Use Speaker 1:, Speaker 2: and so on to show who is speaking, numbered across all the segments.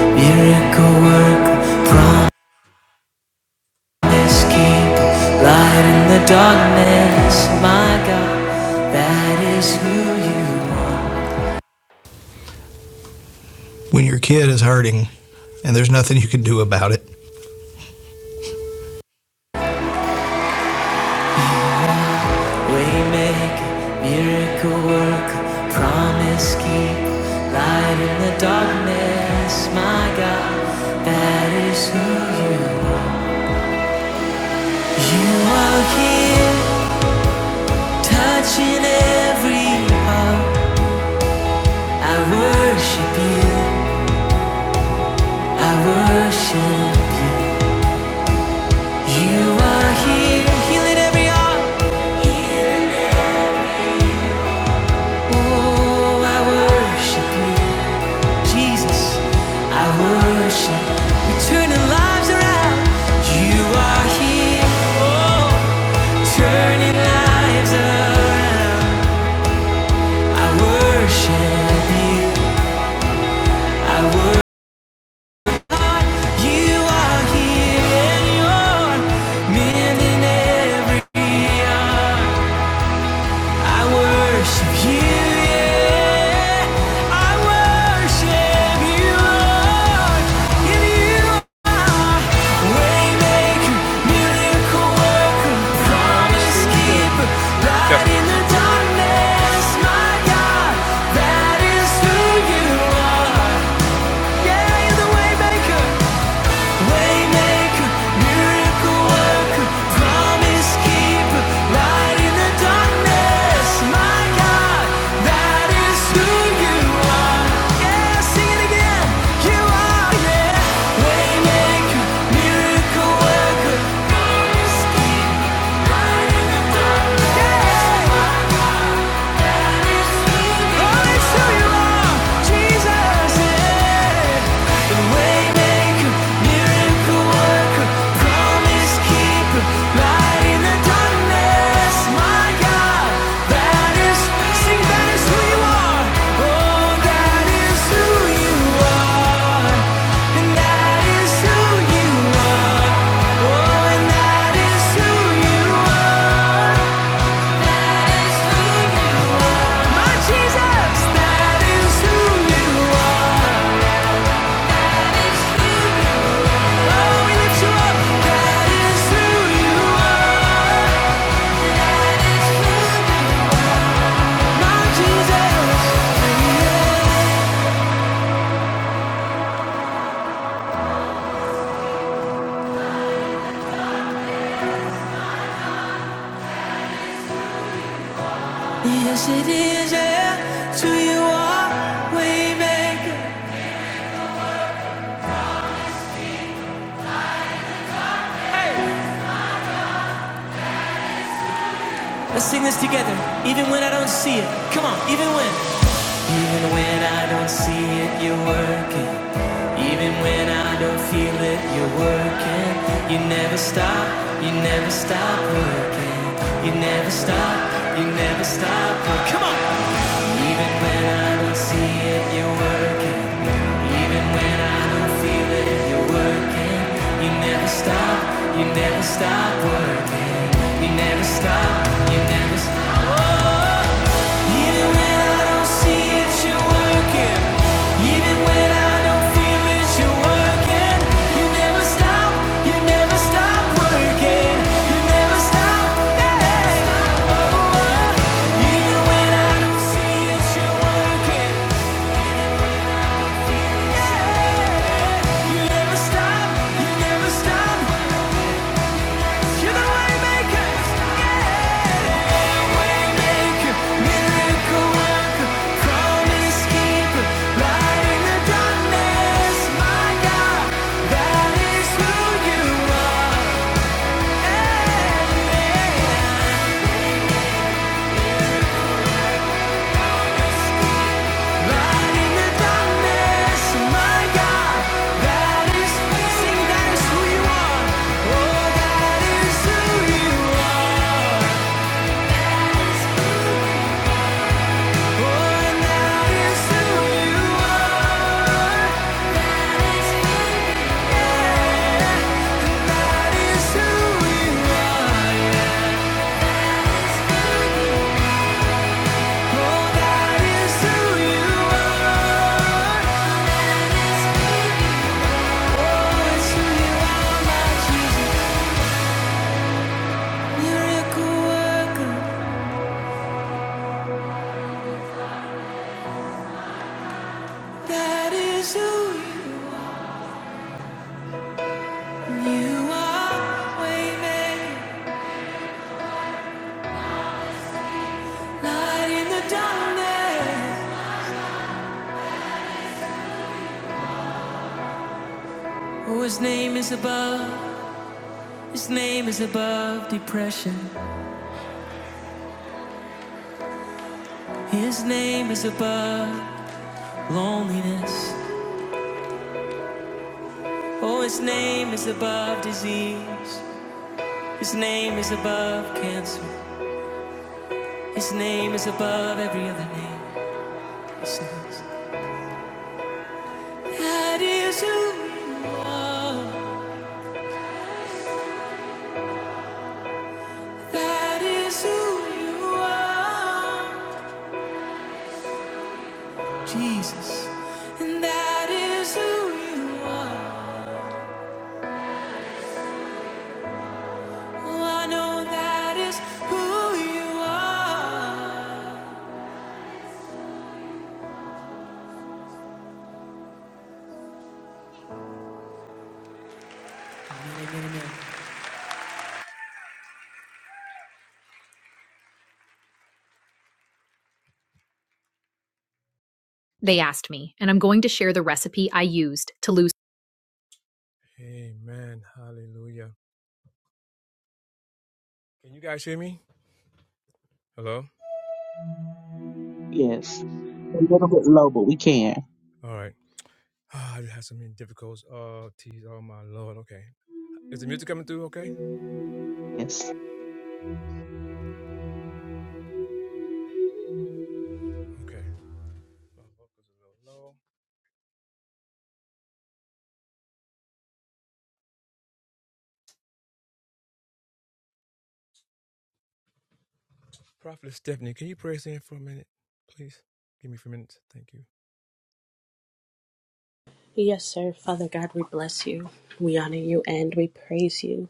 Speaker 1: Miracle work, promise keep, light in the darkness, my God, that is who you are. Waymaker, miracle work, promise keep, light in the darkness, my God, that is who you are. You are here, touching every heart. I worship you, I worship. you. You are here, healing every heart. Oh, I worship you, Jesus. I worship. you, turning lives around. You are here, oh, turning lives around. I worship you. I worship. You are here, and you're mending every heart. I worship you, yeah. I worship you, Lord. you are waymaker, miracle worker, promise keeper, light in the darkness, my God. That is who you are. Yeah, you're the waymaker, Waymaker, miracle worker, promise keeper, light in the darkness. My God, that is who you are. Yeah, sing it again. You are, yeah. Waymaker, miracle worker, promise keeper, light in the darkness. Yeah. That is who you are. My Jesus, that is who you are. Oh, we lift you up. That is who you are. My Jesus. Yes, it is. Yeah, you are way Let's sing this together, even when I don't see it. Come on, even when. Even when I don't see it, you're working. Even when I don't feel it, you're working. You never stop, you never stop working. You never stop, you never stop working. Come on! Even when I don't see it, you're working. Even when I don't feel it, you're working. You never stop, you never stop working. You never stop, you never stop. Whoa! Even when I don't see it, you're working. Even when I don't feel it, you're working. You never stop, you never stop working. You never stop, yeah. Even when I don't see it, you're working. Yeah. You never stop, you never stop Oh, and that is who you are. His name is above. His name is above. Amen. Hallelujah. Can you guys hear me? Hello?
Speaker 2: Yes. A little bit low, but we can. Yes.
Speaker 1: Praise in for a minute, please. Give me a few minutes. Thank you.
Speaker 3: Yes, sir. Father God, we bless you. We honor you and we praise you.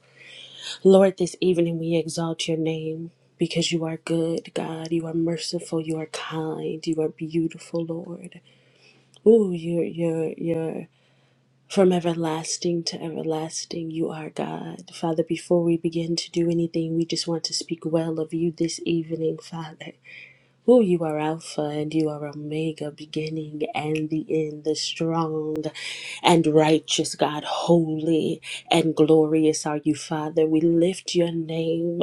Speaker 3: Lord, this evening we exalt your name because you are good, God. You are merciful. You are kind. You are beautiful, Lord. Ooh, you're, you're, you're. From everlasting to everlasting, you are God. Father, before we begin to do anything, we just want to speak well of you this evening, Father. Who you are Alpha and you are Omega, beginning and the end, the strong and righteous God, holy and glorious are you, Father. We lift your name.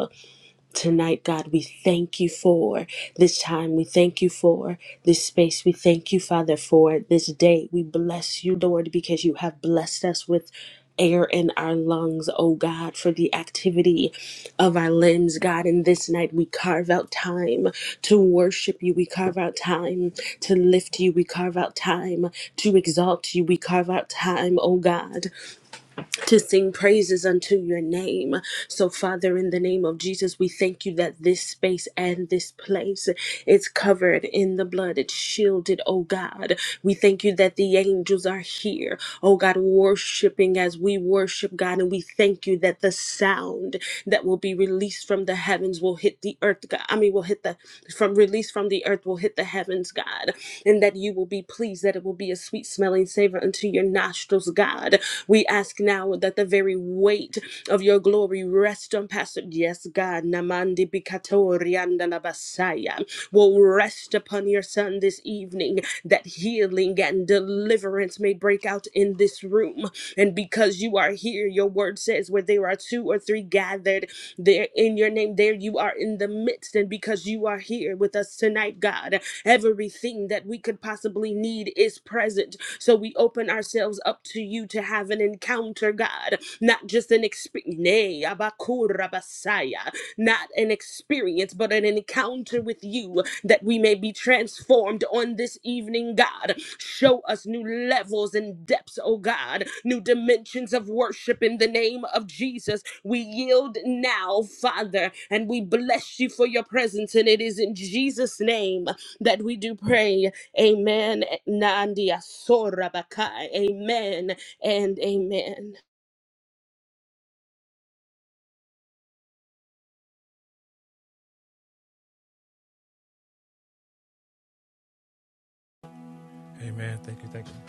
Speaker 3: Tonight, God, we thank you for this time. We thank you for this space. We thank you, Father, for this day. We bless you, Lord, because you have blessed us with air in our lungs, oh God, for the activity of our limbs, God. And this night, we carve out time to worship you. We carve out time to lift you. We carve out time to exalt you. We carve out time, oh God to sing praises unto your name. So, Father, in the name of Jesus, we thank you that this space and this place is covered in the blood. It's shielded, oh God. We thank you that the angels are here, oh God, worshiping as we worship God. And we thank you that the sound that will be released from the heavens will hit the earth, God. I mean, will hit the from from released from the earth will hit the heavens, God, and that you will be pleased that it will be a sweet smelling savor unto your nostrils, God. We ask now that the very weight of your glory rest on Pastor. Yes, God, Namandi Bikato Rianda Labasaya will rest upon your son this evening, that healing and deliverance may break out in this room. And because you are here, your word says, where there are two or three gathered there in your name, there you are in the midst. And because you are here with us tonight, God, everything that we could possibly need is present. So we open ourselves up to you to have an encounter, God, not just an experience not an experience, but an encounter with you, that we may be transformed on this evening, God. Show us new levels and depths, oh God, new dimensions of worship in the name of Jesus. We yield now, Father, and we bless you for your presence, and it is in Jesus' name that we do pray. Amen. Nandia Sorabakai. Amen and amen.
Speaker 1: Amen. Thank you. Thank you.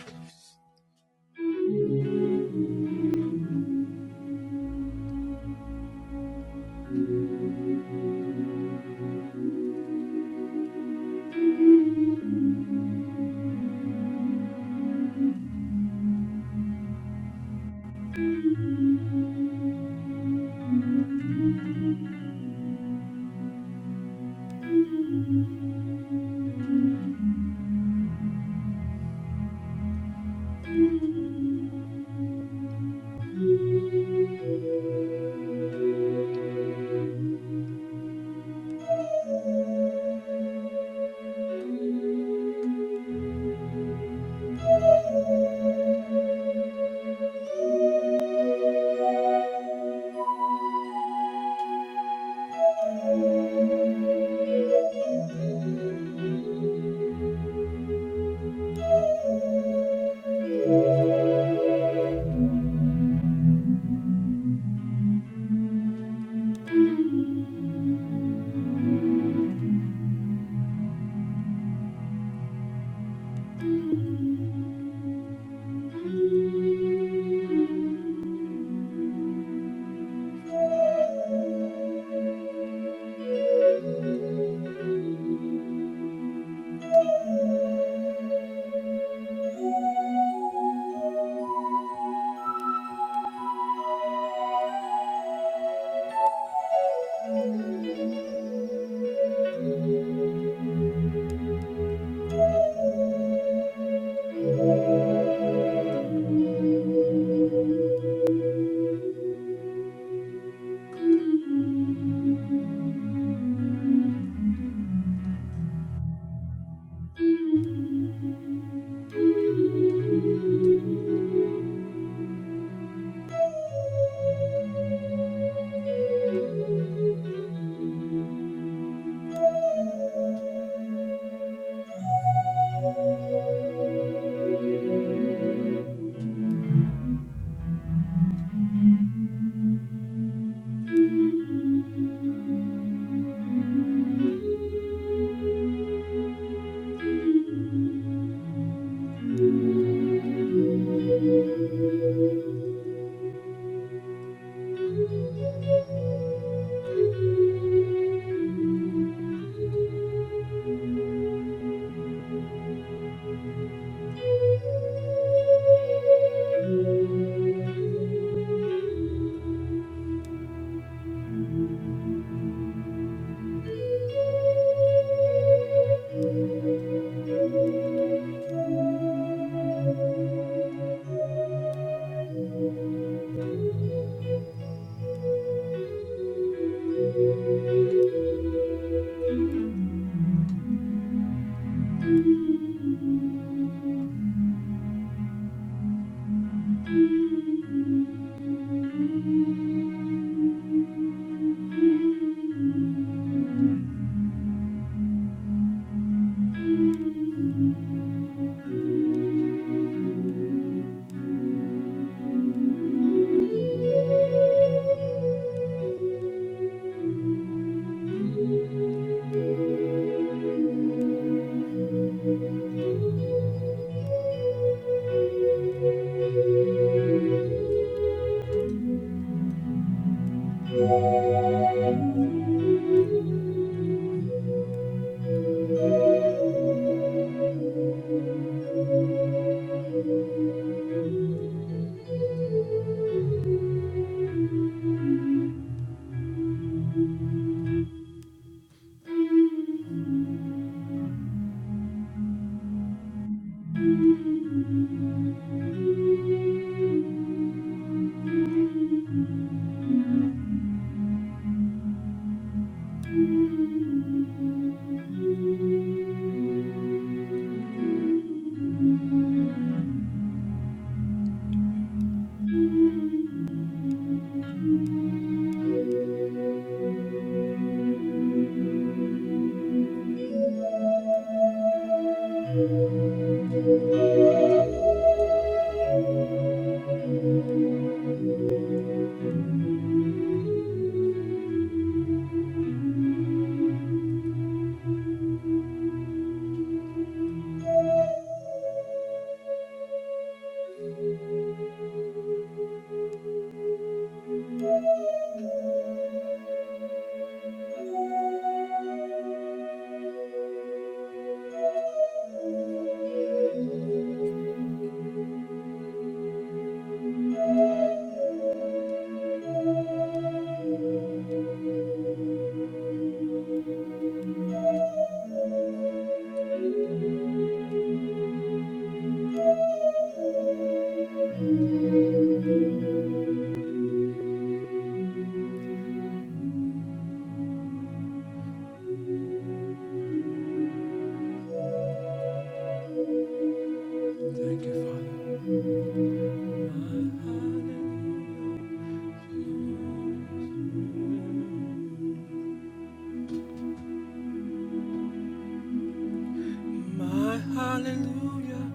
Speaker 1: My hallelujah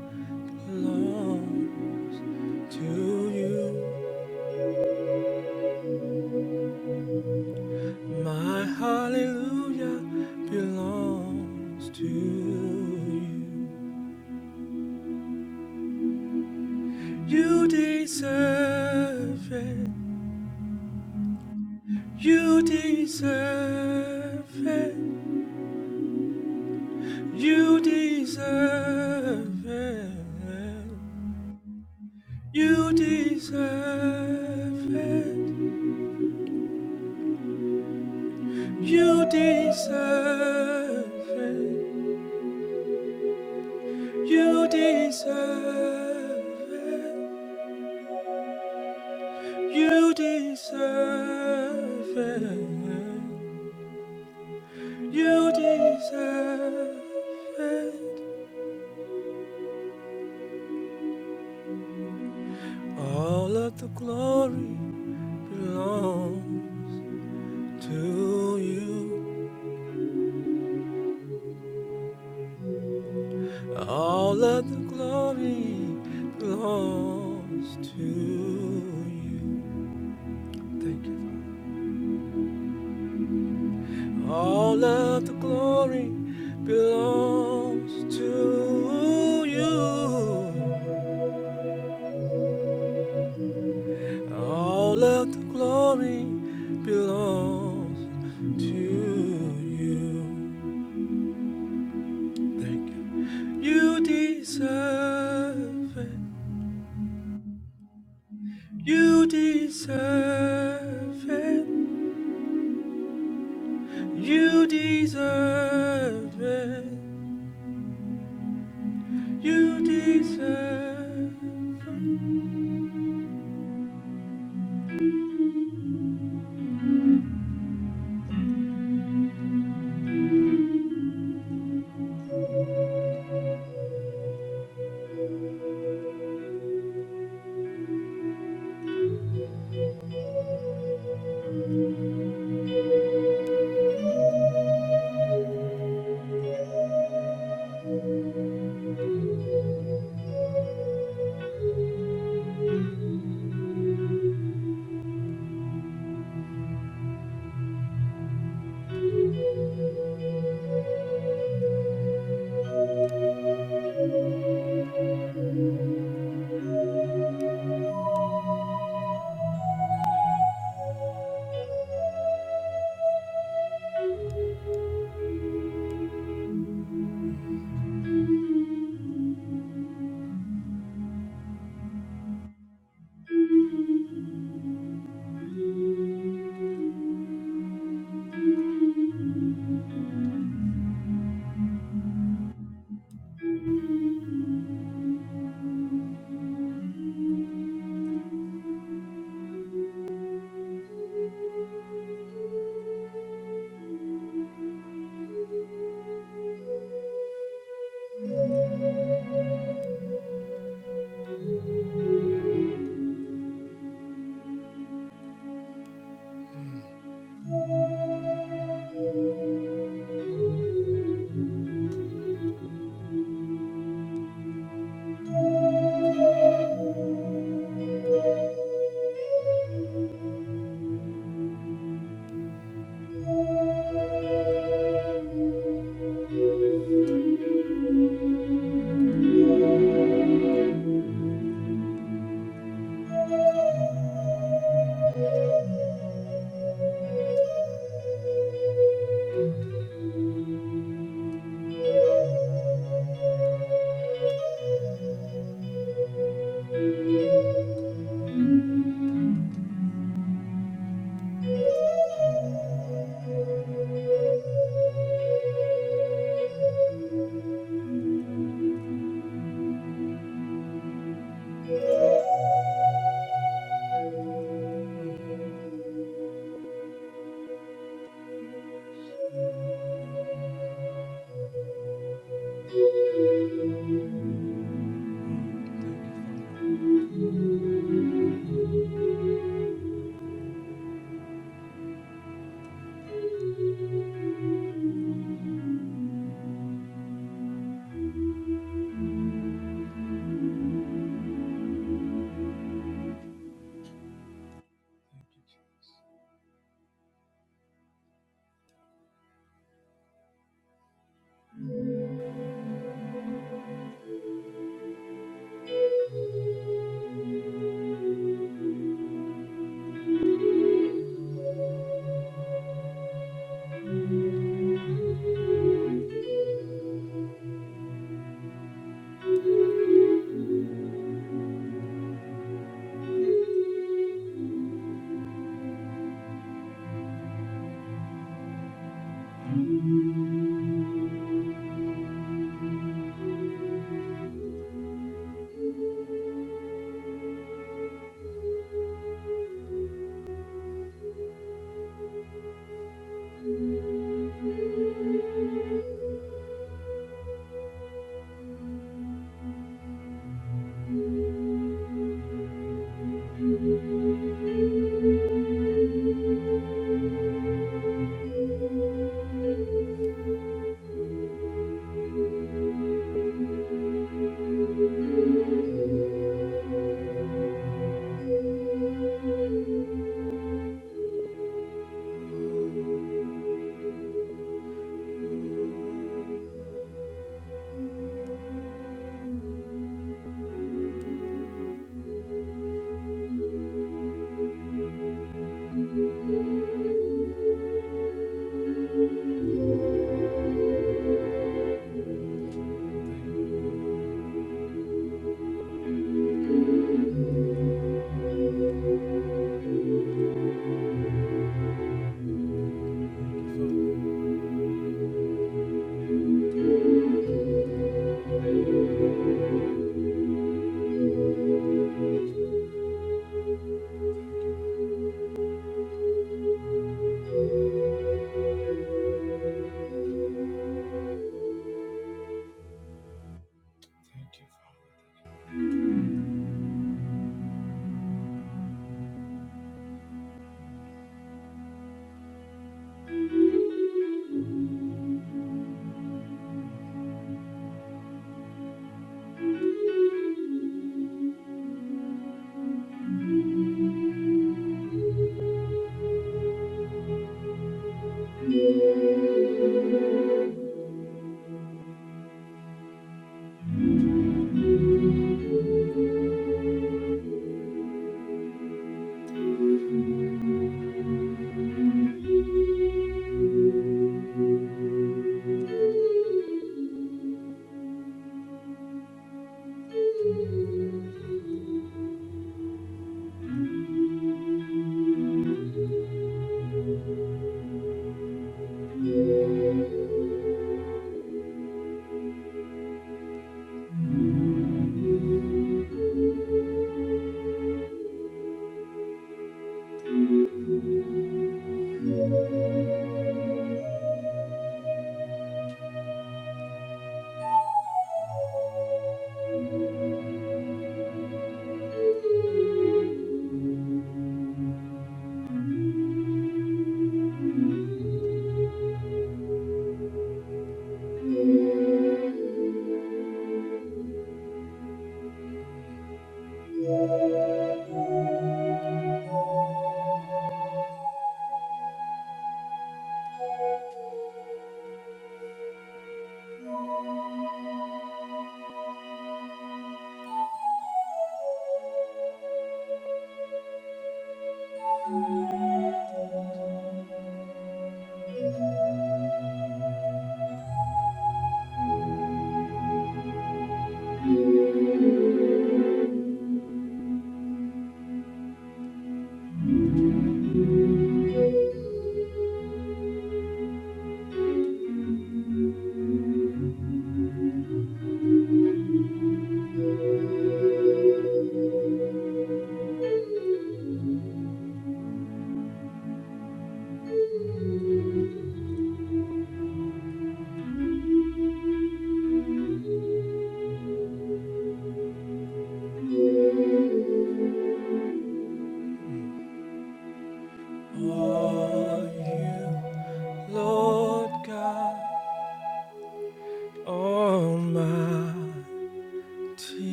Speaker 1: belong to you. My hallelujah belongs to you. You deserve it. You deserve it. You deserve it. You deserve it. You deserve it. You deserve it. You deserve it. You deserve it. All of the glory belongs to you. All of the glory belongs to you. Thank you. Father. All of the glory belongs to you. All of the glory belongs to you. Thank you. You deserve it. You deserve it. You deserve it. You deserve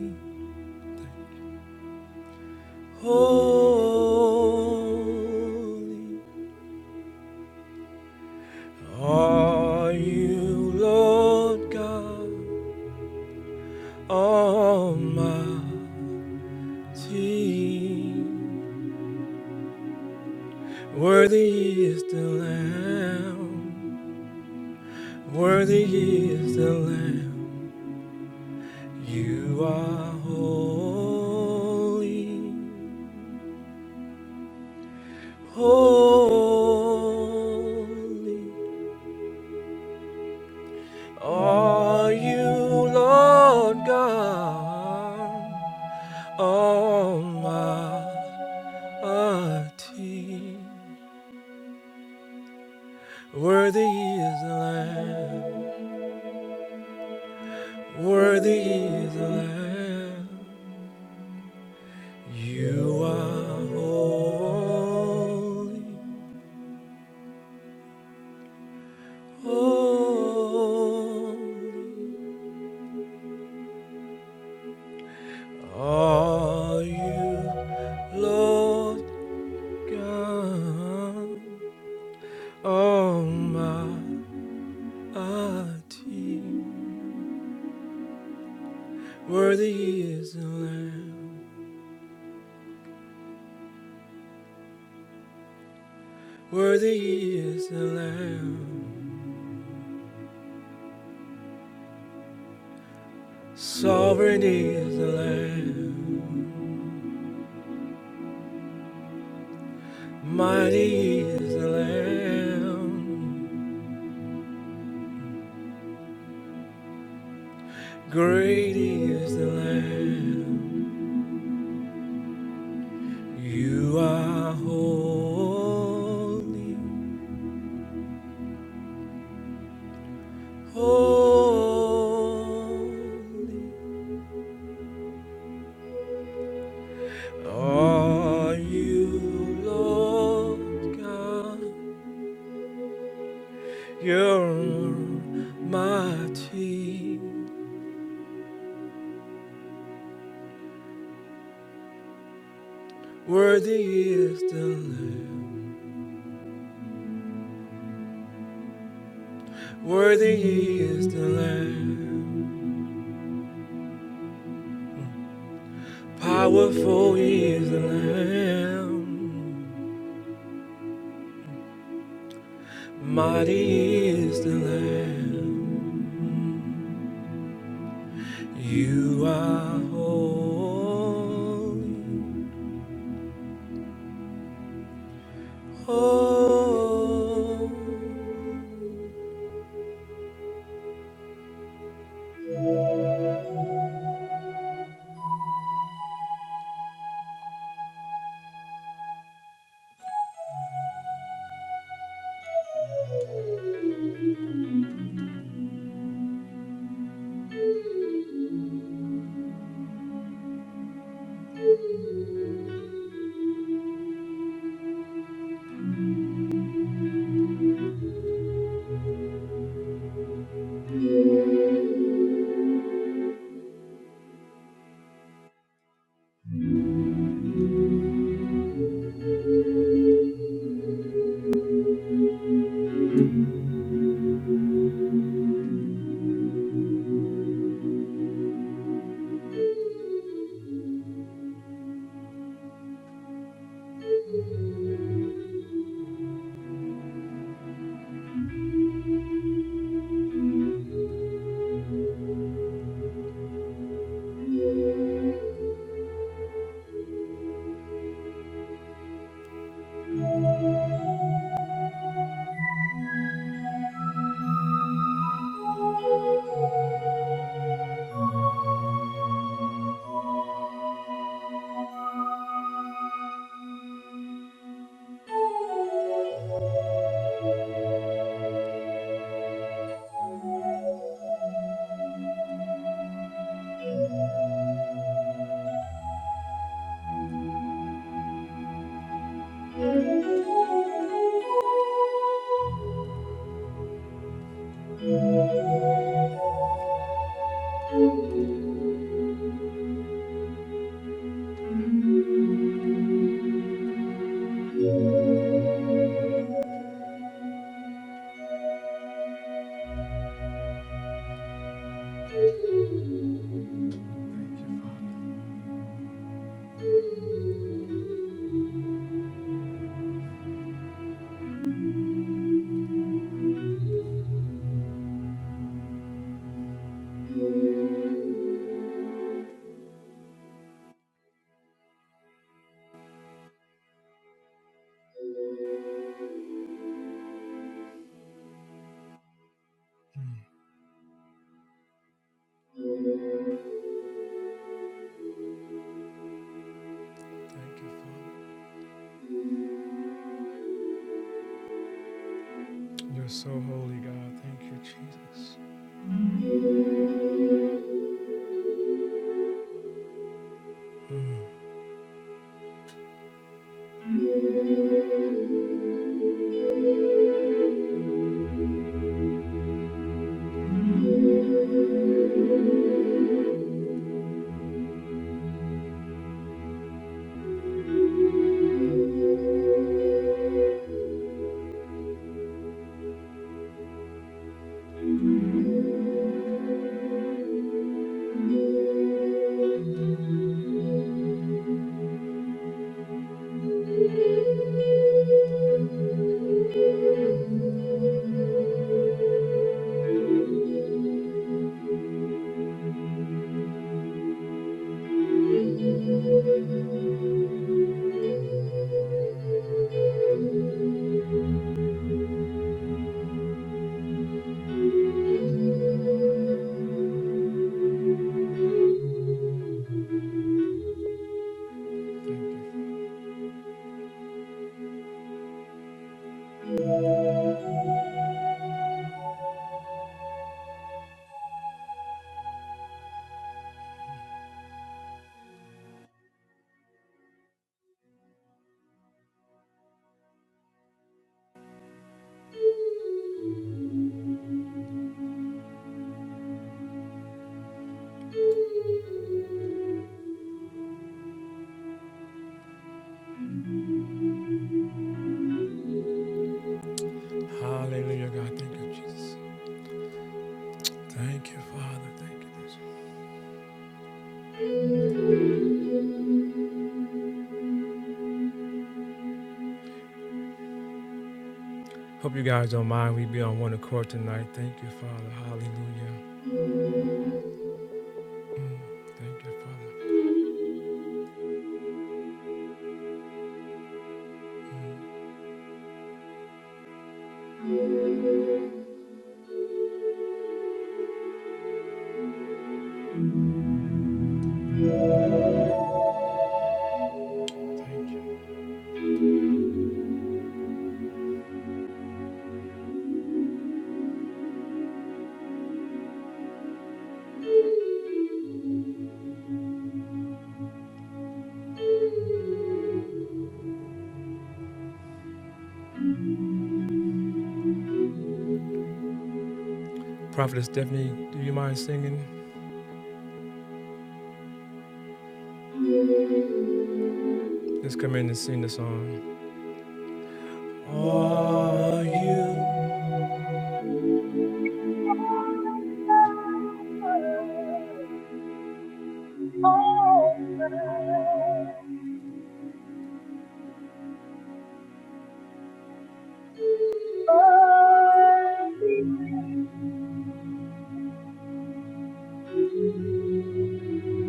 Speaker 1: it. Holy are you, Lord God Almighty. Worthy is the Lamb, worthy is the Lamb Almighty. Worthy is the Lamb, worthy is the Lamb, sovereign is the Lamb. Mighty is the Lamb, great is the Lamb. You are holy, holy. Are you Lord God? You're mighty. Worthy is the Lamb. Worthy is the Lamb. Powerful is the Lamb, mighty is the Lamb. You are holy, holy.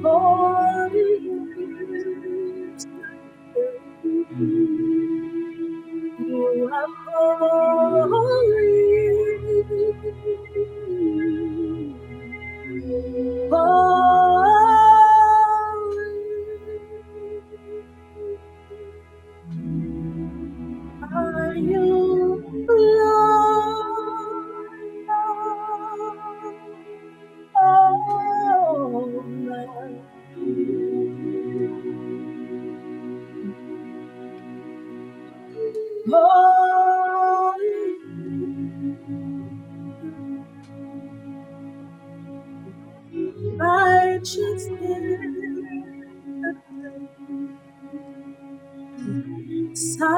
Speaker 3: Holy, holy. Holy, you you are holy. Holy are you, Lord Almighty. Holy, righteousness, sovereign,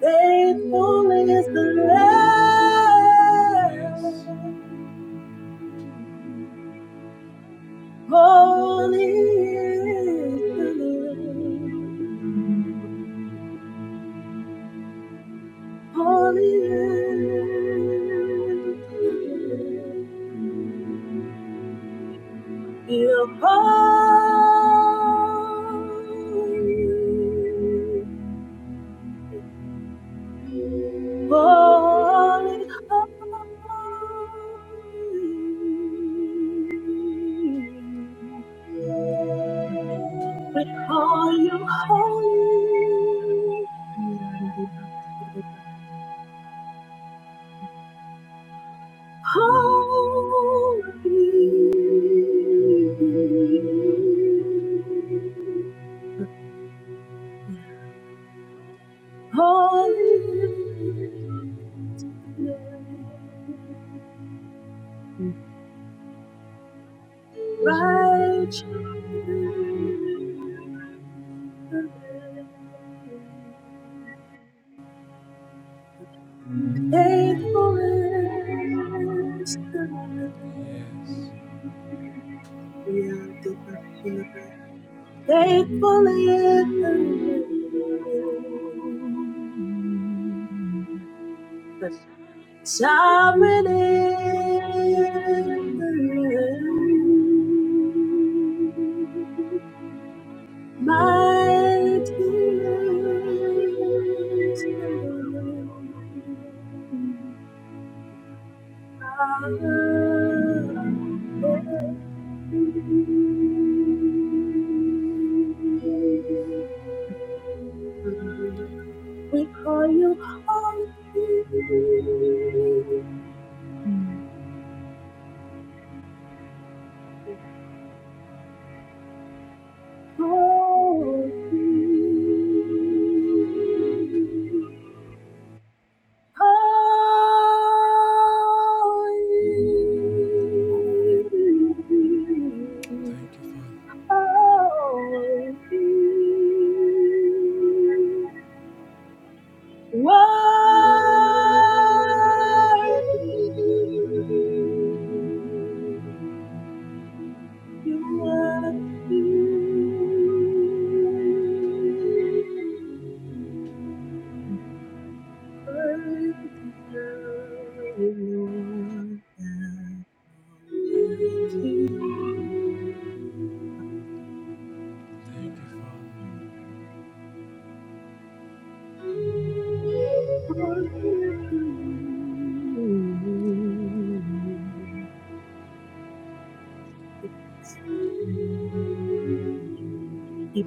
Speaker 3: faithful is the Lamb. Holy is the Lamb. holy. Lamb, You're holy, holy, holy. We call you holy. Holy. Holy, righteous. Faithful is the Lord. Yeah, Faithful is the Lord. Sovereign is mighty is the Lord. We call you holy. Holy, holy, holy. Worthy, worthy. You're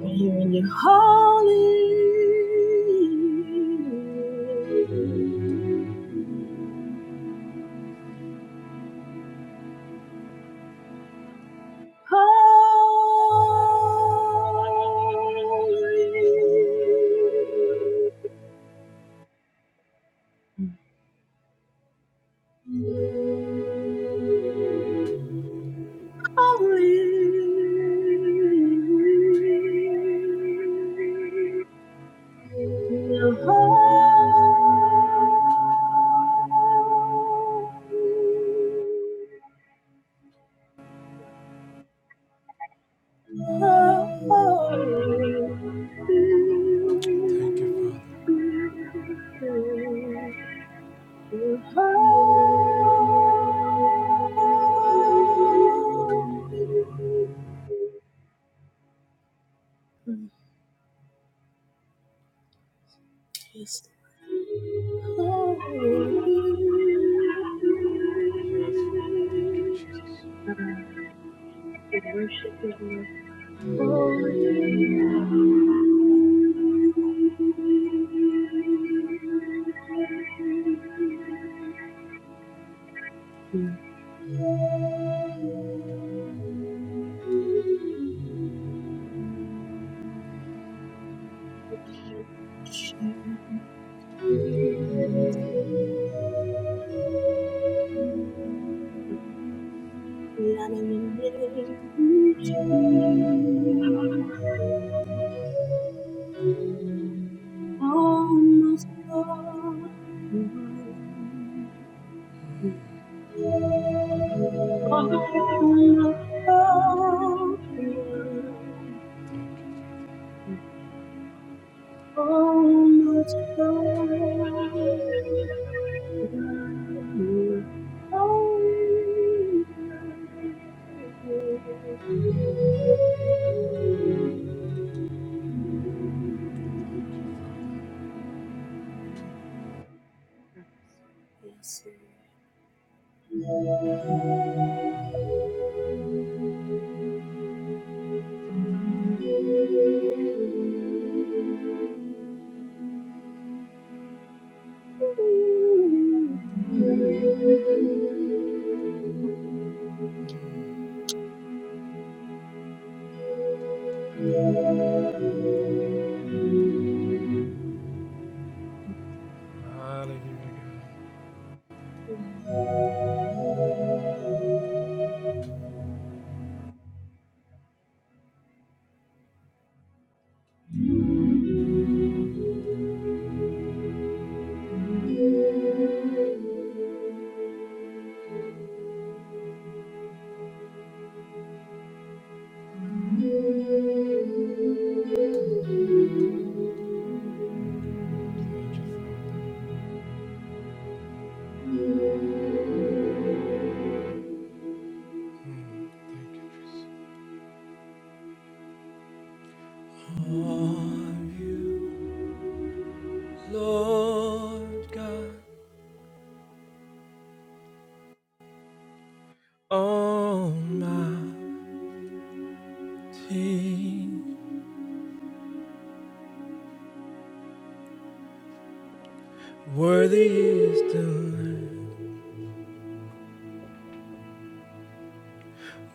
Speaker 3: here in your holy, holy. Yes, you. Uh, we worship you, Lord. For you. Mm. We honor your name, Jesus. Almost all Almost gone. Then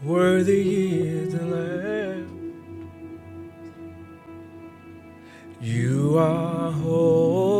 Speaker 1: Worthy is the Lamb. holy.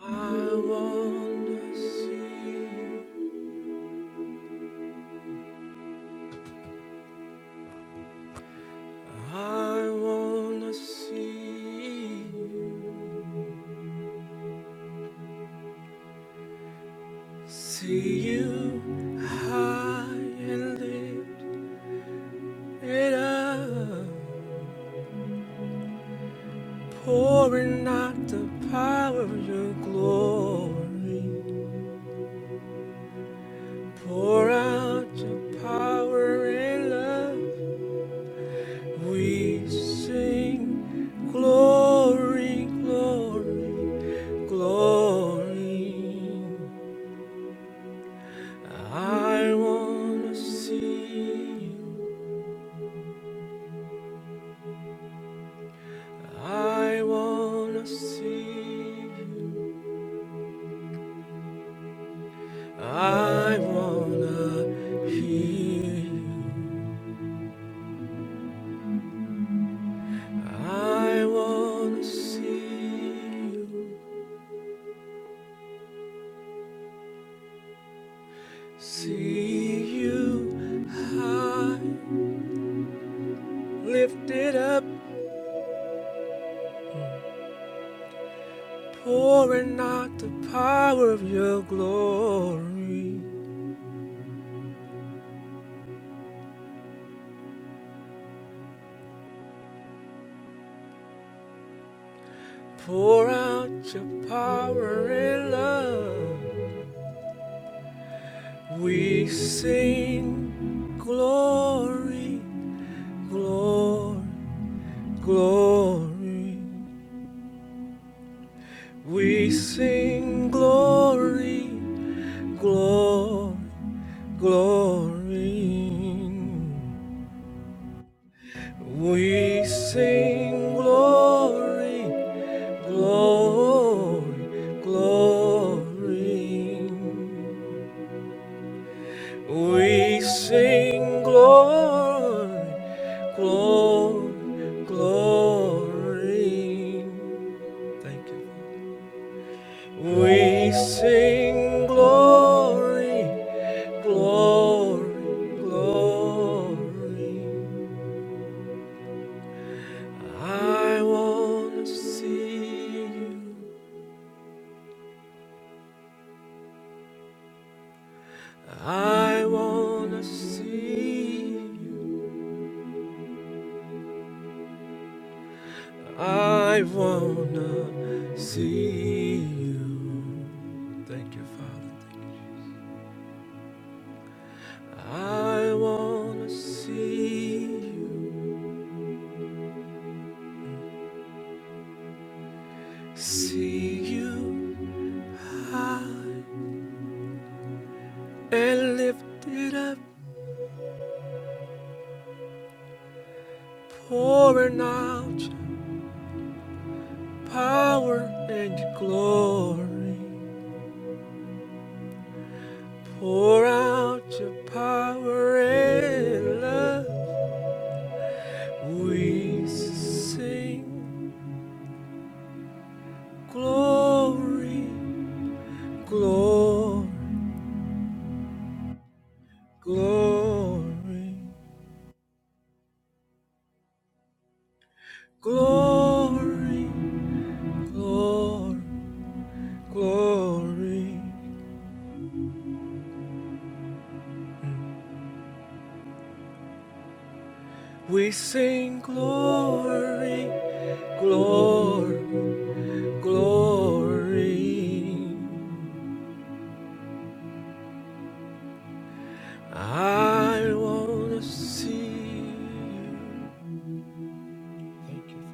Speaker 1: I wanna see, I wanna see, see you high and lifted. It up, pouring out the power of your glory. Pour out your power and love. We sing glory, glory, glory. I wanna see you. I wanna see you. I wanna hear you. I wanna see you, see you high, lifted up, pouring out the power of your glory. Pour out your power and love. We sing glory, glory, glory. We sing glory, glory Glory, we sing glory, glory, glory. We sing glory, glory, glory. Thank you. We sing glory, glory, glory. I wanna see you. I wanna see you. I wanna see you. Thank you, Father. Thank you. I wanna see you. See you high and lifted up, pouring out your power and your glory. Pour out your power and love. We sing glory, glory, glory, glory, glory, glory. We sing glory, glory, glory. I wanna see you. Thank you.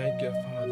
Speaker 1: Thank you, Father.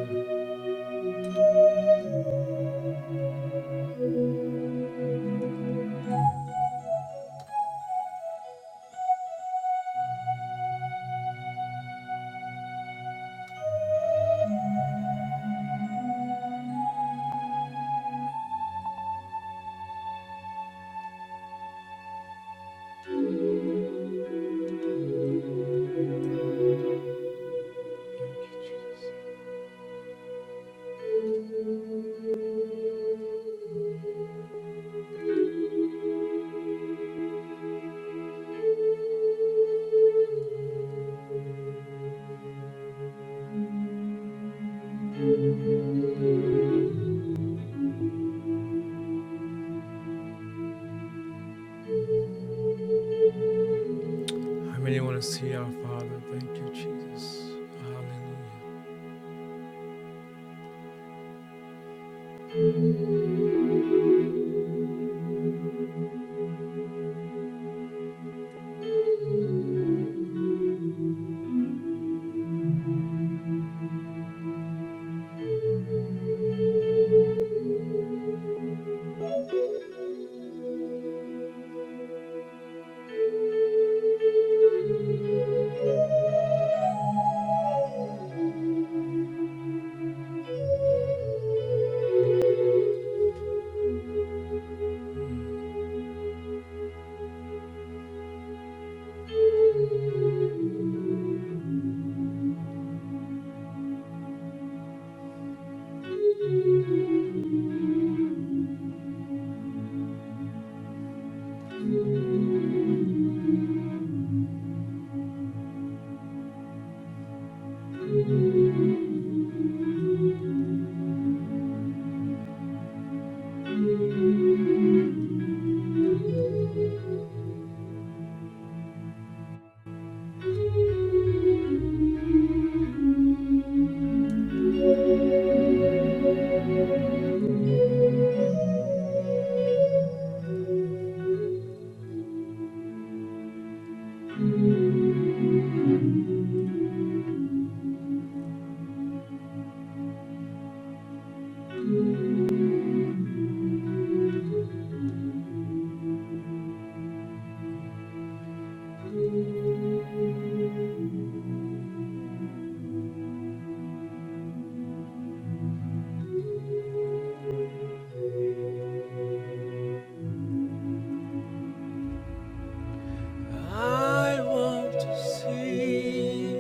Speaker 1: I want to see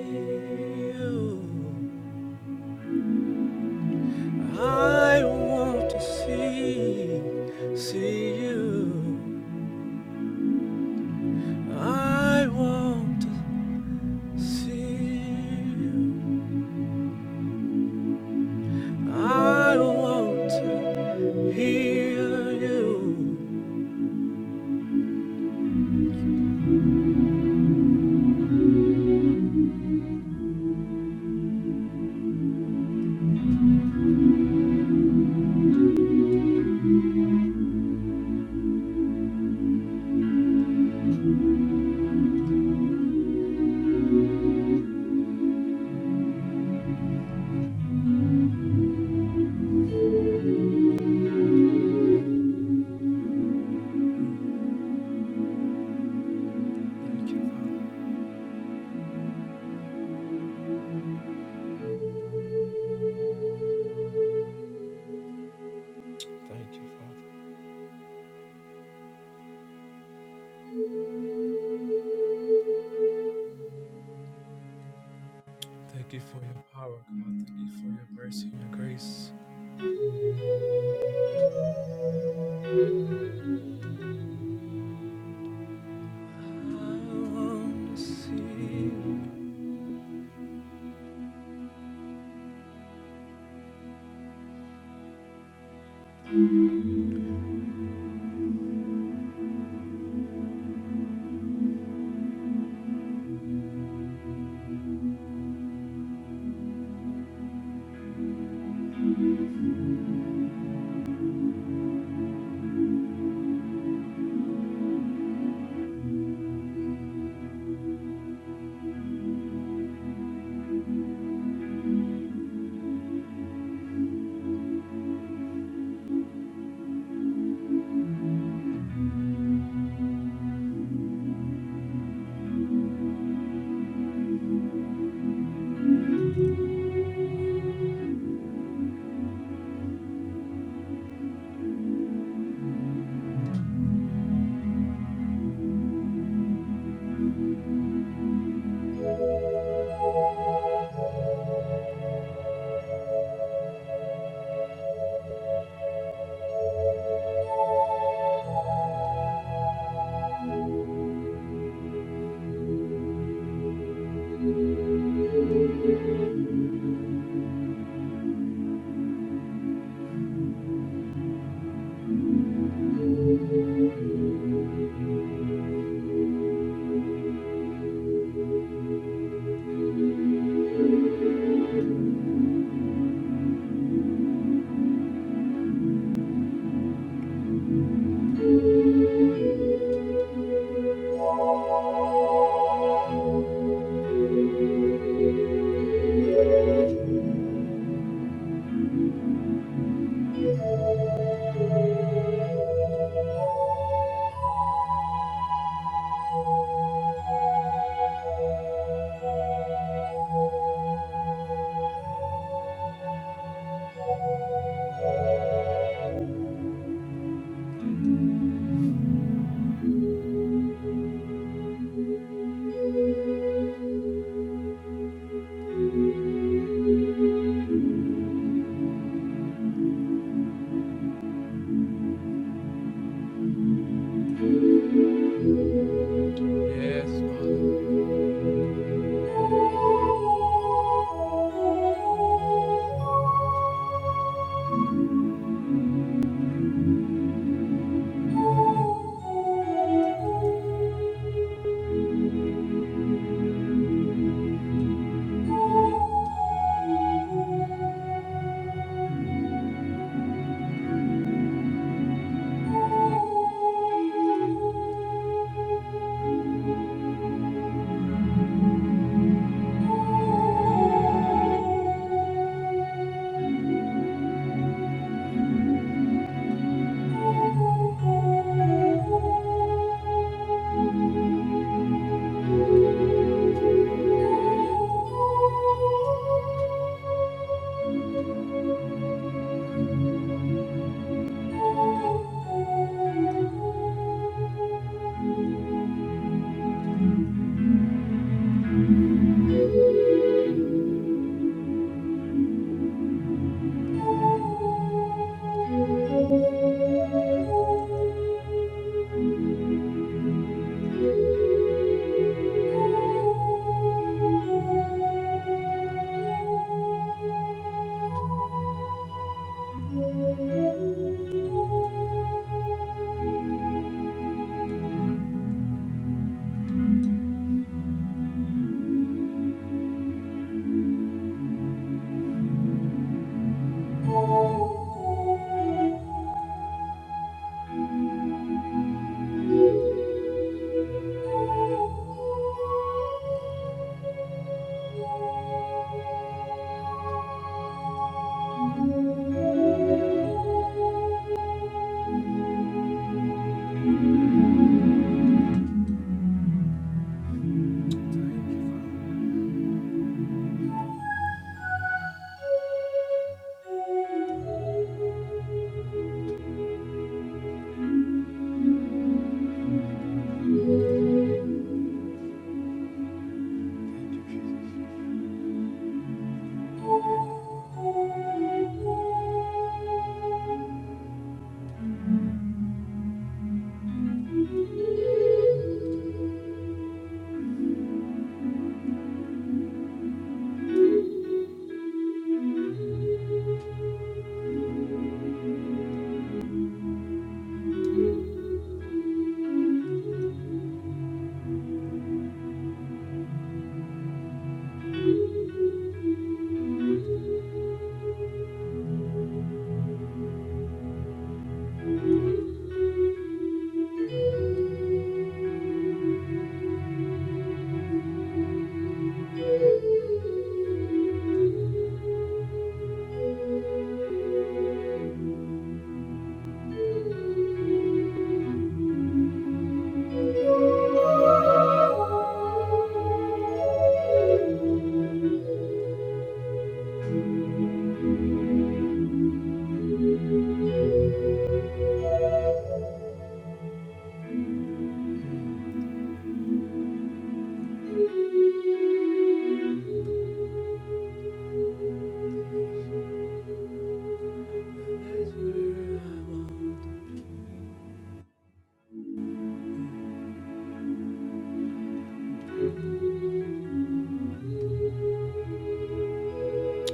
Speaker 1: you. I want to see, see you. I want to see you. I want to hear you. Yes, Father.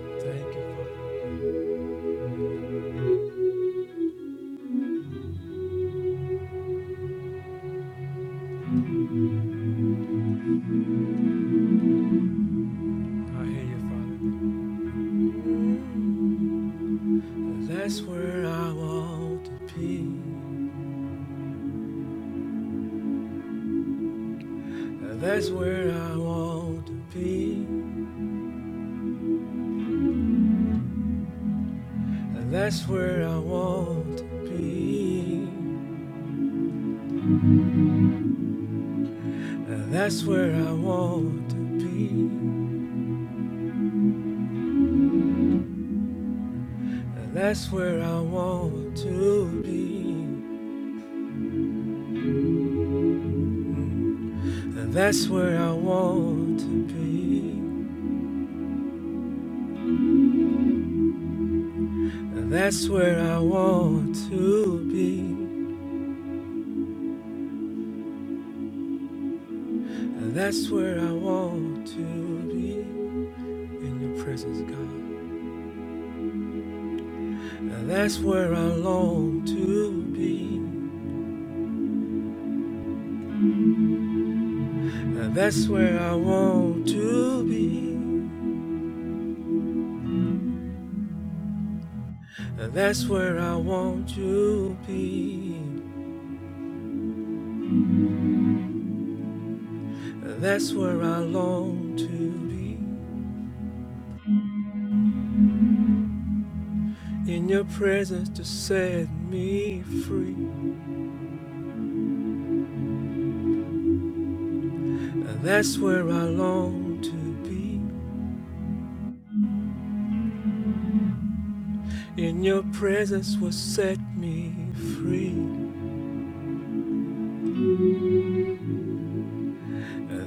Speaker 1: Thank you, Father. I hear you, Father. That's where I want to be. That's where I want to be. That's where I want to be. That's where I want to be. That's where I want to be. That's where I want to be. That's where I want to be. That's where I want to be. In your presence, God. that's where I long to be. Uh, that's where I want to be. Uh, that's where I want to be. Uh, that's where I long to be. In your presence to set me free. Uh, that's where I long to be. In your presence will set me free.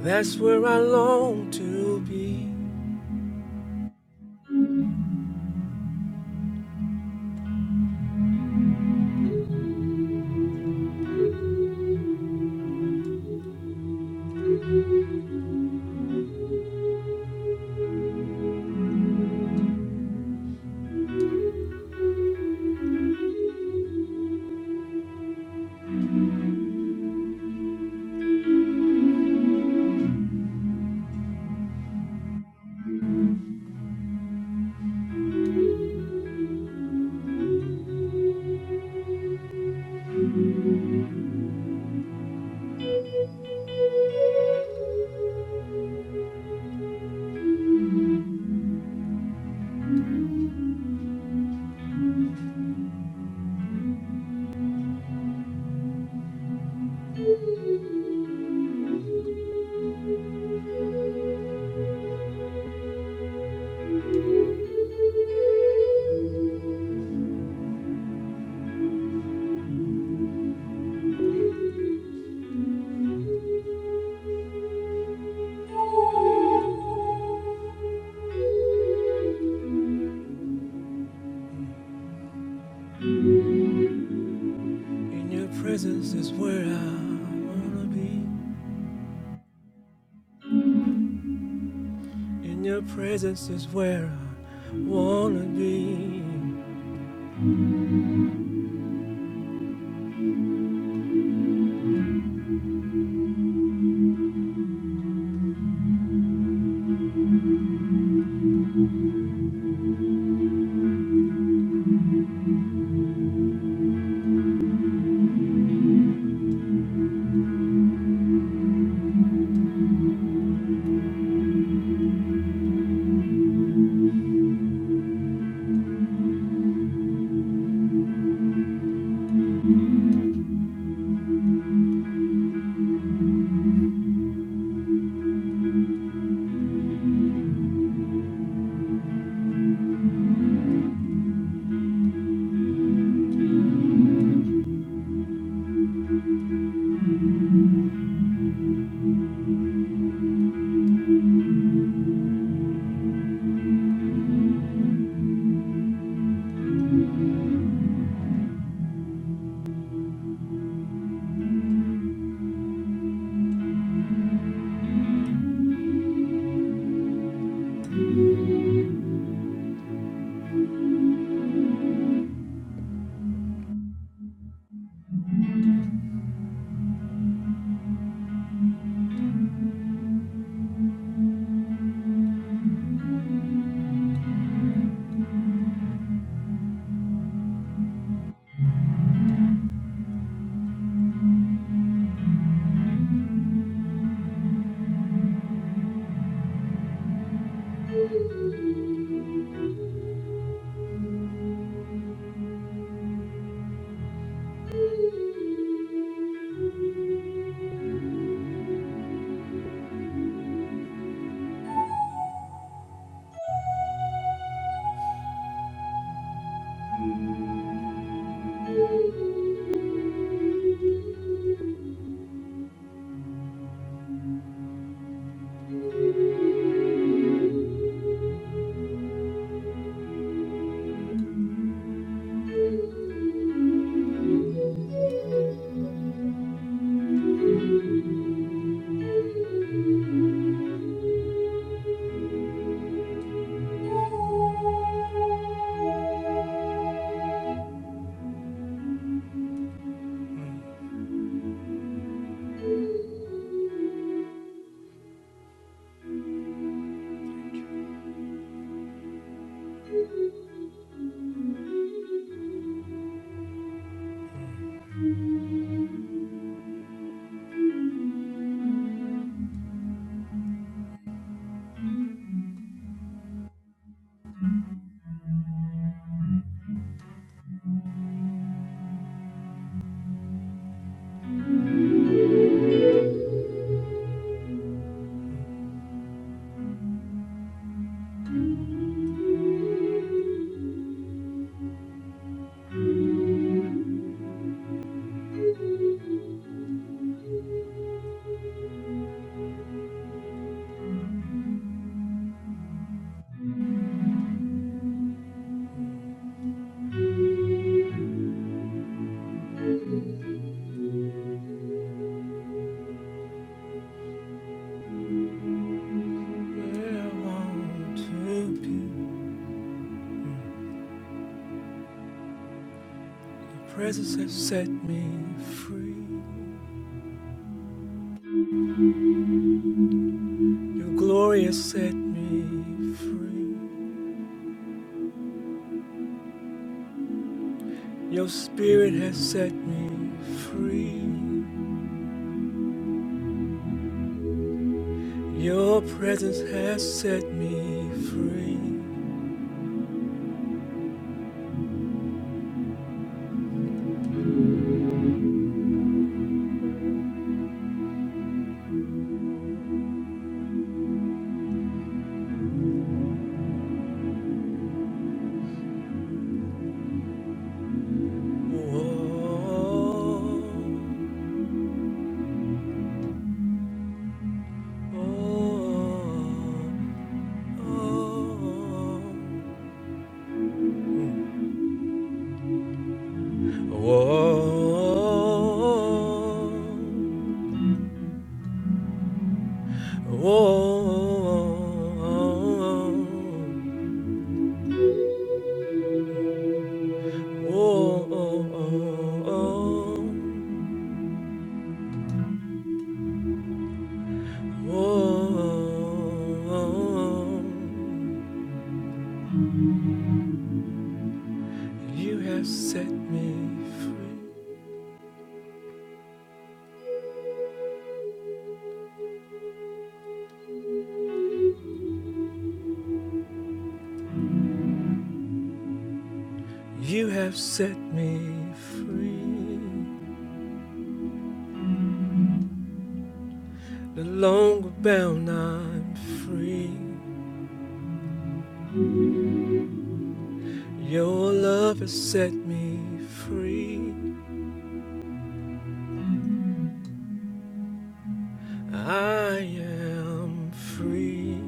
Speaker 1: Uh, that's where I long to be. In your presence is where I wanna be. In your presence is where I wanna be. Your presence has set me free. Your glory has set me free. Your spirit has set me free. Your presence has set me free. Whoa, oh, oh, oh. Whoa. You have set me free. You have set me free. No longer bound, I'm free. Your love has set me free. I am free.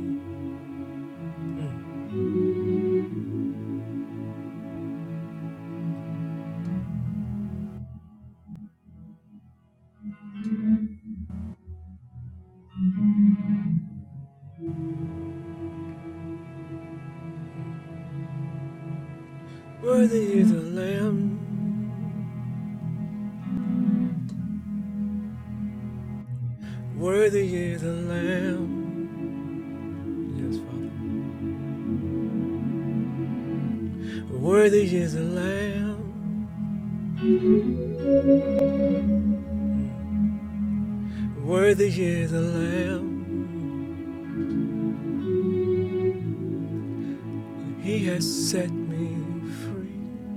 Speaker 1: Worthy is the Lamb. Worthy is the Lamb. Yes, Father. Worthy is the Lamb. Worthy is the Lamb. He has set me free.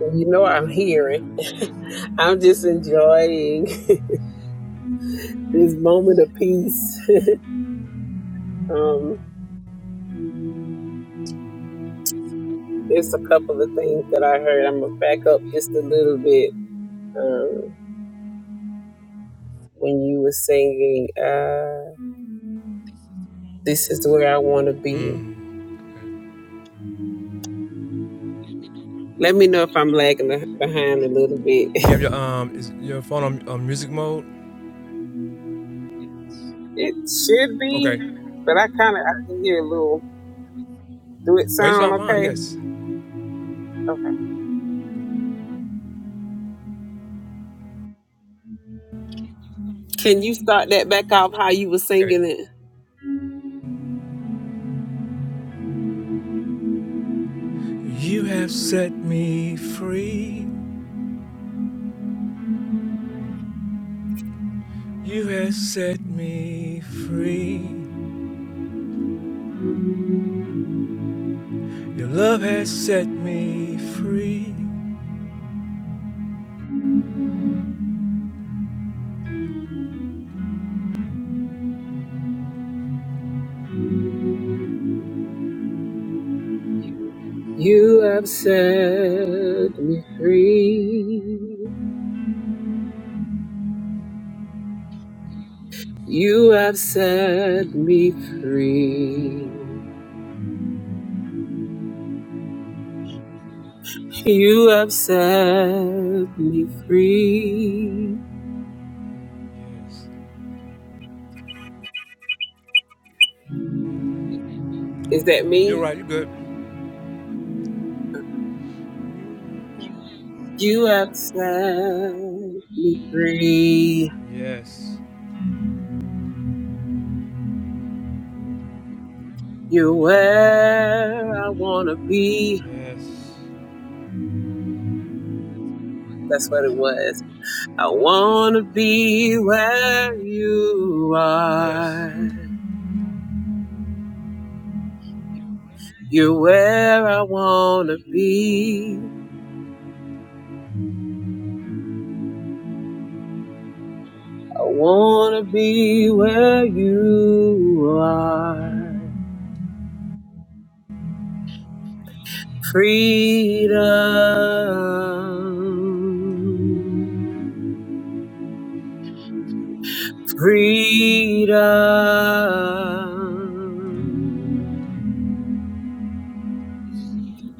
Speaker 4: Well, You know I'm hearing. I'm just enjoying this moment of peace. Um, it's a couple of things that I heard. I'm gonna back up just a little bit. Um, when you were singing, uh, "This is where I want to be." Let me know if I'm lagging a- behind a little bit. It should be, but I kind of I can hear a little. Do it sound okay? Okay. Can you start that back off how you were singing it?
Speaker 1: You have set me free. Your love has set me free.
Speaker 4: You have set me free. You have set me free. You have set me free. Is that
Speaker 1: You're
Speaker 4: me?
Speaker 1: right, you're good.
Speaker 4: You have set me free.
Speaker 1: Yes.
Speaker 4: You're where I want to be.
Speaker 1: Yes.
Speaker 4: That's what it was. I want to be where you
Speaker 1: Yes.
Speaker 4: are. You're where I want to be. I want to be where you are. Freedom. Freedom.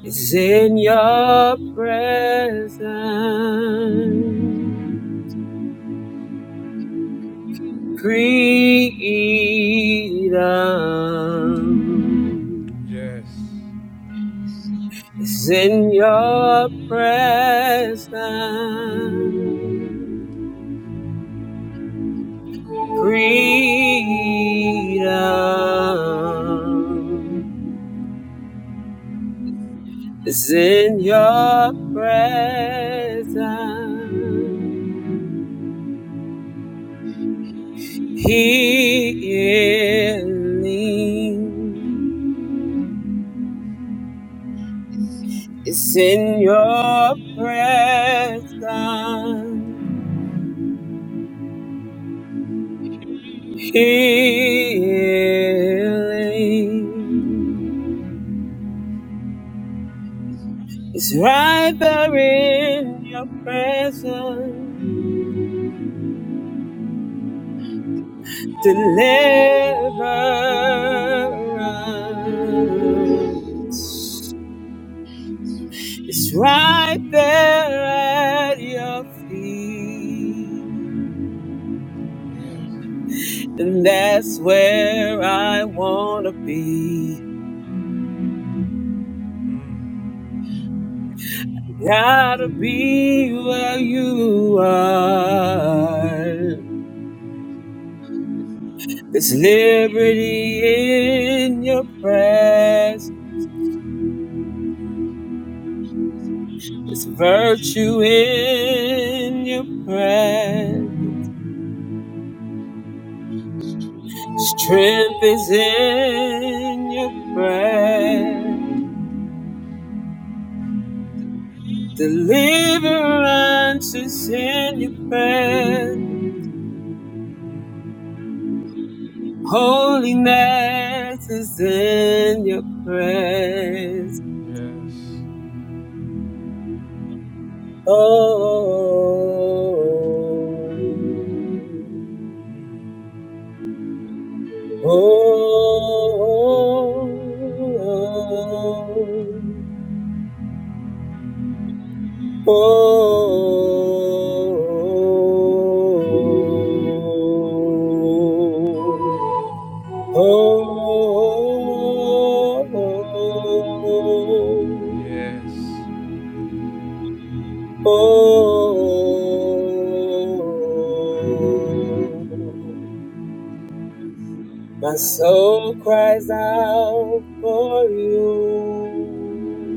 Speaker 4: It's in your presence, freedom.
Speaker 1: Yes.
Speaker 4: It's in your presence, freedom. It's in your presence, healing. It's in your presence. Healing is right there in your presence. Deliverance is right there at your feet. And that's where I want to be. Gotta be where you are. There's liberty in your presence. There's virtue in your presence. Strength is in your presence. Deliverance is in your presence. Holiness is in your presence.
Speaker 1: Yes.
Speaker 4: Oh, oh, oh, oh, oh,
Speaker 1: Yes.
Speaker 4: oh, oh. My soul cries out for you.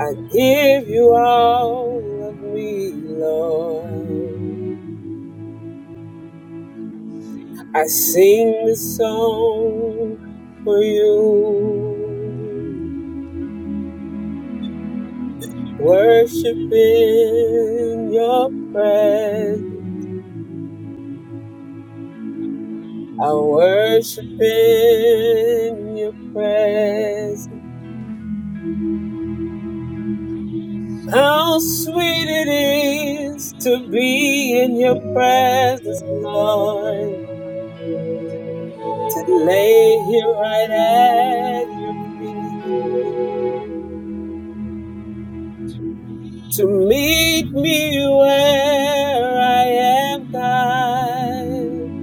Speaker 4: I give you all of me, Lord. I sing this song for you. Worship in your presence. I worship in your presence. How sweet it is to be in your presence, Lord, to lay here right at your feet, to meet me where I am, God.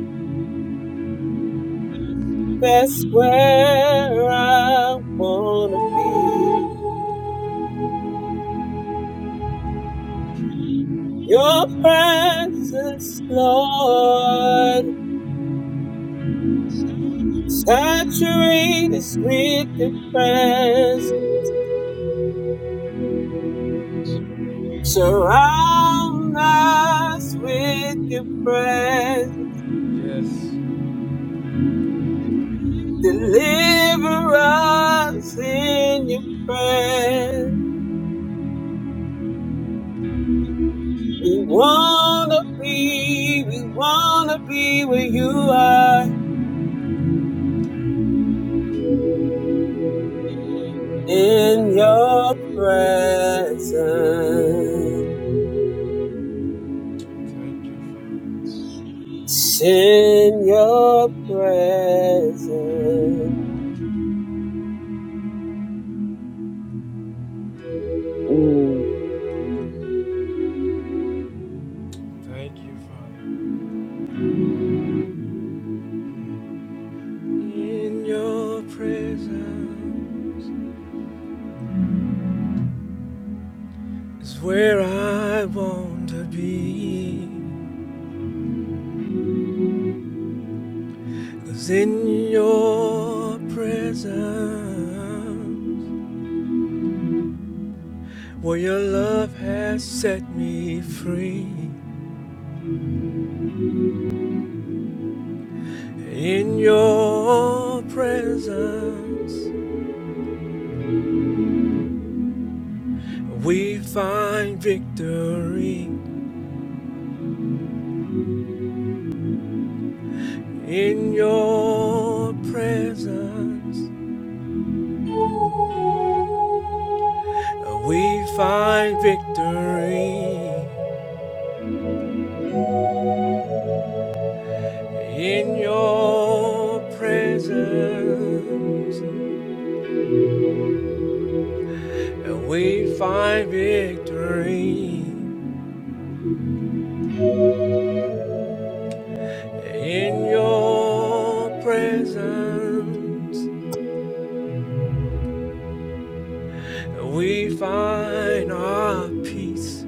Speaker 4: That's where I wanna be. Your presence, Lord, saturates with the presence. Surround us with your prayer.
Speaker 1: Yes.
Speaker 4: Deliver us in your prayer. We wanna be, we wanna be where you are in your presence.
Speaker 1: Thank you, Father.
Speaker 4: In your presence. Mm.
Speaker 1: Thank you, Father. In your presence is where I want to be. Cause in your presence, where your love has set me free. In your presence, we find victory. In your presence, we find victory. In your presence, we find victory. In your presence, we find our peace.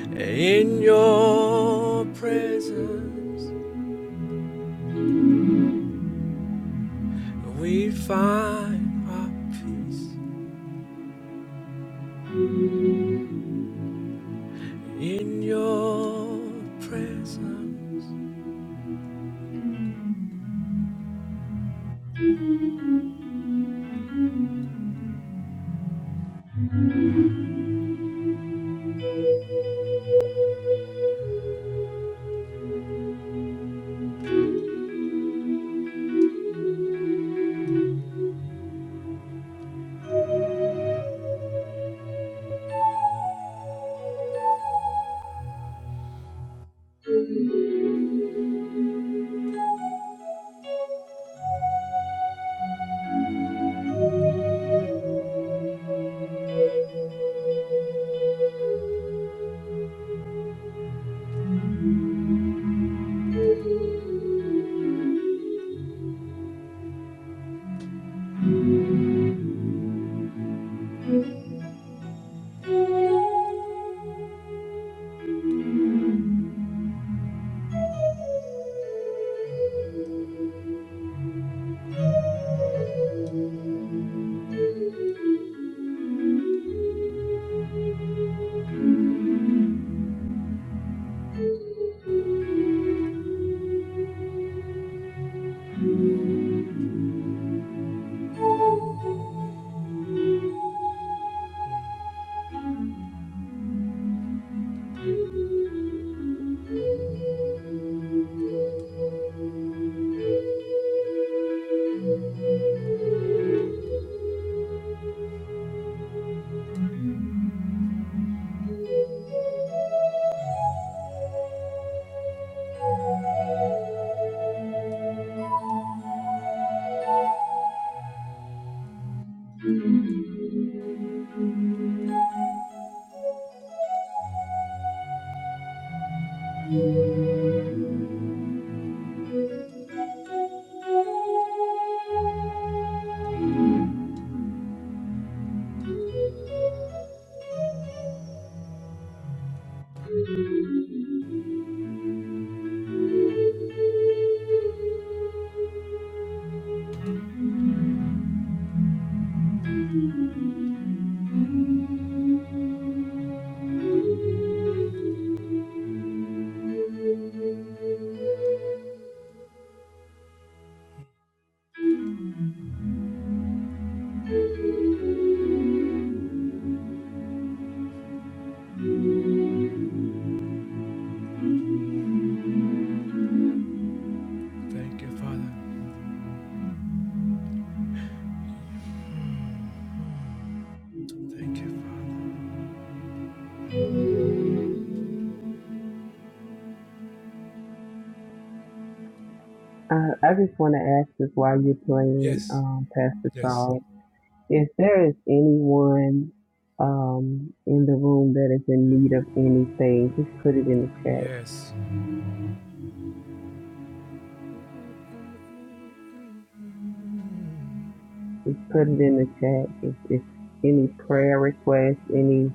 Speaker 1: In your presence, we find our peace. In your presence,
Speaker 4: Uh, I just want to ask this while you're playing, um, Pastor Saul. If there is anyone um, in the room that is in need of anything, just put it in the chat. Put it in the chat. If, if any prayer requests, any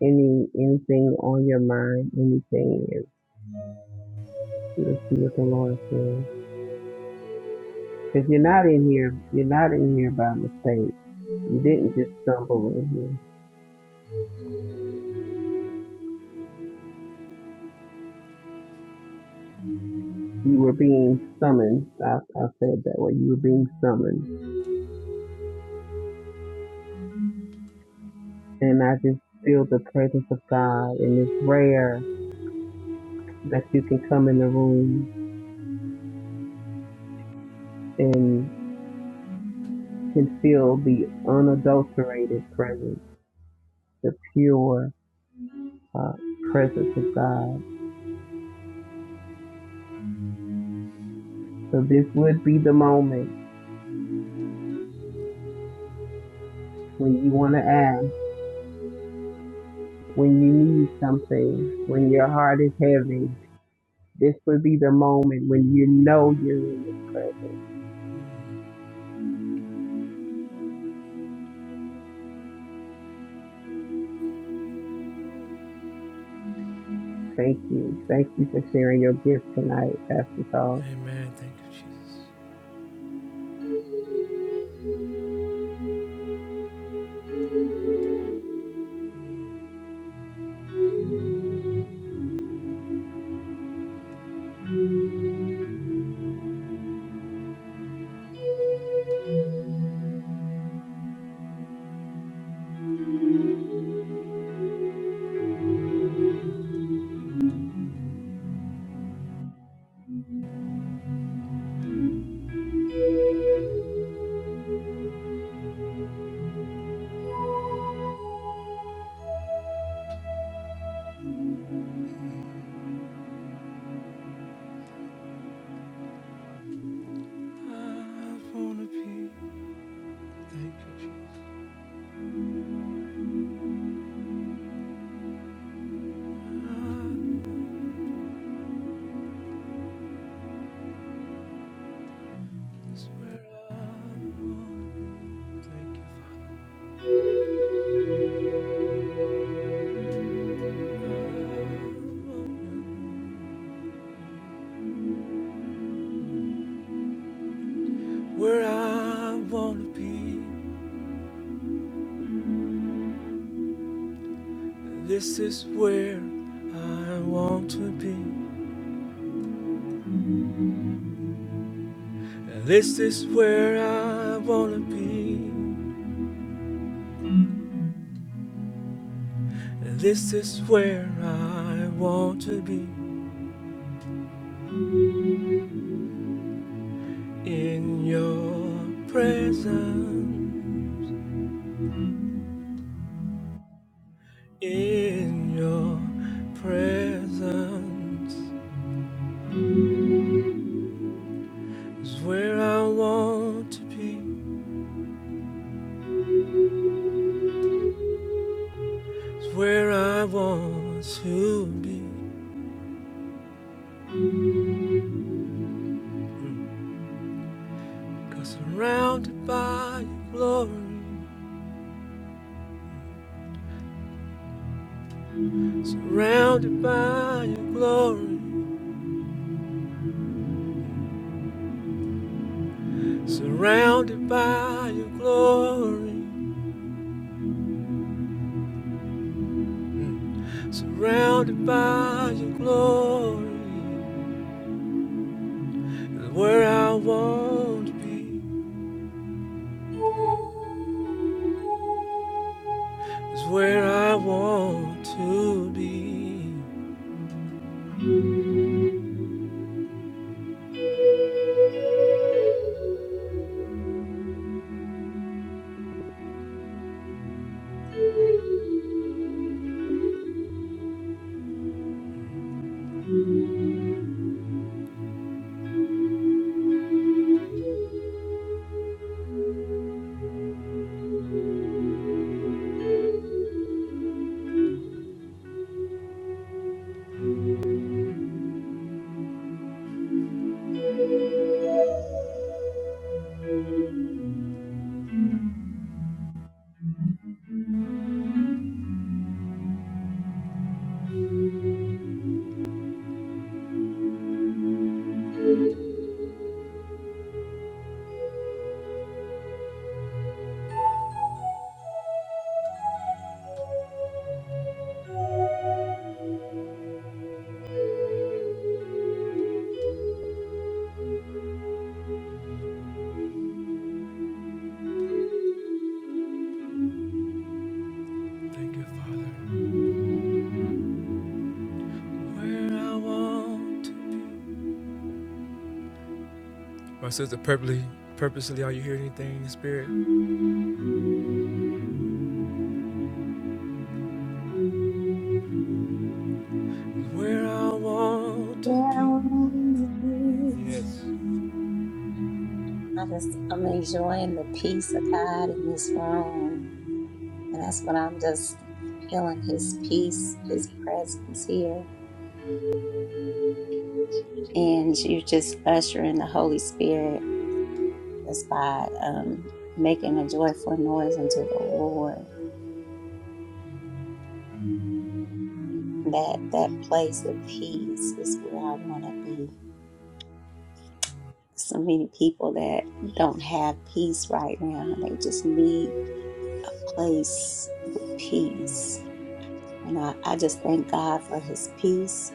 Speaker 4: any anything on your mind, anything, and we'll see what the Lord says. Because you're not in here, you're not in here by mistake. You didn't just stumble in here. You were being summoned. I, I said it that way. You were being summoned, and I just feel the presence of God, and it's rare that you can come in the room and can feel the unadulterated presence, the pure uh, presence of God. So this would be the moment when you want to ask, when you need something, when your heart is heavy. This would be the moment when you know you're in this presence. Thank you. Thank you for sharing your gift tonight, Pastor Charles.
Speaker 1: where I thank you. where I want to be. This is where I want to be. This is where I want to be. This is where I want to be. In your presence, in your presence is where I want to be. Is where I want to be. Cause surrounded by your glory. Surrounded by your glory, surrounded by your glory, Mm. surrounded by your glory. is Where I want to be is where I want to be.
Speaker 5: down with me. I just, I'm enjoying the peace of God in this room. And that's what I'm just feeling His peace, His presence here. And you just ushering the Holy Spirit just by um, making a joyful noise unto the Lord. That that place of peace is where I want to be. So many people that don't have peace right now, they just need a place with peace And I, I just thank God for his peace.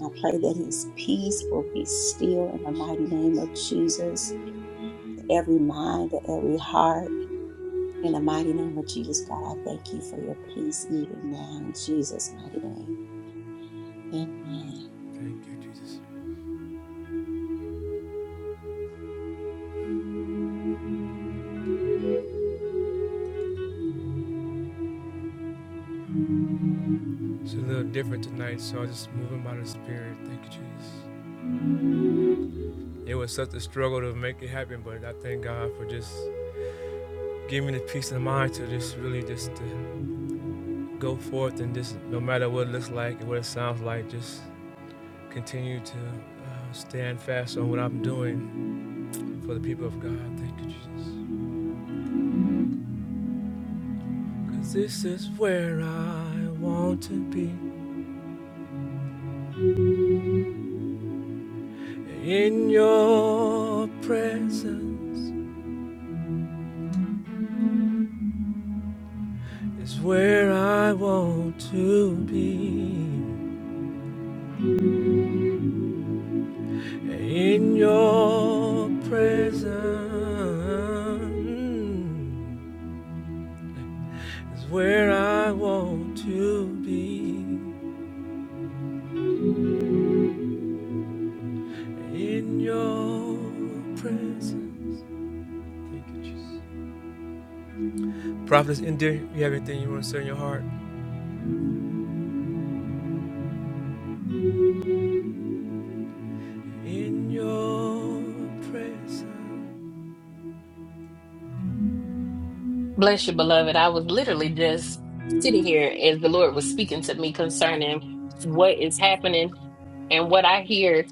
Speaker 5: I pray that his peace will be still in the mighty name of Jesus, to every mind, to every heart. In the mighty name of Jesus, God, I thank you for your peace even now in Jesus' mighty name. Amen.
Speaker 1: Peace of mind to just really just to go forth and just no matter what it looks like and what it sounds like, just continue to uh, stand fast on what I'm doing for the people of God. Thank you, Jesus. Cause this is where I want to be. In your presence is where I want to be. In your presence is where I want to be.
Speaker 6: Bless you, beloved. I was literally just sitting here as the Lord was speaking to me concerning what is happening and what I hear.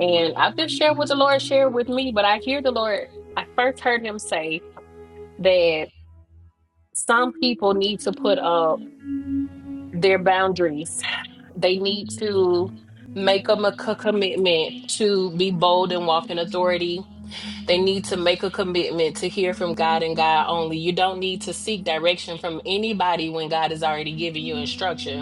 Speaker 6: And I've just shared what the Lord shared with me, but I hear the Lord. I first heard him say that some people need to put up their boundaries, they need to make them a c- commitment to be bold and walk in authority They need to make a commitment to hear from God and God only. You don't need to seek direction from anybody when God has already given you instruction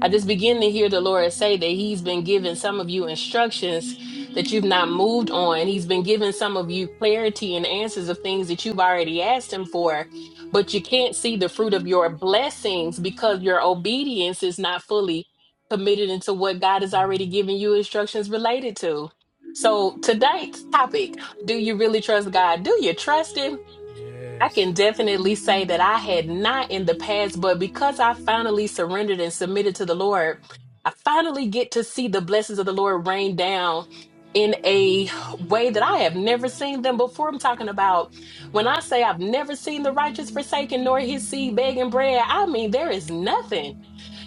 Speaker 6: I just begin to hear the Lord say that He's been giving some of you instructions that you've not moved on. He's been giving some of you clarity and answers of things that you've already asked Him for, but you can't see the fruit of your blessings because your obedience is not fully committed into what God has already given you instructions related to. So, tonight's topic do you really trust God? Do you trust Him? I can definitely say that I had not in the past, but because I finally surrendered and submitted to the Lord, I finally get to see the blessings of the Lord rain down in a way that I have never seen them before. I'm talking about when I say I've never seen the righteous forsaken nor his seed begging bread, I mean, there is nothing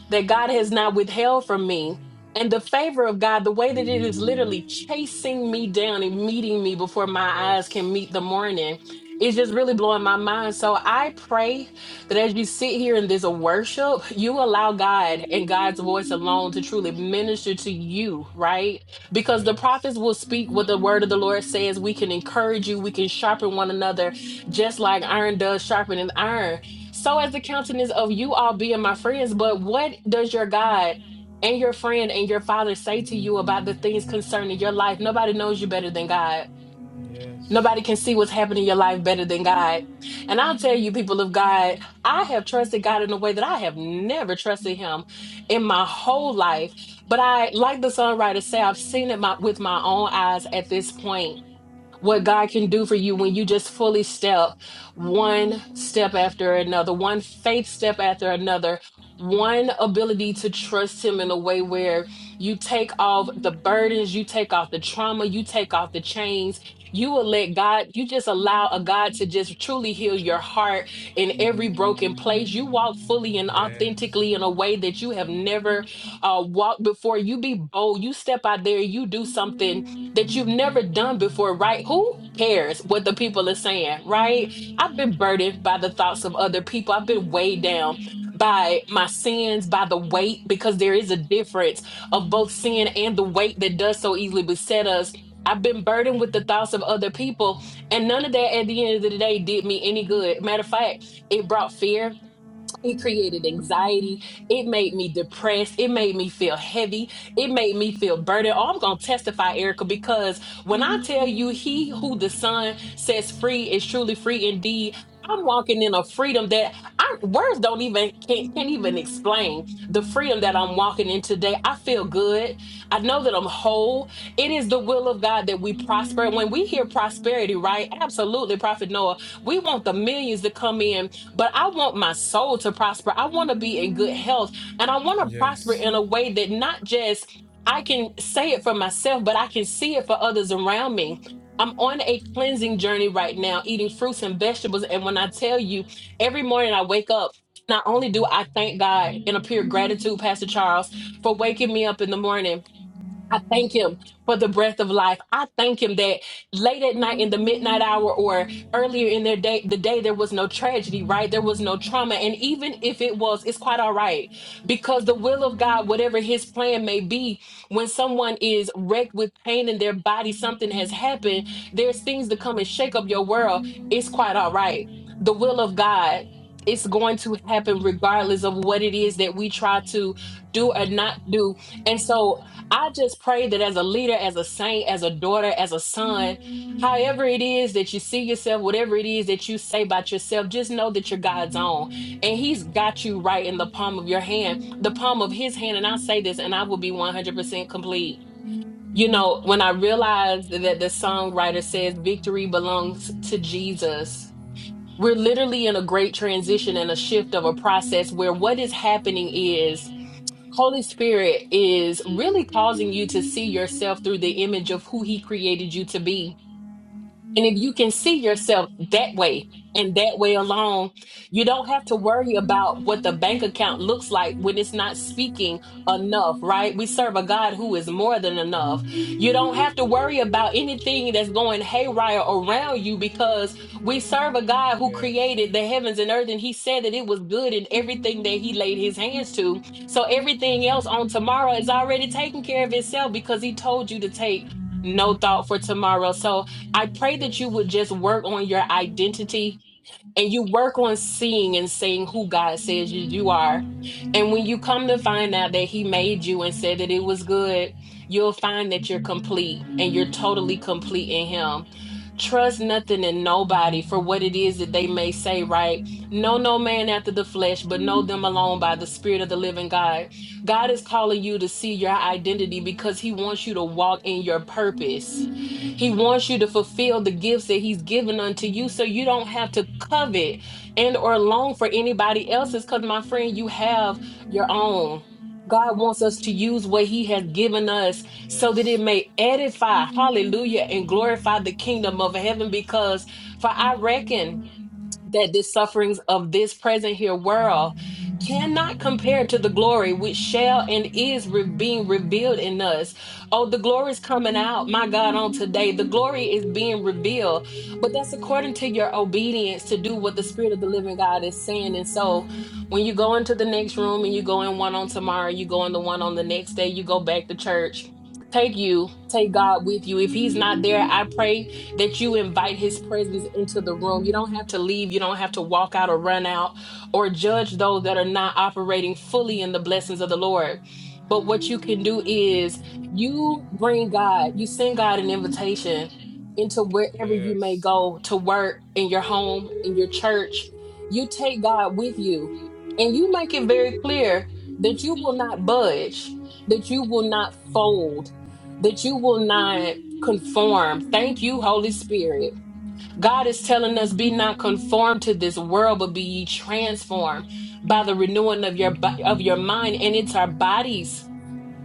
Speaker 6: that God has not withheld from me. And the favor of God, the way that it is literally chasing me down and meeting me before my eyes can meet the morning, is just really blowing my mind. So I pray that as you sit here in this worship, you allow God and God's voice alone to truly minister to you, right? Because the prophets will speak what the word of the Lord says. We can encourage you, we can sharpen one another, just like iron does sharpening iron so as the countenance of you all being my friends, but what does your God and your friend and your father say to you about the things concerning your life? Nobody knows you better than God. Nobody can see what's happening in your life better than God. And I'll tell you, people of God, I have trusted God in a way that I have never trusted Him in my whole life. But I, like the songwriter say, I've seen it my, with my own eyes at this point what God can do for you when you just fully step one step after another, one faith step after another, one ability to trust Him in a way where you take off the burdens, you take off the trauma, you take off the chains. You will let God, you just allow a God to just truly heal your heart in every broken place. You walk fully and authentically in a way that you have never uh, walked before. You be bold, you step out there, you do something that you've never done before, right? Who cares what the people are saying, right? I've been burdened by the thoughts of other people. I've been weighed down by my sins, by the weight, because there is a difference of both sin and the weight that does so easily beset us. I've been burdened with the thoughts of other people, and none of that at the end of the day did me any good. Matter of fact, it brought fear, it created anxiety. It made me depressed. It made me feel heavy. It made me feel burdened. Oh, I'm going to testify, Erica, because when I tell you he who the son sets free is truly free indeed, I'm walking in a freedom that I words don't even can't, can't even explain the freedom that I'm walking in today. I feel good. I know that I'm whole. It is the will of God that we prosper. When we hear prosperity, right? Absolutely, Prophet Noah, we want the millions to come in but I want my soul to prosper. I want to be in good health and I want to prosper in a way that not just I can say it for myself, but I can see it for others around me. I'm on a cleansing journey right now, eating fruits and vegetables. And when I tell you, every morning I wake up, not only do I thank God in a pure gratitude, Pastor Charles, for waking me up in the morning, I thank him for the breath of life. I thank him that late at night in the midnight hour or earlier in their day, the day there was no tragedy, right? There was no trauma. And even if it was, it's quite all right. Because the will of God, whatever his plan may be, when someone is wrecked with pain in their body, something has happened, there's things to come and shake up your world. It's quite all right. The will of God. It's going to happen regardless of what it is that we try to do or not do. And so I just pray that as a leader, as a saint, as a daughter, as a son, however it is that you see yourself, whatever it is that you say about yourself, just know that you're God's own. And He's got you right in the palm of your hand, the palm of His hand. And I say this, and I will be 100% complete. You know, when I realized that the songwriter says victory belongs to Jesus, we're literally in a great transition and a shift of a process where what is happening is Holy Spirit is really causing you to see yourself through the image of who He created you to be. And if you can see yourself that way and that way alone, you don't have to worry about what the bank account looks like when it's not speaking enough, right? We serve a God who is more than enough. You don't have to worry about anything that's going haywire around you because we serve a God who created the heavens and earth and he said that it was good in everything that he laid his hands to. So everything else on tomorrow is already taken care of itself because he told you to take no thought for tomorrow. So I pray that you would just work on your identity and you work on seeing and saying who God says you, you are. And when you come to find out that He made you and said that it was good, you'll find that you're complete and you're totally complete in Him. Trust nothing and nobody for what it is that they may say, right? Know no man after the flesh, but know them alone by the Spirit of the living God. God is calling you to see your identity because He wants you to walk in your purpose. He wants you to fulfill the gifts that he's given unto you so you don't have to covet and or long for anybody else's cuz my friend you have your own. God wants us to use what he has given us so that it may edify, hallelujah, and glorify the kingdom of heaven because for I reckon that the sufferings of this present here world cannot compare to the glory which shall and is re- being revealed in us. Oh, the glory is coming out, my God, on today. The glory is being revealed, but that's according to your obedience to do what the Spirit of the living God is saying. And so when you go into the next room and you go in one on tomorrow, you go in the one on the next day, you go back to church. Take you, take God with you. If He's not there, I pray that you invite his presence into the room. You don't have to leave, you don't have to walk out or run out or judge those that are not operating fully in the blessings of the Lord. But what you can do is you bring God, you send God an invitation into wherever you may
Speaker 1: Yes.
Speaker 6: go to work, in your home, in your church. You take God with you and you make it very clear that you will not budge, that you will not fold, that you will not conform. Thank you, Holy Spirit. God is telling us, be not conformed to this world, but be ye transformed by the renewing of your bo- of your mind. And it's our bodies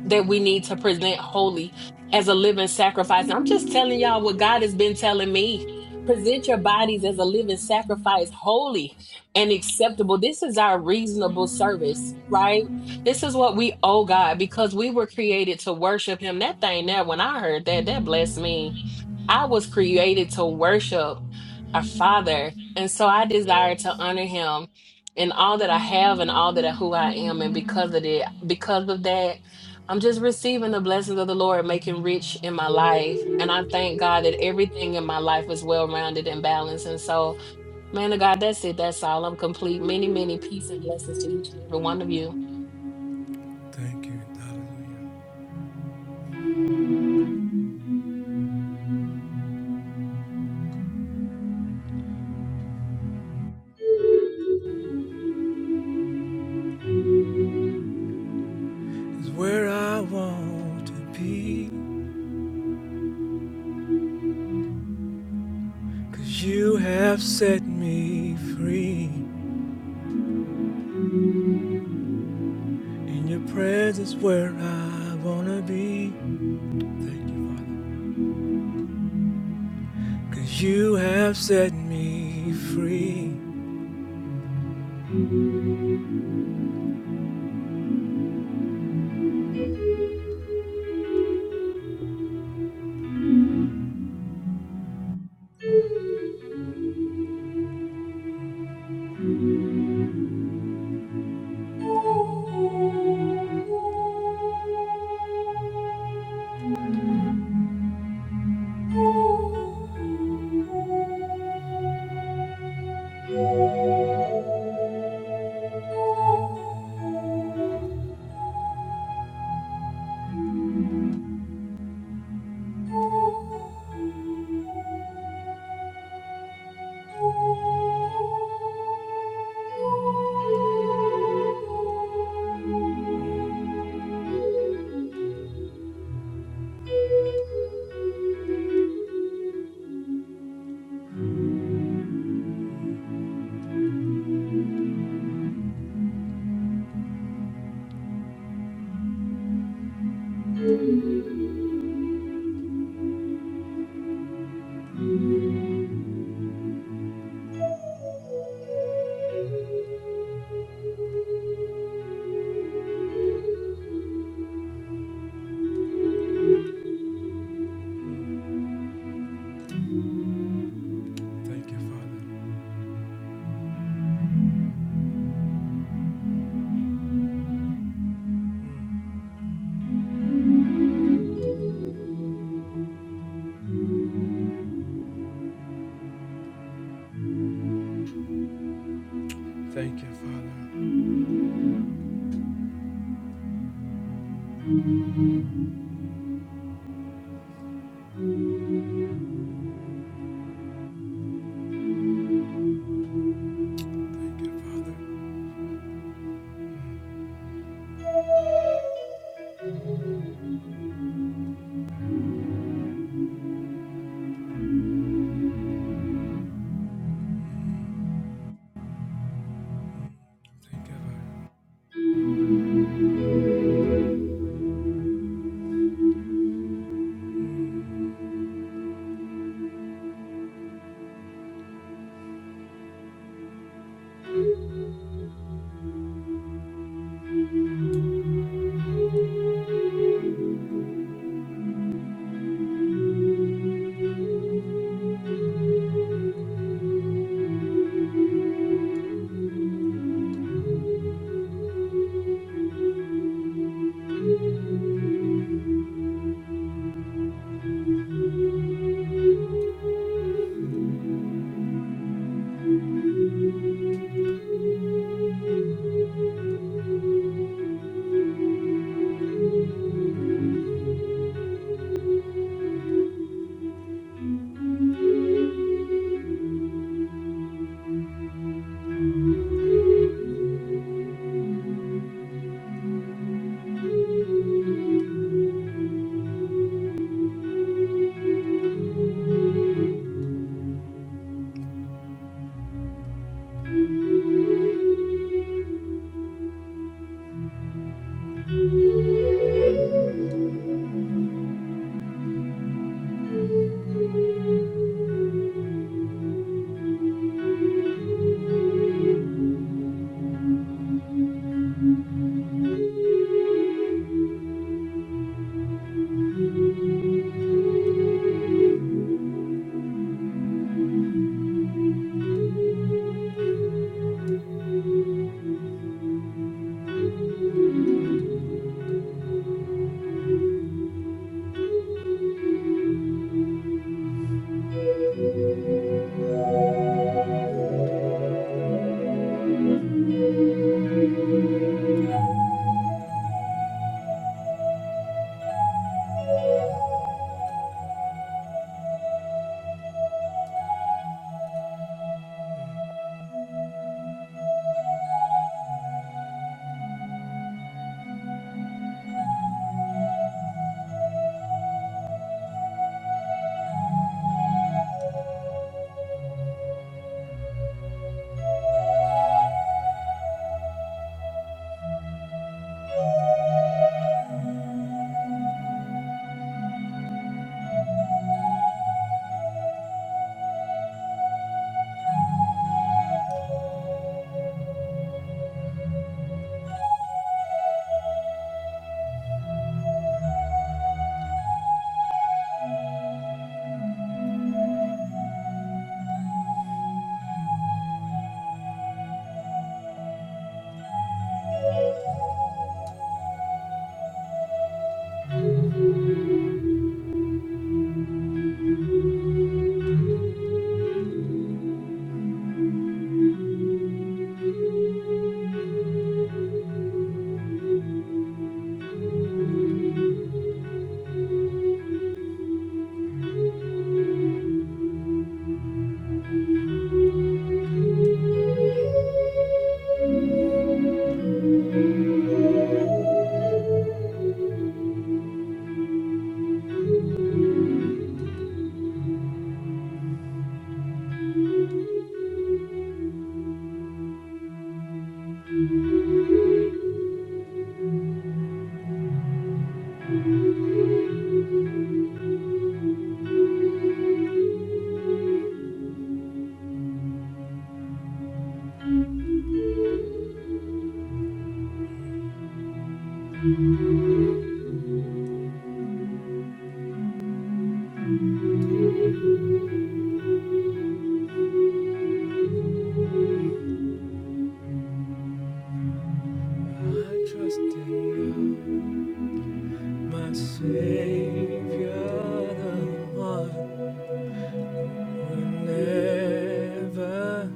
Speaker 6: that we need to present holy as a living sacrifice. And I'm just telling y'all what God has been telling me. Present your bodies as a living sacrifice, holy and acceptable. This is our reasonable service, right? This is what we owe God because we were created to worship Him. That thing there, when I heard that, that blessed me I was created to worship our Father. And so I desire to honor him in all that I have and all that I, who I am. And because of it, because of that, I'm just receiving the blessings of the Lord, making rich in my life. And I thank God that everything in my life is well rounded and balanced. And so, man of God, that's it. That's all. I'm complete. Many, many peace and blessings to each and every one of you.
Speaker 1: Is where I want to be. 'Cause you have set me free. In your presence is where I wanna be. Thank you, Father, 'cause you have set me free. I trust in God, my Savior, the one who never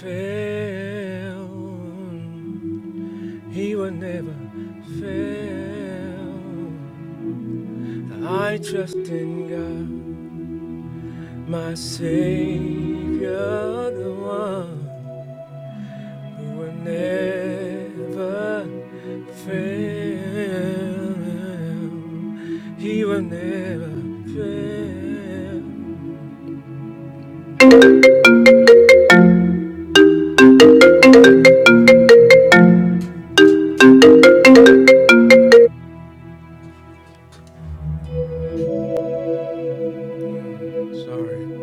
Speaker 1: fail. He will never fail. I trust in God, my Savior, the one. You were never fail. He will never fail. Sorry.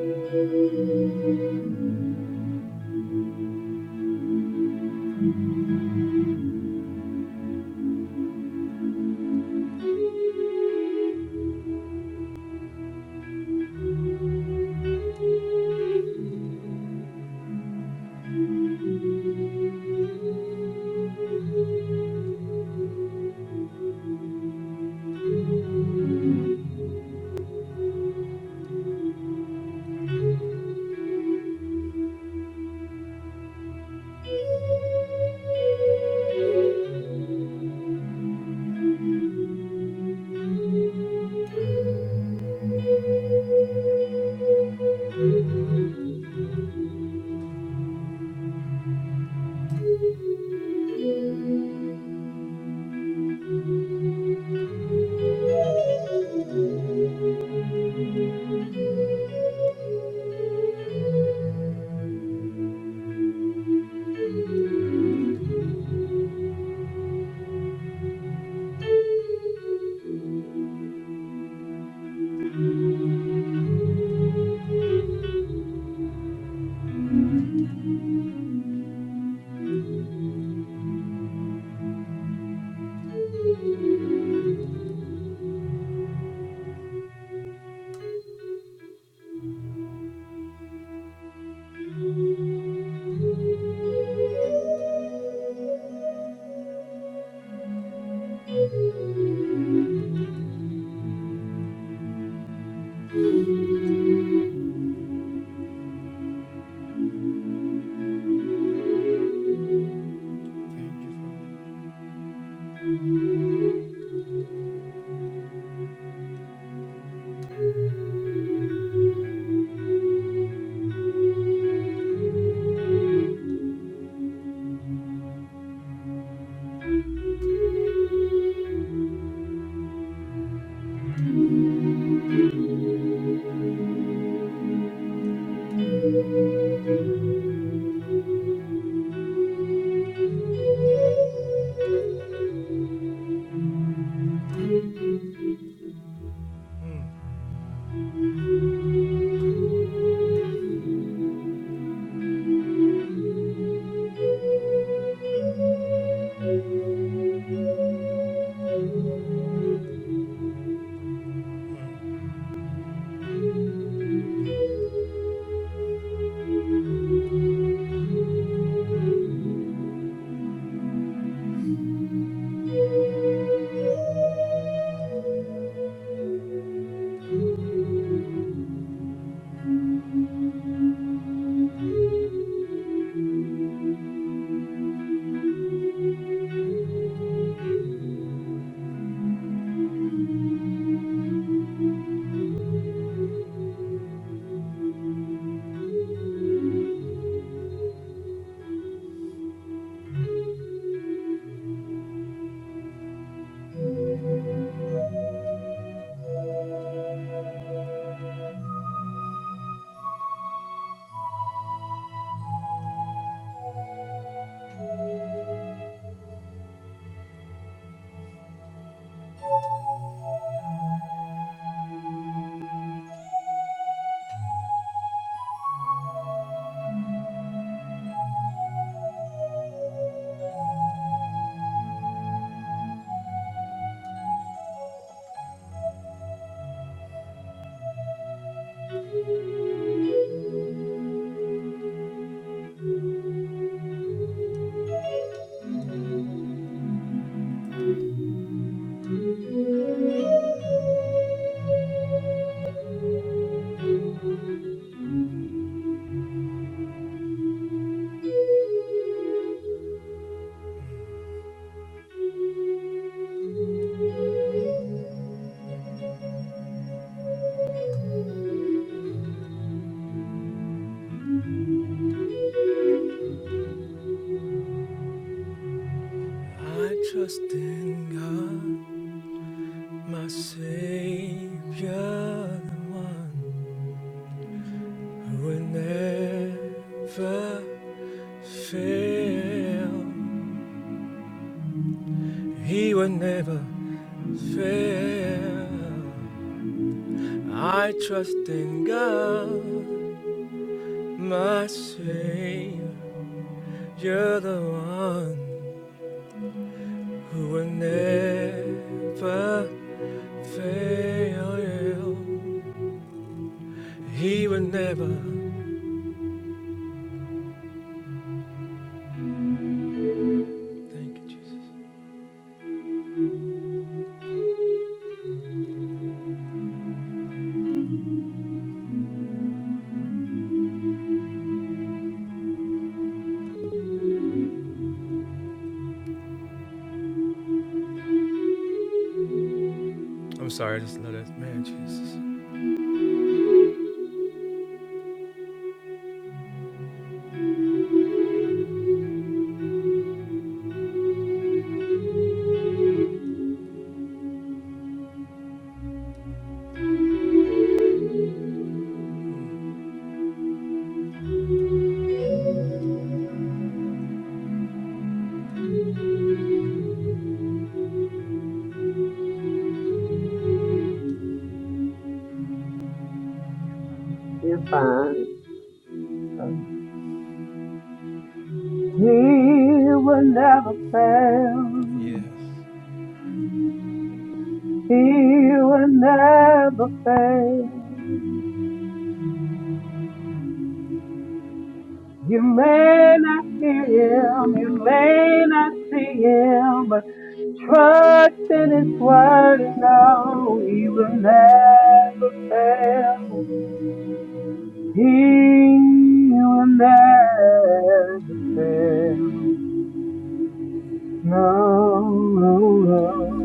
Speaker 1: I trust in God, my Savior, the one who will never fail. He will never fail. I trust in God. My Savior, you're the one who will never fail you. He
Speaker 4: You're fine. He will never fail. He will never fail. You may not hear him, you may not see him, but trust in his word and know he will never fail. He will never fail. No, no,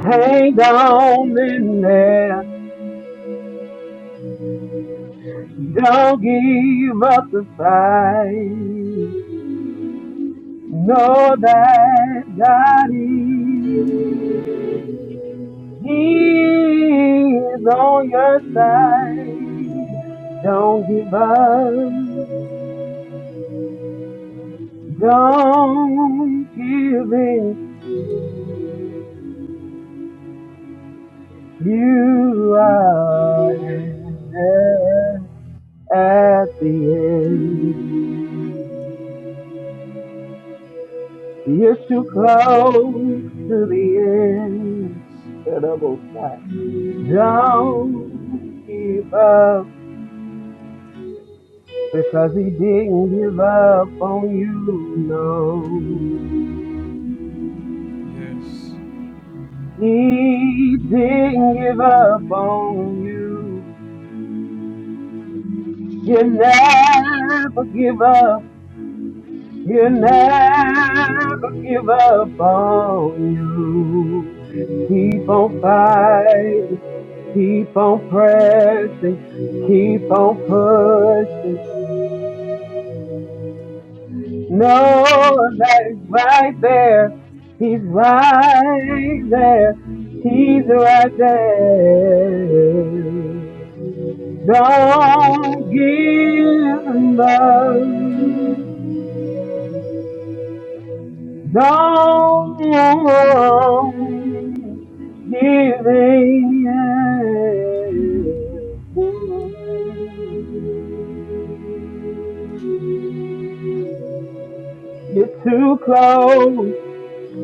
Speaker 4: no. Hang on in there. Don't give up the fight. Know that God is, He is on your side. Don't give up. Don't give in. You are at at the end. You're too close to the end. Double shot. Don't give up. because he didn't give up on you, no. He didn't give up on you. He'll never give up. He'll never give up on you. Keep on fighting. Keep on pressing. Keep on pushing. No, that is right there. He's right there. He's right there. Don't give up. Don't give in. You're too close.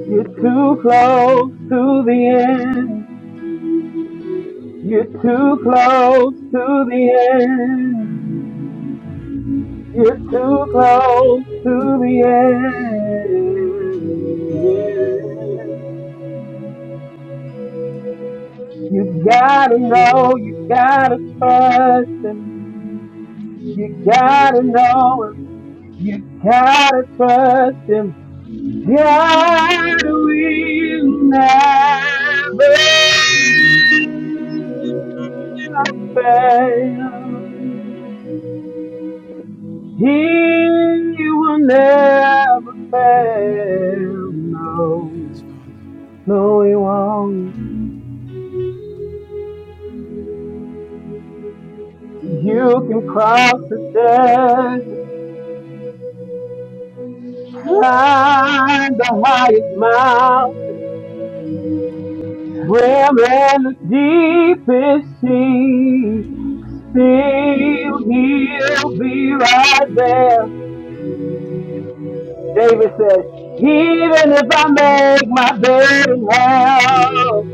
Speaker 4: You're too close to the end. You're too close to the end. You're too close to the end. You gotta know, you gotta trust him. You gotta know him. You gotta trust him. God will never fail. He will never fail. No, no, he won't. You can cross the desert, climb the highest mountain, swim in the deepest sea. Still, he'll be right there. David said, even if I make my bed in hell,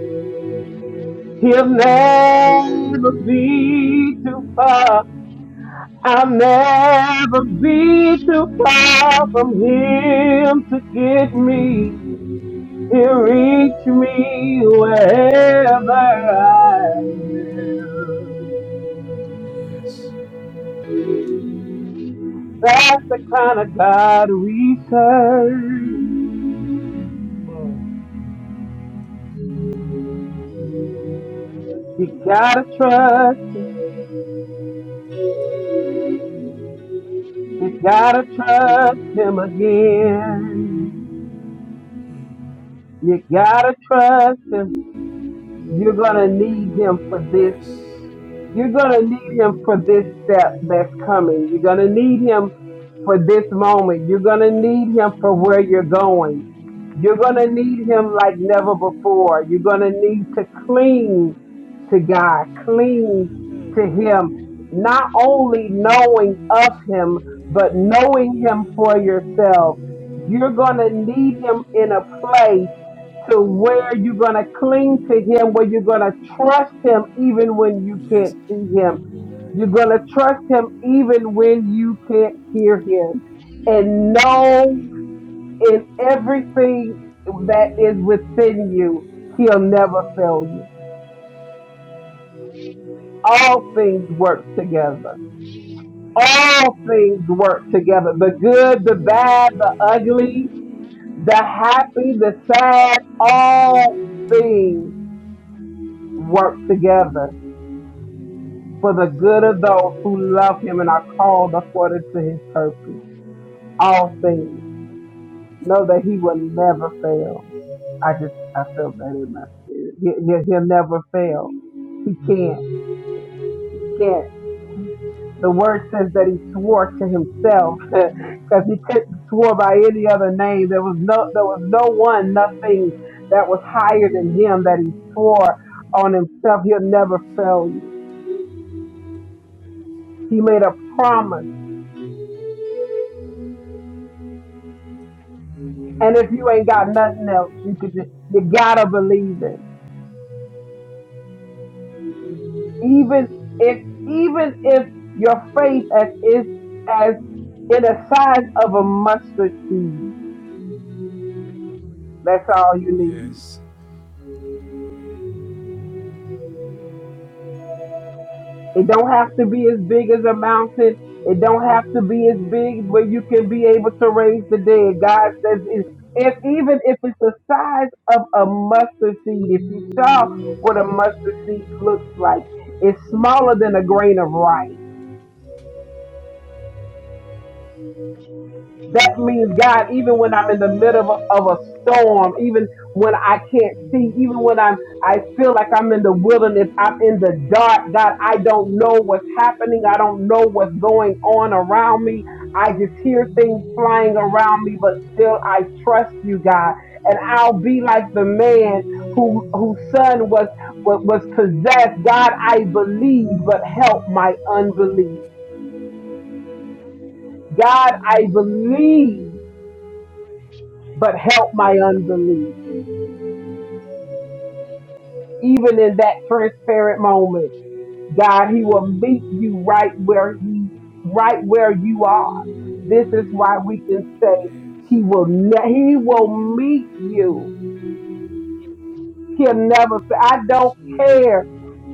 Speaker 4: he'll never be too far. I'll never be too far from him to get me. He'll reach me wherever I am. That's the kind of God we serve. You gotta trust, you gotta trust him again. You gotta trust him. You're gonna need him for this. You're gonna need him for this step that's coming. You're gonna need him for this moment. You're going to need him for where you're going. You're going to need him like never before. You're going to need to cling to God, cling to him, not only knowing of him, but knowing him for yourself. You're going to need him in a place to where you're going to cling to him, where you're going to trust him even when you can't see him you're going to trust him even when you can't hear him and know in everything that is within you, he'll never fail you. All things work together. All things work together. The good, the bad, the ugly, the happy, the sad, all things work together for the good of those who love him and are called according to his purpose. All things. know that he will never fail. I just I felt that in my spirit. He, he, he'll never fail. He can't. He can't. The word says that he swore to himself because he couldn't swore by any other name. There was no there was no one, nothing that was higher than him that he swore on himself. He'll never fail you. He made a promise. And if you ain't got nothing else, you could just you gotta believe him even if even if your faith as is as in the size of a mustard seed. That's all you need. It don't have to be as big as a mountain. It don't have to be as big, but you can be able to raise the dead. God says it, if even if it's the size of a mustard seed, if you saw what a mustard seed looks like, it's smaller than a grain of rice. That means, God, even when I'm in the middle of a, of a storm, even when I can't see, even when I'm, I feel like I'm in the wilderness, I'm in the dark, God, I don't know what's happening. I don't know what's going on around me. I just hear things flying around me, but still I trust you, God. And I'll be like the man who, whose son was, was, was possessed. God, I believe, but help my unbelief. God, I believe but help my unbelief. Even in that transparent moment, God, He will meet you right where He, right where you are. This is why we can say He will, ne- He will meet you. He'll never. say, I don't care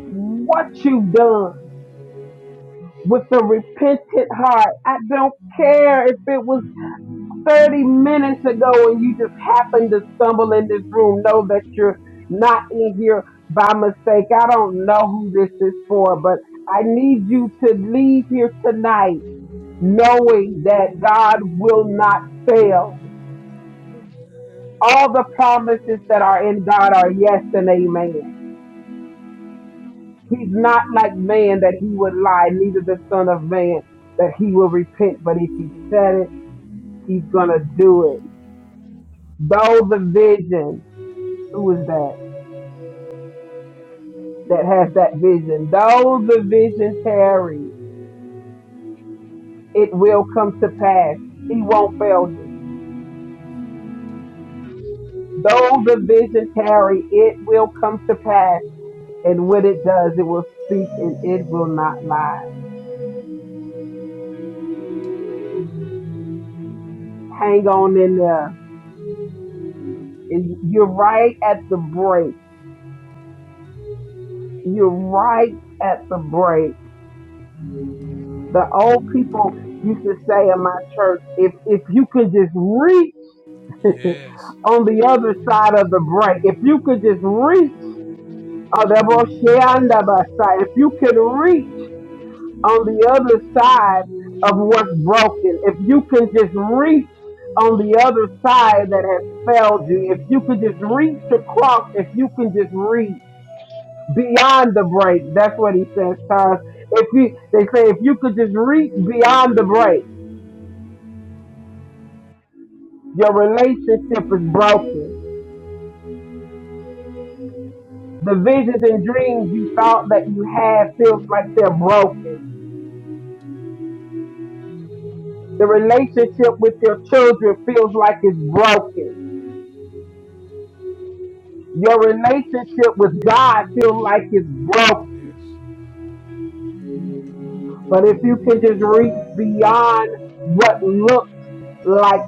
Speaker 4: what you've done with a repentant heart. I don't care if it was 30 minutes ago and you just happened to stumble in this room, know that you're not in here by mistake. I don't know who this is for, but I need you to leave here tonight knowing that God will not fail. All the promises that are in God are yes and amen. He's not like man that he would lie, neither the son of man that he will repent. But if he said it, he's going to do it. Though the vision, who is that? that has that vision. Though the vision tarry, it will come to pass. He won't fail you. Though the vision tarry, it will come to pass. And when it does, it will speak and it will not lie. Hang on in there. And You're right at the break. You're right at the break. The old people used to say in my church, if, if you could just reach on the other side of the break, if you could just reach Uh, that boy Shanda by side. If you can reach on the other side of what's broken, if you can just reach on the other side that has failed you, if you can just reach across, if you can just reach beyond the break, that's what he says, Tyrus. If you, they say, if you could just reach beyond the break, your relationship is broken. The visions and dreams you thought that you had feels like they're broken The relationship with your children feels like it's broken. Your relationship with God feels like it's broken. But if you can just reach beyond what looks like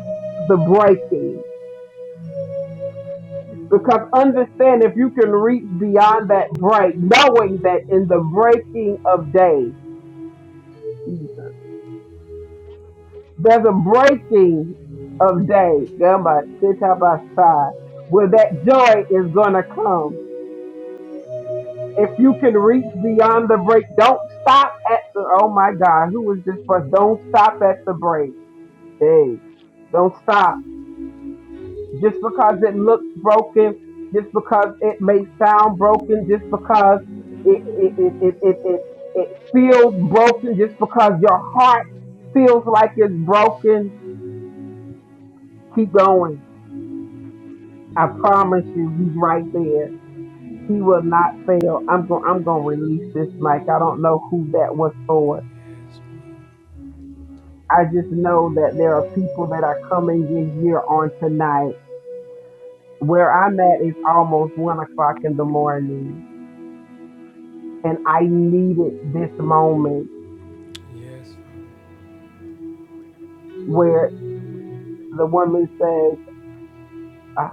Speaker 4: the breaking, because understand if you can reach beyond that break, knowing that in the breaking of day, there's a breaking of day, Gamba, Shitabasa, where that joy is gonna come If you can reach beyond the break, don't stop at the. Oh my God, who is this person? Don't stop at the break. Hey, don't stop. Just because it looks broken, just because it may sound broken, just because it it it it it, it, it feels broken, just because your heart feels like it's broken. Keep going. I promise you, he's right there. He will not fail. I'm going. I'm going to release this mic. I don't know who that was for I just know that there are people that are coming in here on tonight. Where I'm at is almost one o'clock in the morning, and I needed this moment where the woman says, "Uh,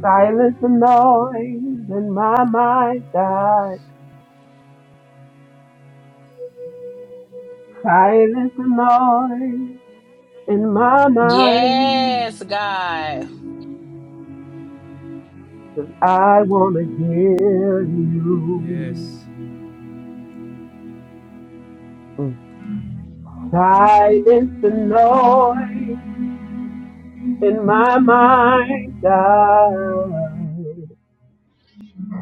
Speaker 4: "Silence the noise in my mind, God. Silence the noise in my mind.
Speaker 6: Yes, God.
Speaker 4: I wanna hear you." Mm. Silence the noise in my mind died.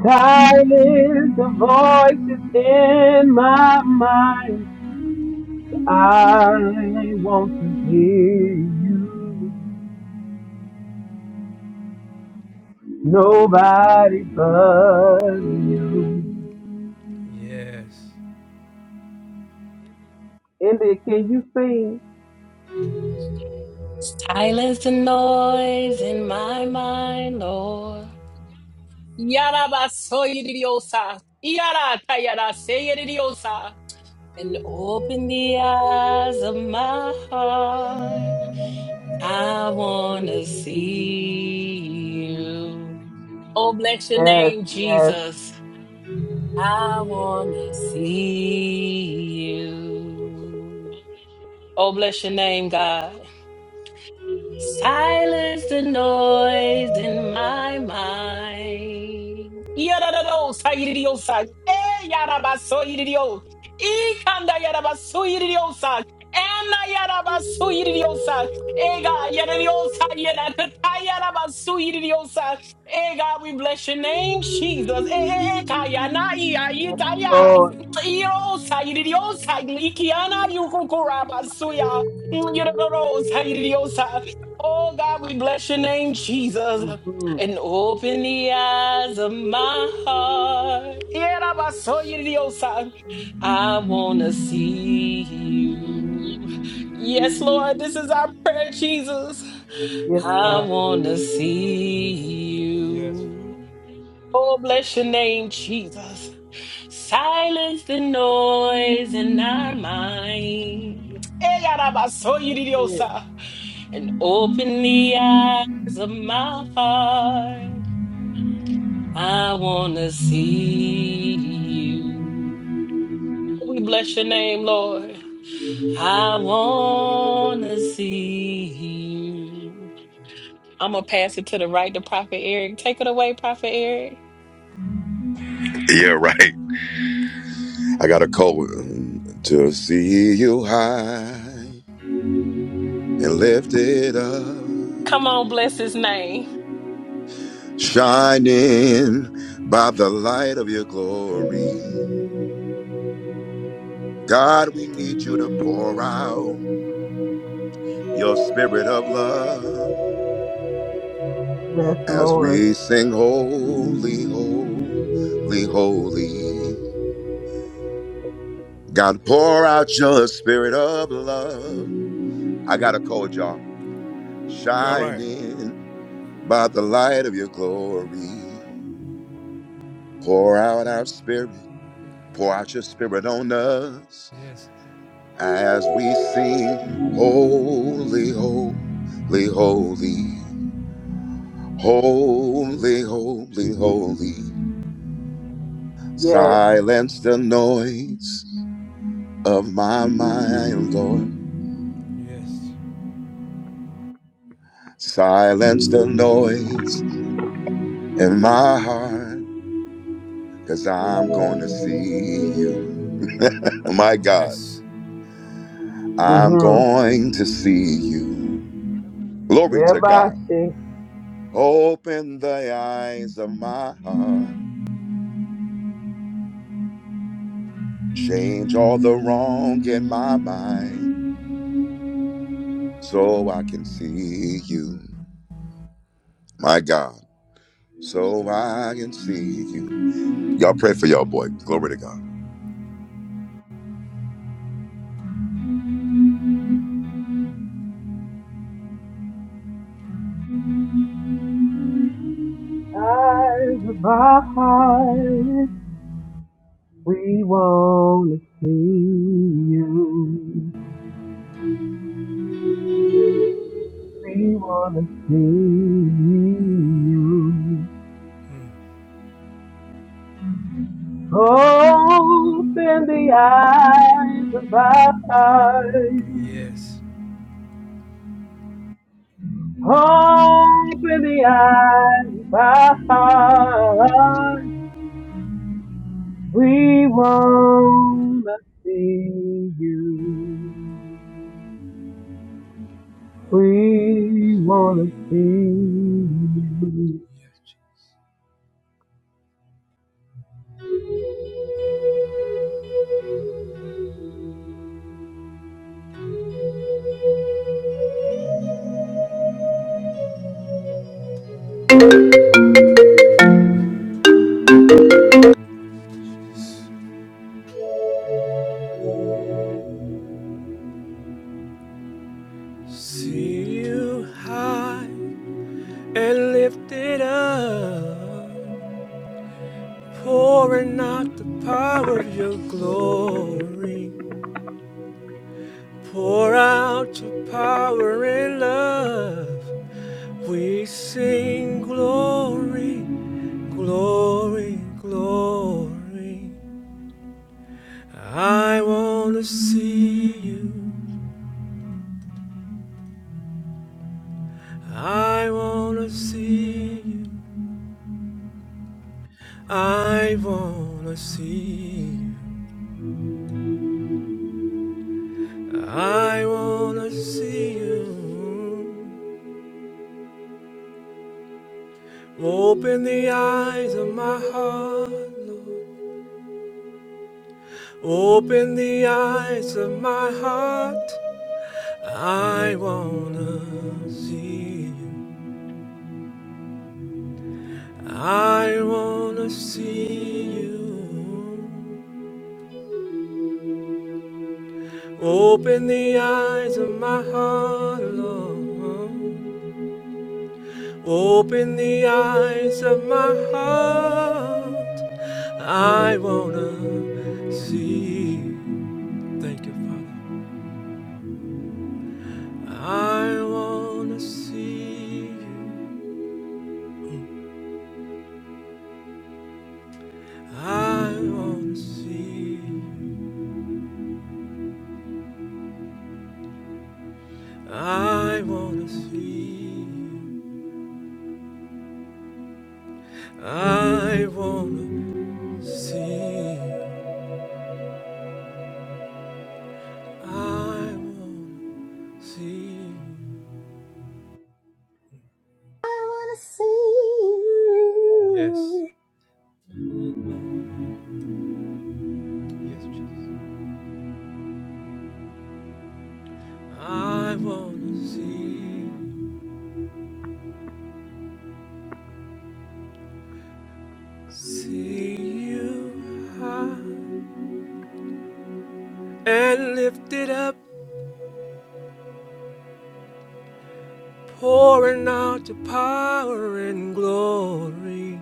Speaker 4: Silence the voices in my mind. I want to hear you. Nobody but you. India, can you sing?
Speaker 6: Silence the noise in my mind, Lord. Yarabasoyiriosa. Yaratayaraseyiriosa. And open the eyes of my heart. I want to see you. Oh, bless your
Speaker 4: Yes,
Speaker 6: name,
Speaker 4: yes,
Speaker 6: Jesus. I want to see you. Oh, bless your name, God. Silence the noise in my mind. Yadadados, hayididiosa. Eh, yadabaso, yididio. Ikanda yadabaso, yididiosa. Anna yadabaso, yididiosa. Ega God, yadadiosa, yadakata yadabaso, yididiosa. Ega. we bless your name, Jesus. Eh, eh, eh, kaya, na, iya,
Speaker 4: yes,
Speaker 6: itaya.
Speaker 4: Lord.
Speaker 6: Irosa, yididiosa, ikiana, yukukurabasuya. Yadadados, hayididiosa. Oh God, we bless your name, Jesus.
Speaker 4: hmm
Speaker 6: And open the eyes of my heart. Yeah, I saw you the old side. I wanna see you. Yes, Lord, this is our prayer, Jesus.
Speaker 4: Yes,
Speaker 6: I
Speaker 4: God.
Speaker 6: wanna see you. Oh, bless your name, Jesus. Silence the noise in our mind. Hey, I saw you
Speaker 4: That's
Speaker 6: the old
Speaker 4: it.
Speaker 6: and open the eyes of my heart. I want to see you. We bless your name, Lord. I want to see you. I'm going to pass it to the right to Prophet Eric. Take it away, Prophet Eric.
Speaker 7: Yeah, right. I got a cold um, to see you high and lifted up,
Speaker 6: Come on, bless his name.
Speaker 7: shining by the light of your glory. God, we need you to pour out your spirit of love
Speaker 4: Yes,
Speaker 7: as
Speaker 4: Lord.
Speaker 7: we sing holy, holy, holy. God, pour out your spirit of love. I got a cold, y'all. Shining. by the light of your glory. Pour out our spirit, pour out your spirit on us as we sing, Holy, Holy, Holy, Holy, Holy, Holy.
Speaker 4: Yes.
Speaker 7: Silence the noise of my mind, Lord. Silence the noise in my heart, cause I'm gonna see you. My God. I'm
Speaker 4: Mm-hmm.
Speaker 7: going to see you. Glory to
Speaker 4: Everybody
Speaker 7: God.
Speaker 4: say,
Speaker 7: Open the eyes of my heart. Change all the wrong in my mind so I can see you. My God. So I can see you. Y'all pray for y'all boy. Glory to God.
Speaker 4: eyes of our We wanna see you. We wanna see you. Open the eyes of our eyes. Open the eyes of our eyes. We wanna see you. We wanna see you.
Speaker 1: see you high and lifted up, pouring out the power of your glory. Pour out your power and love. We sing glory, glory, glory. I wanna see you. I wanna see you. I wanna see you. I wanna see you. Open the eyes of my heart. Lord. Open the eyes of my heart. I wanna see you. I wanna see you. Open the eyes of my heart, Lord. Open the eyes of my heart. I wanna see. you. Thank you, Father. I wanna see you. I wanna see. you. I wanna see.
Speaker 5: I want to see you.
Speaker 1: I wanna see. you. See you high and lifted up Pouring out your power and glory.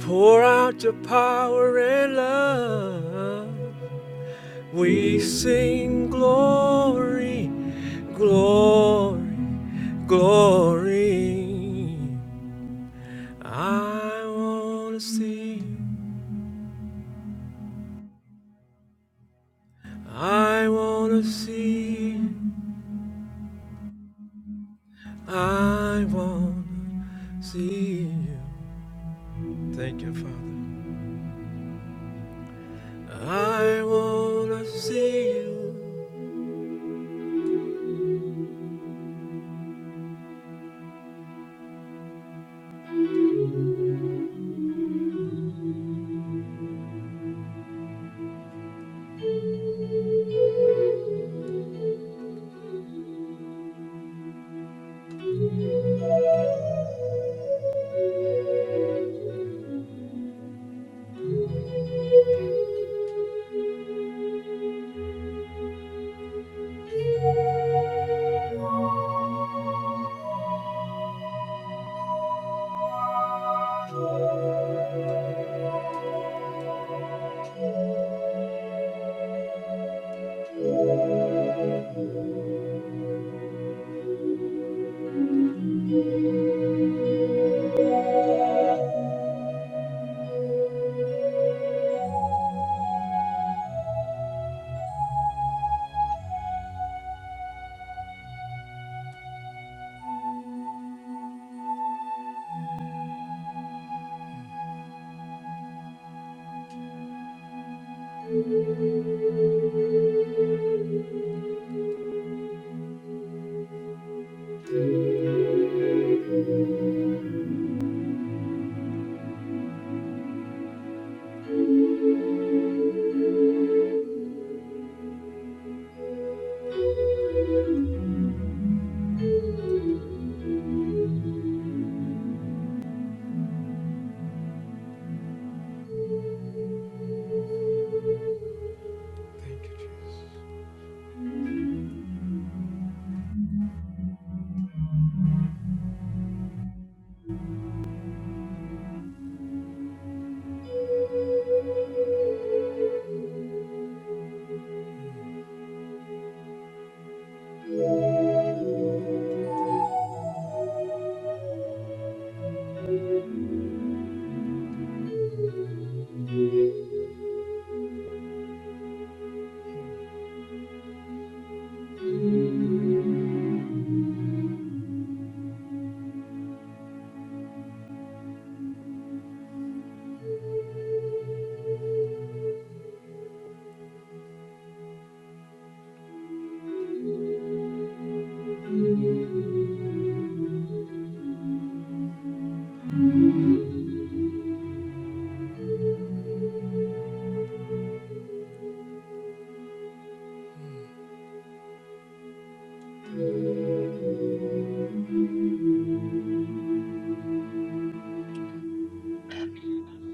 Speaker 1: Pour out your power and love. We sing glory, glory, glory. I wanna see you. I wanna see you. I wanna see you. Thank you, Father. I wanna see you.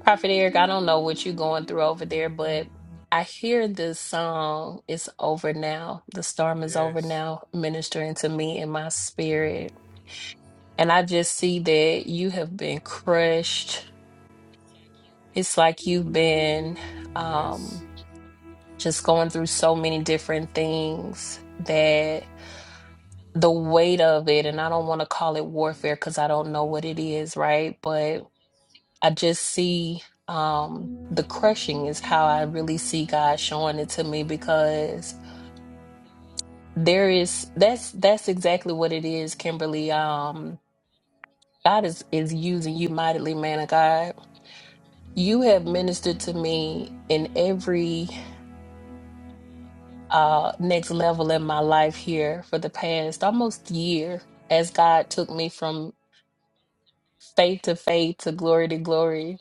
Speaker 6: Prophet Eric, I don't know what you're going through over there, but I hear this song. It's over now. The storm is over now, ministering to me in my spirit. And I just see that you have been crushed. It's like you've been um, just going through so many different things that the weight of it, and I don't want to call it warfare because I don't know what it is, right? But I just see um, the crushing is how I really see God showing it to me because there is that's that's exactly what it is, Kimberly. Um, God is is using you mightily, man of God You have ministered to me in every uh, next level in my life here for the past almost year as God took me from faith to faith to glory to glory.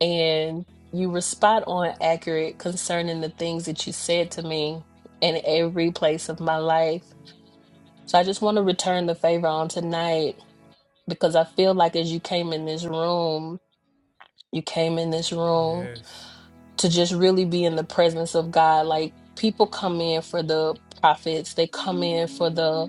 Speaker 6: And you were spot on accurate concerning the things that you said to me in every place of my life. So I just want to return the favor on tonight because I feel like as you came in this room, you came in this room to just really be in the presence of God. Like people come in for the prophets, they come in for the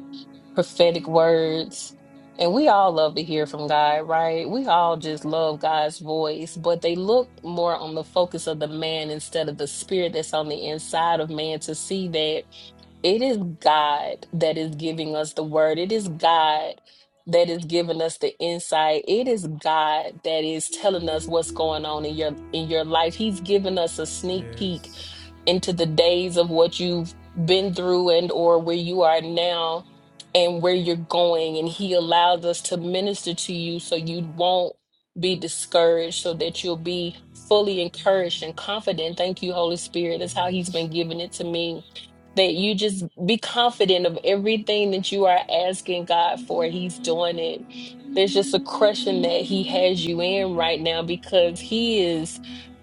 Speaker 6: prophetic words. And we all love to hear from God, right? We all just love God's voice, but they look more on the focus of the man instead of the spirit that's on the inside of man to see that it is God that is giving us the word. It is God that is giving us the insight. It is God that is telling us what's going on in your in your life. He's giving us a sneak peek into the days of what you've been through and or where you are now and where you're going and he allows us to minister to you so you won't be discouraged so that you'll be fully encouraged and confident thank you holy spirit that's how he's been giving it to me that you just be confident of everything that you are asking God for. He's doing it. There's just a crushing that He has you in right now because He is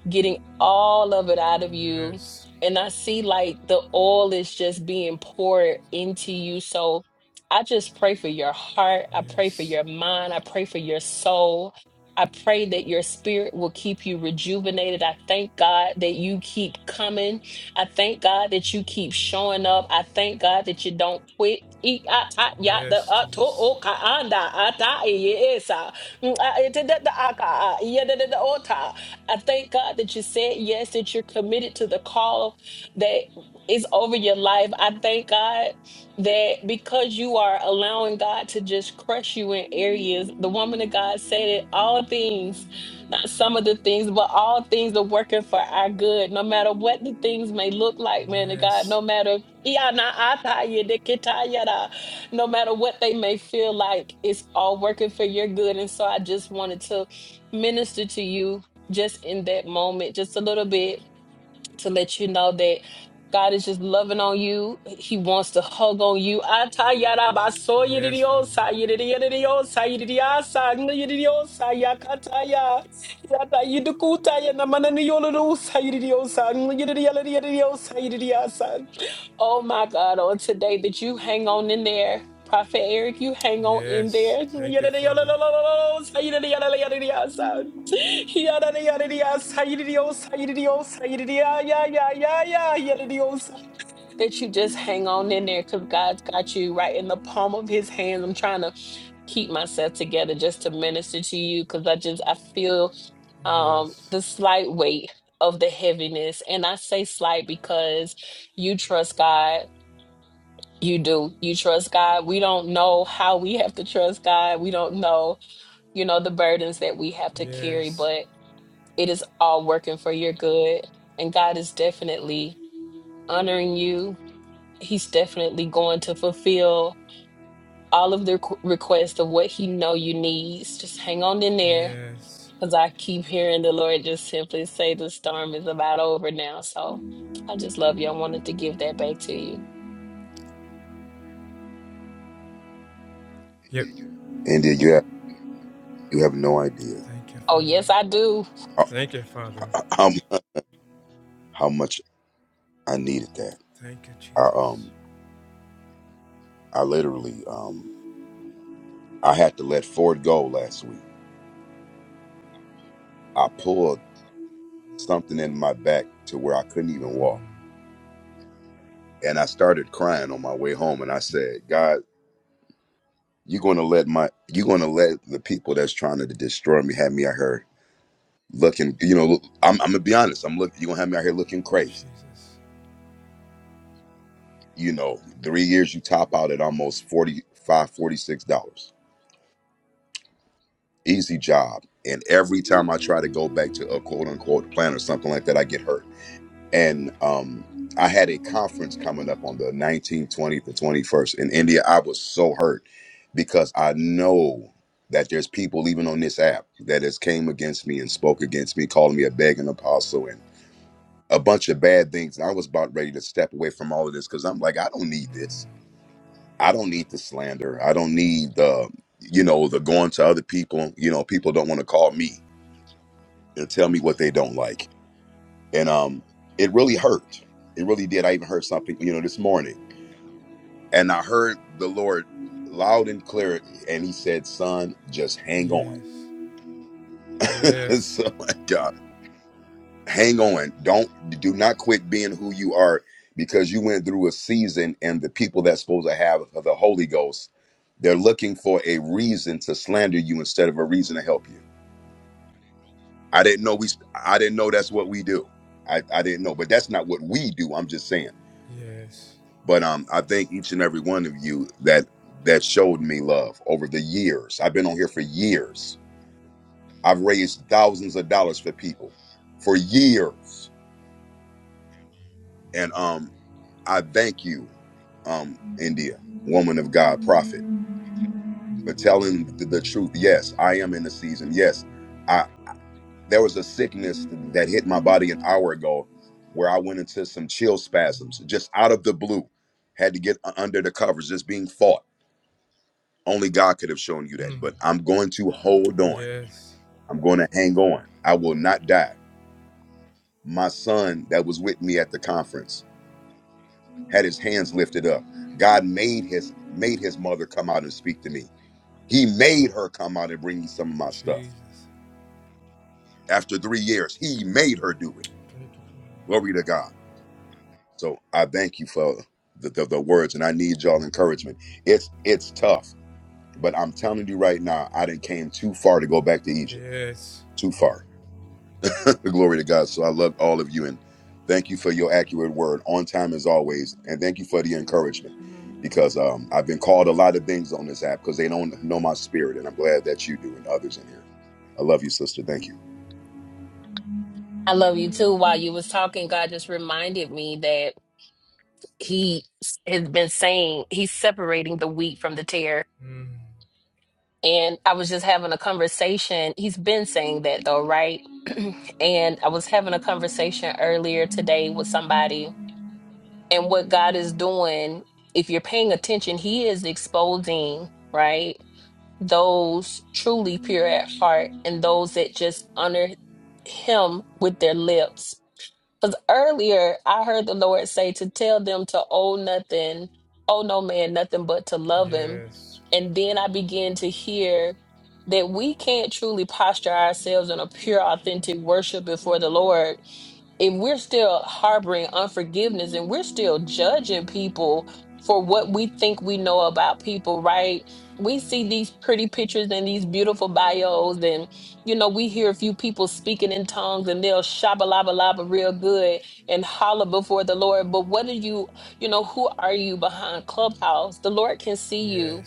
Speaker 6: getting all of it out of you. And I see like the oil is just being poured into you. So I just pray for your heart. I pray for your mind. I pray for your soul. I pray that your spirit will keep you rejuvenated. I thank God that you keep coming. I thank God that you keep showing up. I thank God that you don't quit. E- ah, ah, ya, the, ah, to- oh, ka- anda, ah, ta, eh, yes, ah. Mm, ah, eh, da, da, da, ah, ka, ah, yeah, da, da, da, oh, ta. I thank God that you said yes, that you're committed to the call that is over your life. I thank God that because you are allowing God to just crush you in areas, the woman of God said it all things, not some of the things, but all things are working for our good, no matter what the things may look like, man of God, no matter. Yeah, nah, I tell you, they can tell you that. No matter what they may feel like, it's all working for your good. And so I just wanted to minister to you just in that moment, just a little bit to let you know that God is just loving on you. He wants to hug on you. Atayarabasoyiridiyosa, yiridiyidiyosa, yiridiyasa, nyiridiyosa, yakataya, yatayidukutaya, namananiyolulusa, yiridiyosa, nyiridiyalidiyadiyosa, yiridiyasa. Oh my God, on today that you hang on in there. Prophet Eric, you hang on in there. Yiridiyolululusa, yiridiyaladiyadiyasa. That you just hang on in there because God's got you right in the palm of His hands. I'm trying to keep myself together just to minister to you because I just I feel um the slight weight of the heaviness, and I say slight because you trust God. You do. You trust God. We don't know how we have to trust God. We don't know, you know, the burdens that we have to carry, but it is all working for your good. And God is definitely honoring you. He's definitely going to fulfill all of the requ- requests of what He know you needs. Just hang on in there, because I keep hearing the Lord just simply say the storm is about over now. So I just love you. I wanted to give that back to you.
Speaker 7: India, you have you have no idea
Speaker 6: Oh yes, I do.
Speaker 7: how how, how much I needed that. I um I literally um I had to let Ford go last week. I pulled. something in my back to where I couldn't even walk. And I started crying on my way home and I said, God, you're gonna let my you're gonna let the people that's trying to destroy me have me out here looking, you know, look, I'm I'm gonna be honest, I'm looking you're gonna have me out here looking crazy. You know, three years you top out at almost forty five, forty six dollars. Easy job. And every time I try to go back to a quote unquote plan or something like that, I get hurt and um I had a conference coming up on the 19th, 20th, and 21st in India. I was so hurt because I know that there's people even on this app that has came against me and spoke against me, calling me a begging apostle and a bunch of bad things. And I was about ready to step away from all of this because I'm like, I don't need this. I don't need the slander. I don't need the, you know, the going to other people. You know, people don't want to call me and tell me what they don't like and um it really hurt it really did i even heard something you know this morning and i heard the lord loud and clear and he said son just hang on so like God, hang on don't do not quit being who you are because you went through a season and the people that's supposed to have the holy ghost they're looking for a reason to slander you instead of a reason to help you i didn't know we i didn't know that's what we do i, I didn't know but that's not what we do i'm just saying but um, I thank each and every one of you that that showed me love over the years. I've been on here for years. I've raised thousands of dollars for people for years, and um, I thank you, um, India, woman of God, prophet, for telling the, the truth. Yes, I am in the season. Yes, I there was a sickness that hit my body an hour ago, where I went into some chill spasms just out of the blue. Had to get u- under the covers, just being fought Only God could have shown you that. But I'm going to hold on. I'm going to hang on. I will not die. My son that was with me at the conference had his hands lifted up. God made his made his mother come out and speak to me. He made her come out and bring me some of my stuff. After three years, he made her do it. Glory to God. So I thank you for the, the, the words and I need y'all encouragement. It's it's tough, but I'm telling you right now, I didn't came too far to go back to Egypt. Too far. Glory to God. So I love all of you and thank you for your accurate word on time as always. And thank you for the encouragement because um, I've been called a lot of things on this app because they don't know my spirit. And I'm glad that you do and others in here. I love you, sister. Thank you.
Speaker 6: I love you too. While you was talking, God just reminded me that He s- has been saying He's separating the wheat from the tear And I was just having a conversation. He's been saying that though, right? and I was having a conversation earlier today with somebody. And what God is doing, if you're paying attention, He is exposing, right? Those truly pure at heart and those that just honor Him with their lips because earlier I heard the Lord say to tell them to owe nothing, owe no man nothing but to love him. And then I began to hear that we can't truly posture ourselves in a pure, authentic worship before the Lord if we're still harboring unforgiveness and we're still judging people for what we think we know about people, right? We see these pretty pictures and these beautiful bios, and you know, we hear a few people speaking in tongues and they'll shabba laba laba real good and holler before the Lord. But what are you, you know, who are you behind Clubhouse? The Lord can see you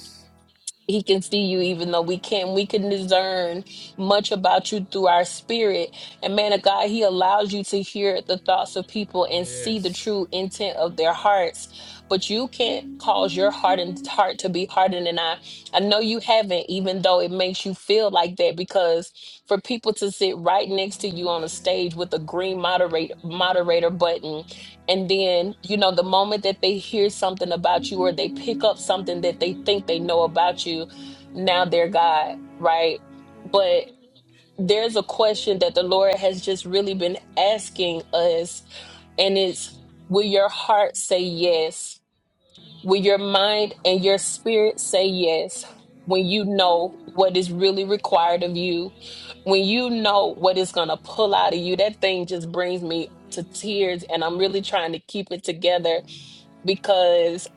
Speaker 6: he can see you even though we can we can discern much about you through our spirit and man of god he allows you to hear the thoughts of people and see the true intent of their hearts but you can't cause your heart and heart to be hardened and i i know you haven't even though it makes you feel like that because for people to sit right next to you on a stage with a green moderate moderator button and then, you know, the moment that they hear something about you or they pick up something that they think they know about you, now they're God, right? But there's a question that the Lord has just really been asking us, and it's will your heart say yes? When your mind and your spirit say yes, when you know what is really required of you, when you know what is going to pull out of you, that thing just brings me to tears. And I'm really trying to keep it together because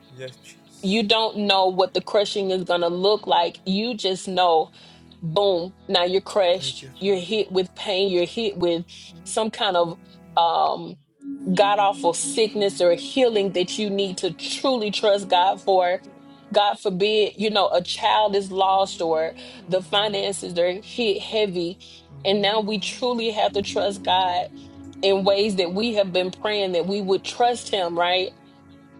Speaker 6: you don't know what the crushing is going to look like. You just know, boom, now you're crushed. You're hit with pain. You're hit with some kind of. um god awful sickness or healing that you need to truly trust God for. God forbid, you know, a child is lost or the finances are hit heavy. And now we truly have to trust God in ways that we have been praying that we would trust Him, right?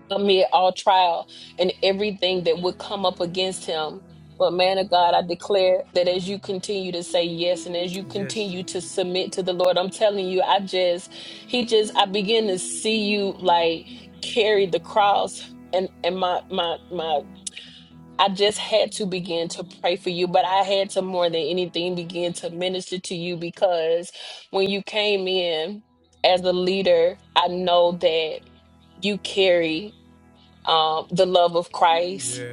Speaker 6: amid all trial and everything that would come up against him. But man of God, I declare that as you continue to say yes and as you continue to submit to the Lord, I'm telling you, I just, he just, I begin to see you like carry the cross and and my my my. I just had to begin to pray for you, but I had to more than anything begin to minister to you because when you came in as a leader, I know that you carry um, the love of Christ.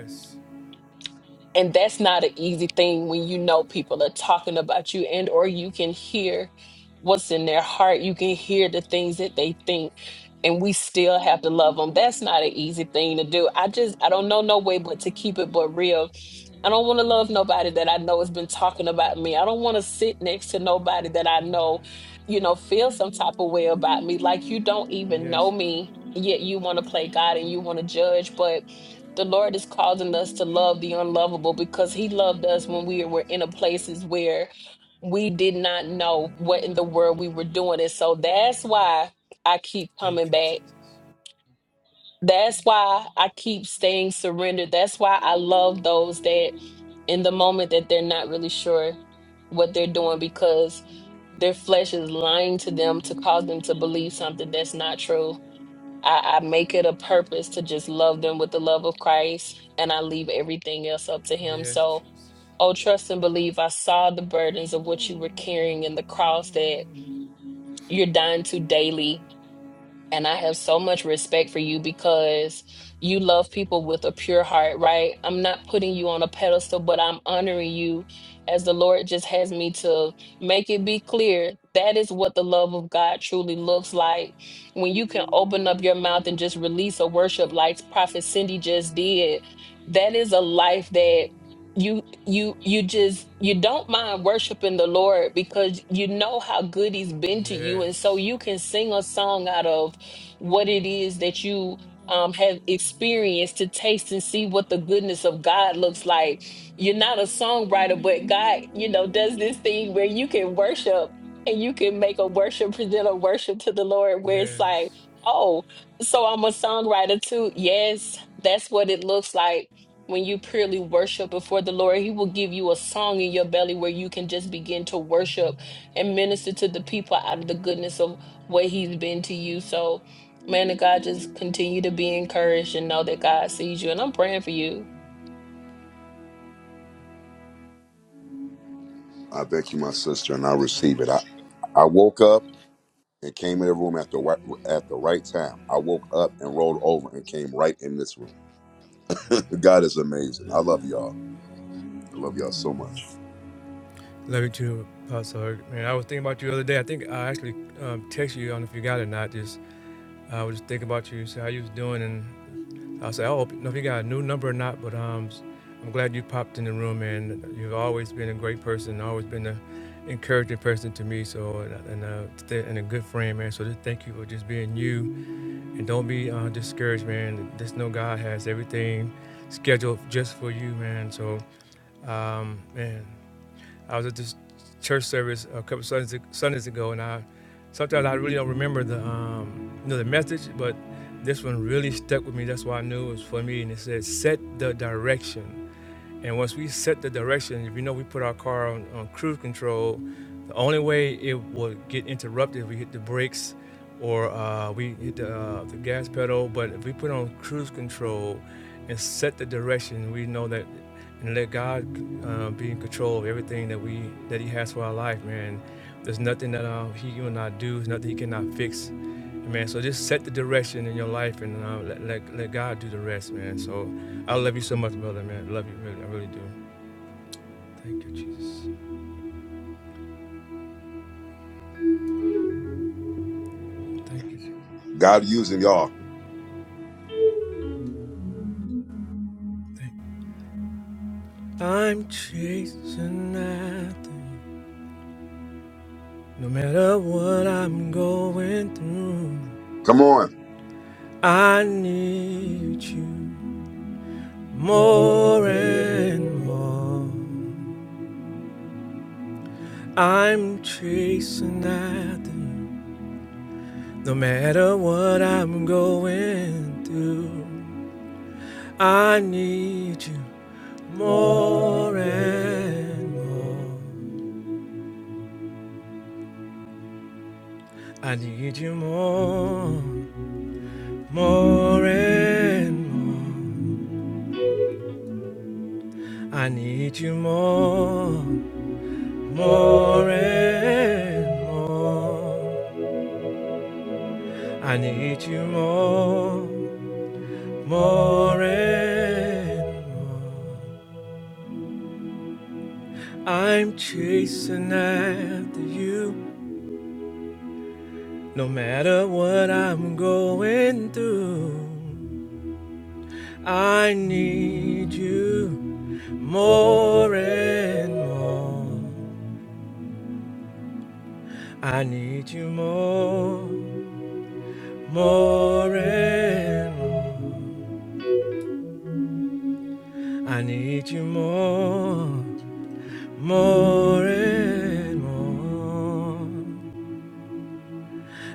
Speaker 6: And that's not an easy thing when you know people are talking about you and or you can hear what's in their heart. You can hear the things that they think and we still have to love them. That's not an easy thing to do. I just I don't know no way but to keep it but real I don't want to love nobody that I know has been talking about me. I don't want to sit next to nobody that I know, you know, feel some type of way about me. Like you don't even know me, yet you want to play God and you want to judge. But the Lord is causing us to love the unlovable because He loved us when we were in a places where we did not know what in the world we were doing. And so that's why I keep coming back that's why I keep staying surrendered. That's why I love those that in the moment that they're not really sure what they're doing because their flesh is lying to them to cause them to believe something that's not true. I, I make it a purpose to just love them with the love of Christ and I leave everything else up to Him. So, oh, trust and believe. I saw the burdens of what you were carrying and the cross that you're dying to daily and I have so much respect for you because you love people with a pure heart, right? I'm not putting you on a pedestal, but I'm honoring you as the Lord just has me to make it be clear. That is what the love of God truly looks like. When you can open up your mouth and just release a worship like Prophet Cindy just did, that is a life that you you you just you don't mind worshiping the lord because you know how good he's been to you and so you can sing a song out of what it is that you um, have experienced to taste and see what the goodness of God looks like. You're not a songwriter, but God, you know, does this thing where you can worship and you can make a worship, present a worship to the Lord where it's like, oh, so I'm a songwriter too. Yes, that's what it looks like when you purely worship before the Lord. He will give you a song in your belly where you can just begin to worship and minister to the people out of the goodness of what He's been to you. So, Man of God, just continue to be encouraged and know that God sees you. And I'm praying for you.
Speaker 7: I thank you, my sister, and I receive it. I, I woke up and came in the room at the right, at the right time. I woke up and rolled over and came right in this room. God is amazing. I love y'all. I love y'all so much.
Speaker 1: I actually um, text you. I don't know if you got it or not. Just I uh, was just thinking about you, see how you was doing, and I said, "Oh, I don't know if you got a new number or not." But um, I'm glad you popped in the room, and you've always been a great person, always been a encouraging person to me. So and and, uh, stay- and a good friend, man. So just thank you for just being you, and don't be uh, discouraged, man. Just know God has everything scheduled just for you, man. So um, man. I was at this church service a couple Sundays, Sundays ago, and I sometimes I really don't remember the um, you know the message, but this one really stuck with me. That's why I knew it was for me. And it said, "Set the direction." And once we set the direction, if you know we put our car on, on cruise control, the only way it would get interrupted if we hit the brakes or uh, we hit the, uh, the gas pedal. But if we put on cruise control and set the direction, we know that and let.
Speaker 7: God using y'all.
Speaker 1: I'm chasing nothing. No matter what I'm going through,
Speaker 7: Come on.
Speaker 1: I need you more and more. I'm chasing nothing. No matter what I'm going through, I need you more and more. I need you more, more and more. I need you more, more and more. I need you more, more and more. I'm chasing after you, no matter what I'm going through. I need you more and more. I need you more. More and more, I need you more, more and more.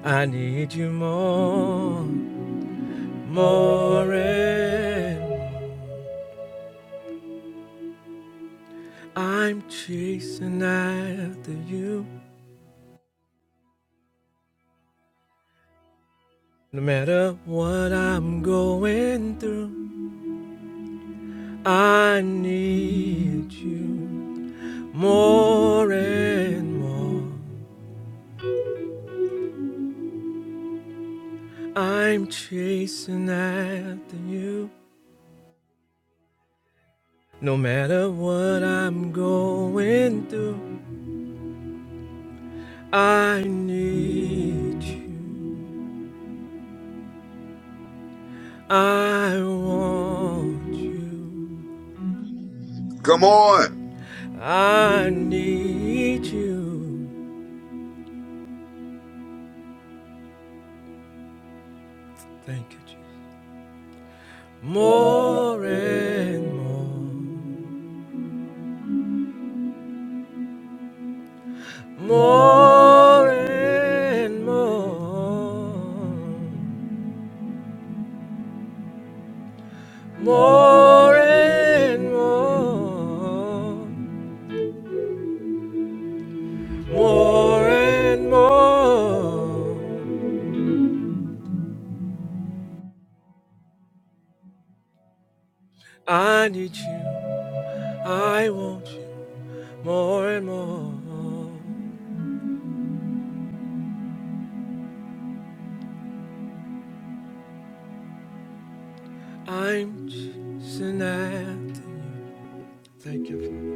Speaker 1: I need you more, more and more. I send after you. No matter what I'm going through, I need you more and more. I'm chasing after you. No matter what I'm going through, I need you. I want you.
Speaker 7: Come on.
Speaker 1: I need you. Thank you, Jesus. More and more. More and more. More and more. More and more. I need you, I want you more and more. I'm chasing after you. Thank you. Father.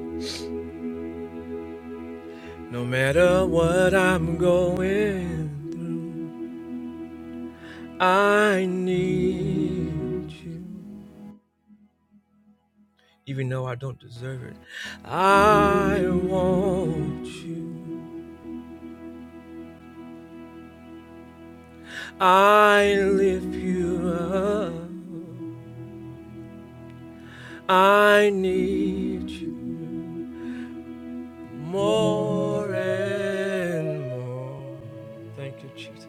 Speaker 1: No matter what I'm going through, I need you. Even though I don't deserve it, I want you. I lift you up. I need you. more and more. Thank you, Jesus.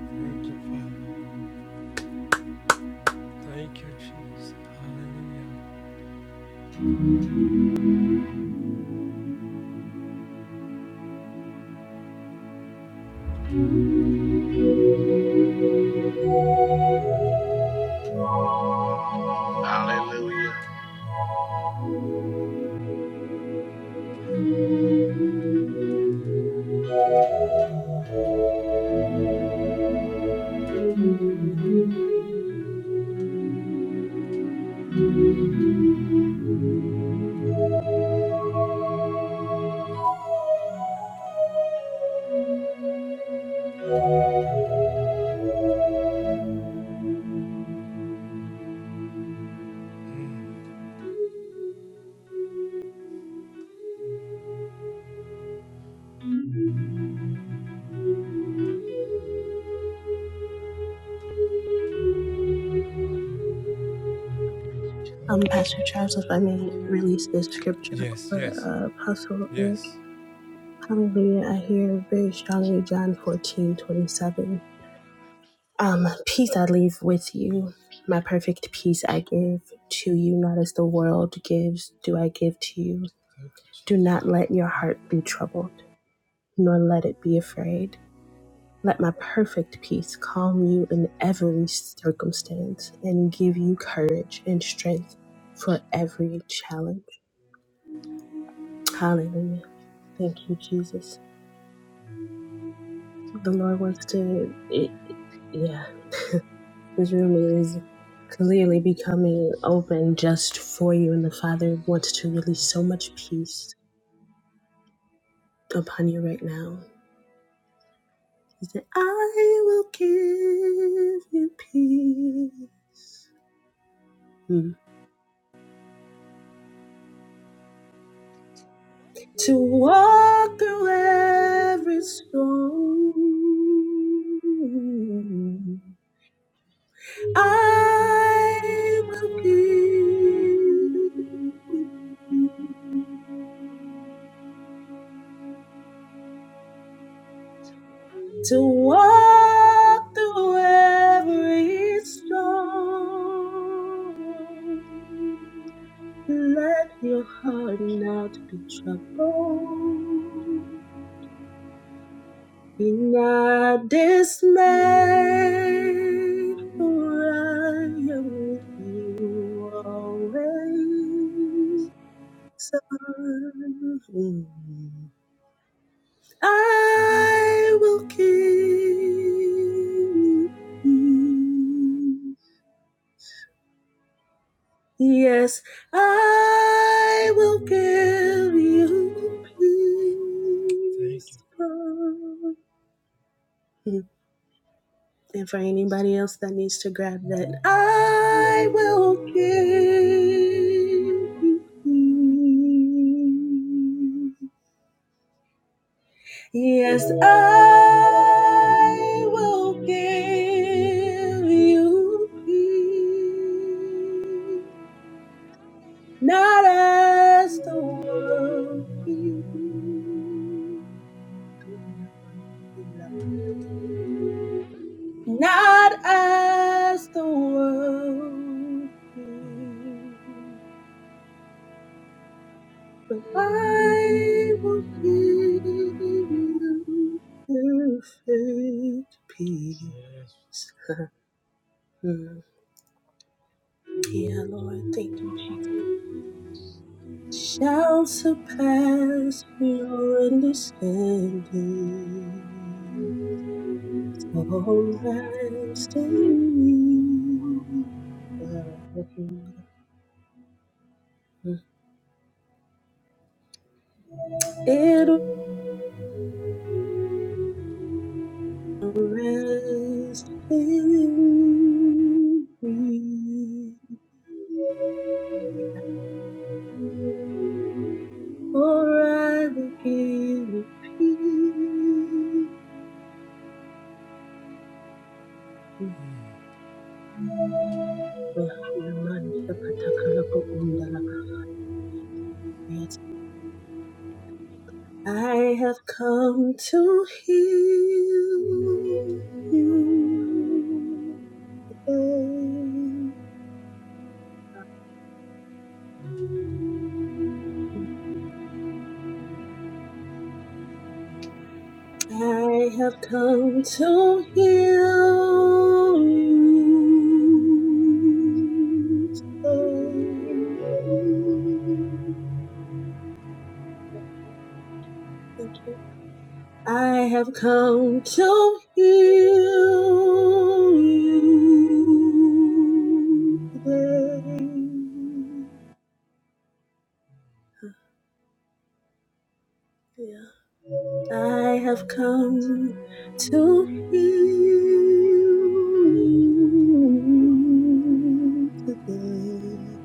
Speaker 1: Thank you, Father. Thank you, Jesus.
Speaker 8: Hallelujah.
Speaker 3: Um, Pastor Travis, if I may release this scripture over uh, Apostle. Ed. Hallelujah. I hear very strongly John 14 27. Um, peace I leave with you. My perfect peace I give to you, not as the world gives, do I give to you. Do not let your heart be troubled, nor let it be afraid. Let my perfect peace calm you in every circumstance and give you courage and strength for every challenge. Hallelujah. Thank you, Jesus. The Lord wants to, it, yeah. This room is clearly becoming open just for you, and the Father wants to release so much peace upon you right now. He said, I will give you peace Mm. to walk through every storm. I will give you peace. to walk through every storm. Let your heart not be troubled. Be not dismayed, for I am with you always. I will give you. Yes, I will give you. peace, And for anybody else that needs to grab that, I will give you. peace. Yes, I will give you peace, not as the world gives, not as the world gives, but I will give you perfect peace. Yeah, Lord, thank you, Jesus. Shall surpass your understanding. All rest in you. It'll rest in me. For I will give you peace. Yes, I have come to heal you. I have come to heal you. today. Thank you. I have come to heal you today. Yeah. I have come to heal you today.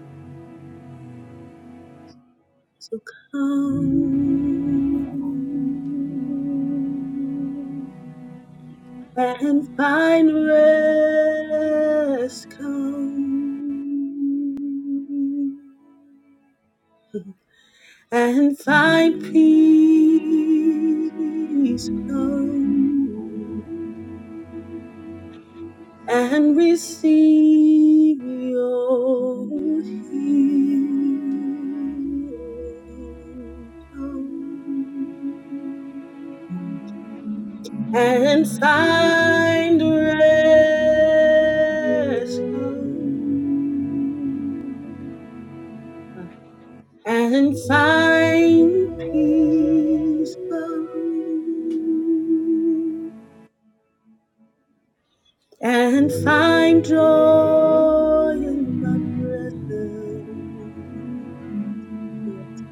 Speaker 3: So come and find rest. Come and find peace. Come and receive your healing and find rest come, and find peace come. and find joy in my presence. Yes,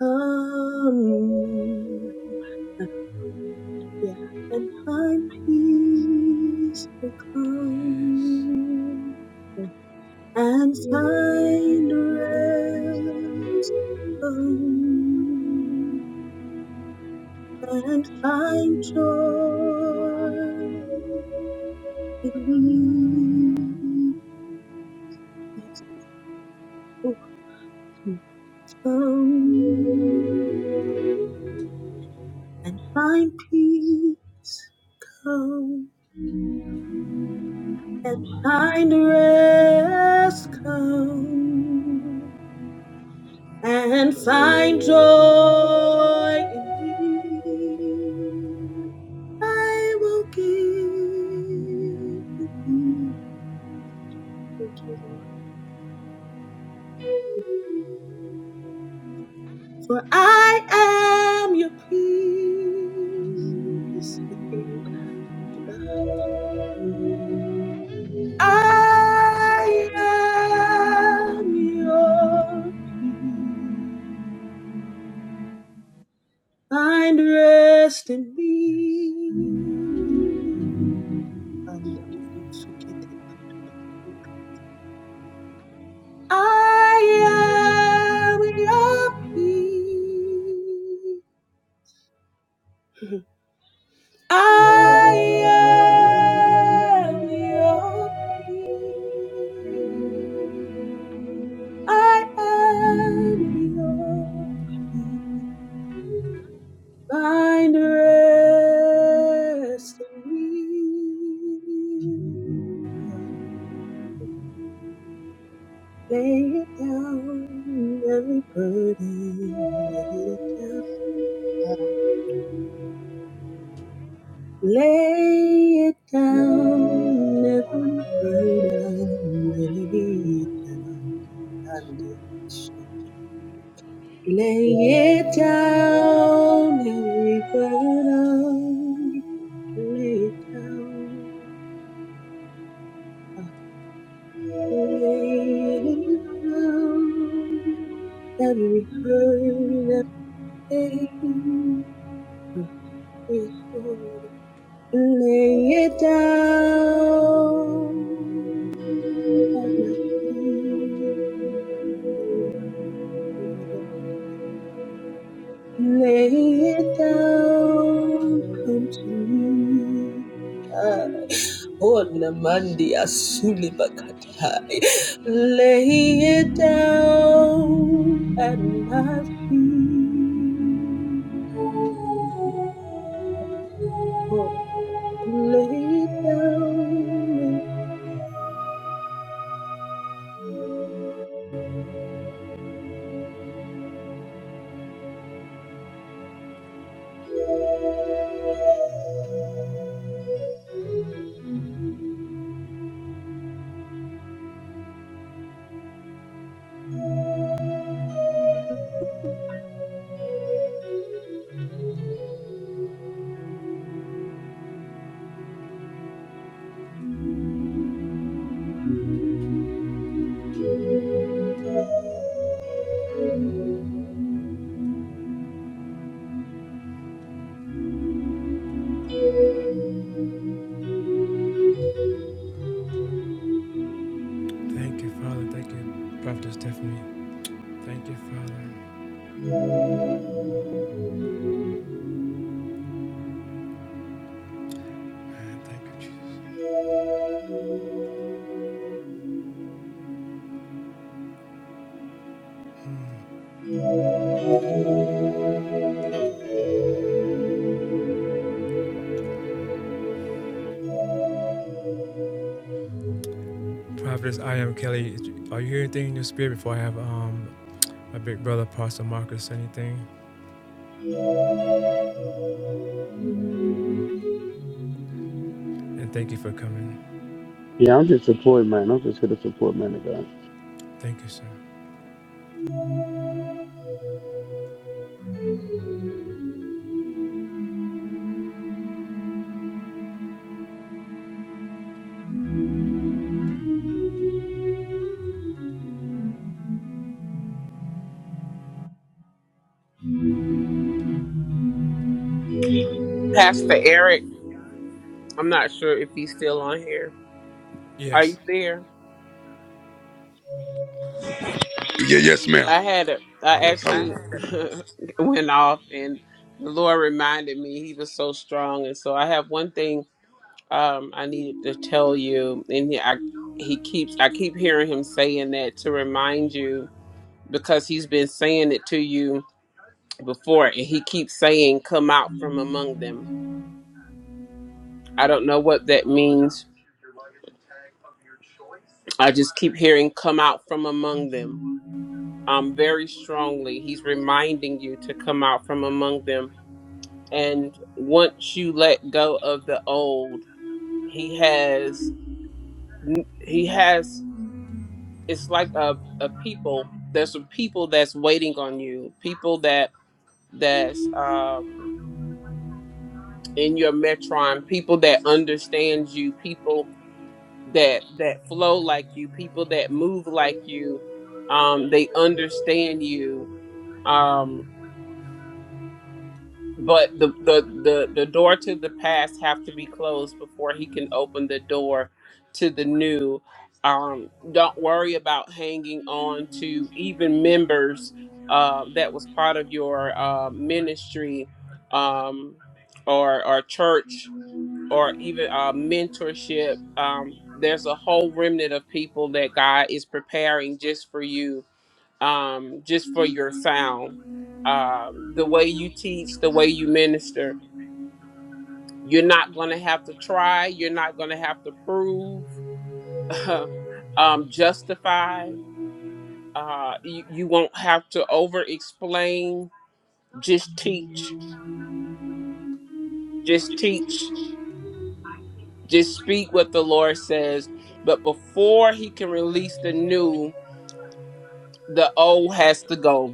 Speaker 3: come. Yeah, and find peace to come and find rest home, and find joy in me. Yes, oh, Come and find peace. Come and find rest. Come and find joy in me. I will give you peace, for I am your peace. I am your peace. Find rest in me. And I am your peace. I am your peace. I am your peace. Find rest in me. Lay it down, every burden. Lay it down. Lay it down, every burden. Lay it down. And Lay it down, every burden. Lay it down. Laid down, Every hurt, every pain, we should lay it down at my feet. You are. Lay it down, come to me. Ona mandi asuli bakatai. Lay it down at my feet. Oh, lay it down.
Speaker 9: Yeah, I'm just support man. I'm just here to support man of God.
Speaker 4: Pastor Eric. I'm not sure if he's still on here. Are you there?
Speaker 7: Yeah, yes, ma'am.
Speaker 4: I had a, I
Speaker 7: Yes,
Speaker 4: actually
Speaker 7: hallelujah.
Speaker 4: went off, and the Lord reminded me He was so strong, and so I have one thing um, I needed to tell you, and he, I, he keeps, I keep hearing him saying that to remind you because he's been saying it to you before, and he keeps saying, "Come out from among them." I don't know what that means. I just keep hearing, "Come out from among them." um, very strongly. He's reminding you to come out from among them. And once you let go of the old, he has, he has, it's like a, a people, there's a people that's waiting on you, people that, that's um, in your metron, people that understand you, people that, that flow like you, people that move like you. Um, they understand you. Um, But the, the the the door to the past have to be closed before he can open the door to the new. Um, don't worry about hanging on to even members uh, that was part of your uh, ministry um, or or church or even uh, mentorship. Um, there's a whole remnant of people that God is preparing just for you um, just for your sound. Um, the way you teach, the way you minister, you're not going to have to try. You're not going to have to prove, um, justify. Uh, you, you won't have to over explain. Just teach. Just teach. Just speak what the Lord says. But before He can release the new, the old has to go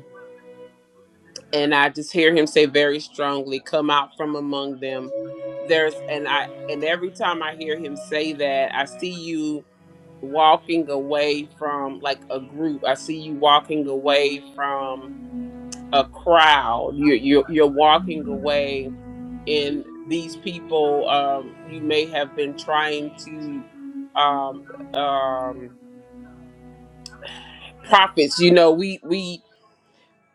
Speaker 4: and I just hear him say very strongly, "Come out from among them." There's and I and every time I hear him say that, I see you walking away from like a group. I see you walking away from a crowd. You you you're walking away and these people um you may have been trying to um um prophets you know we we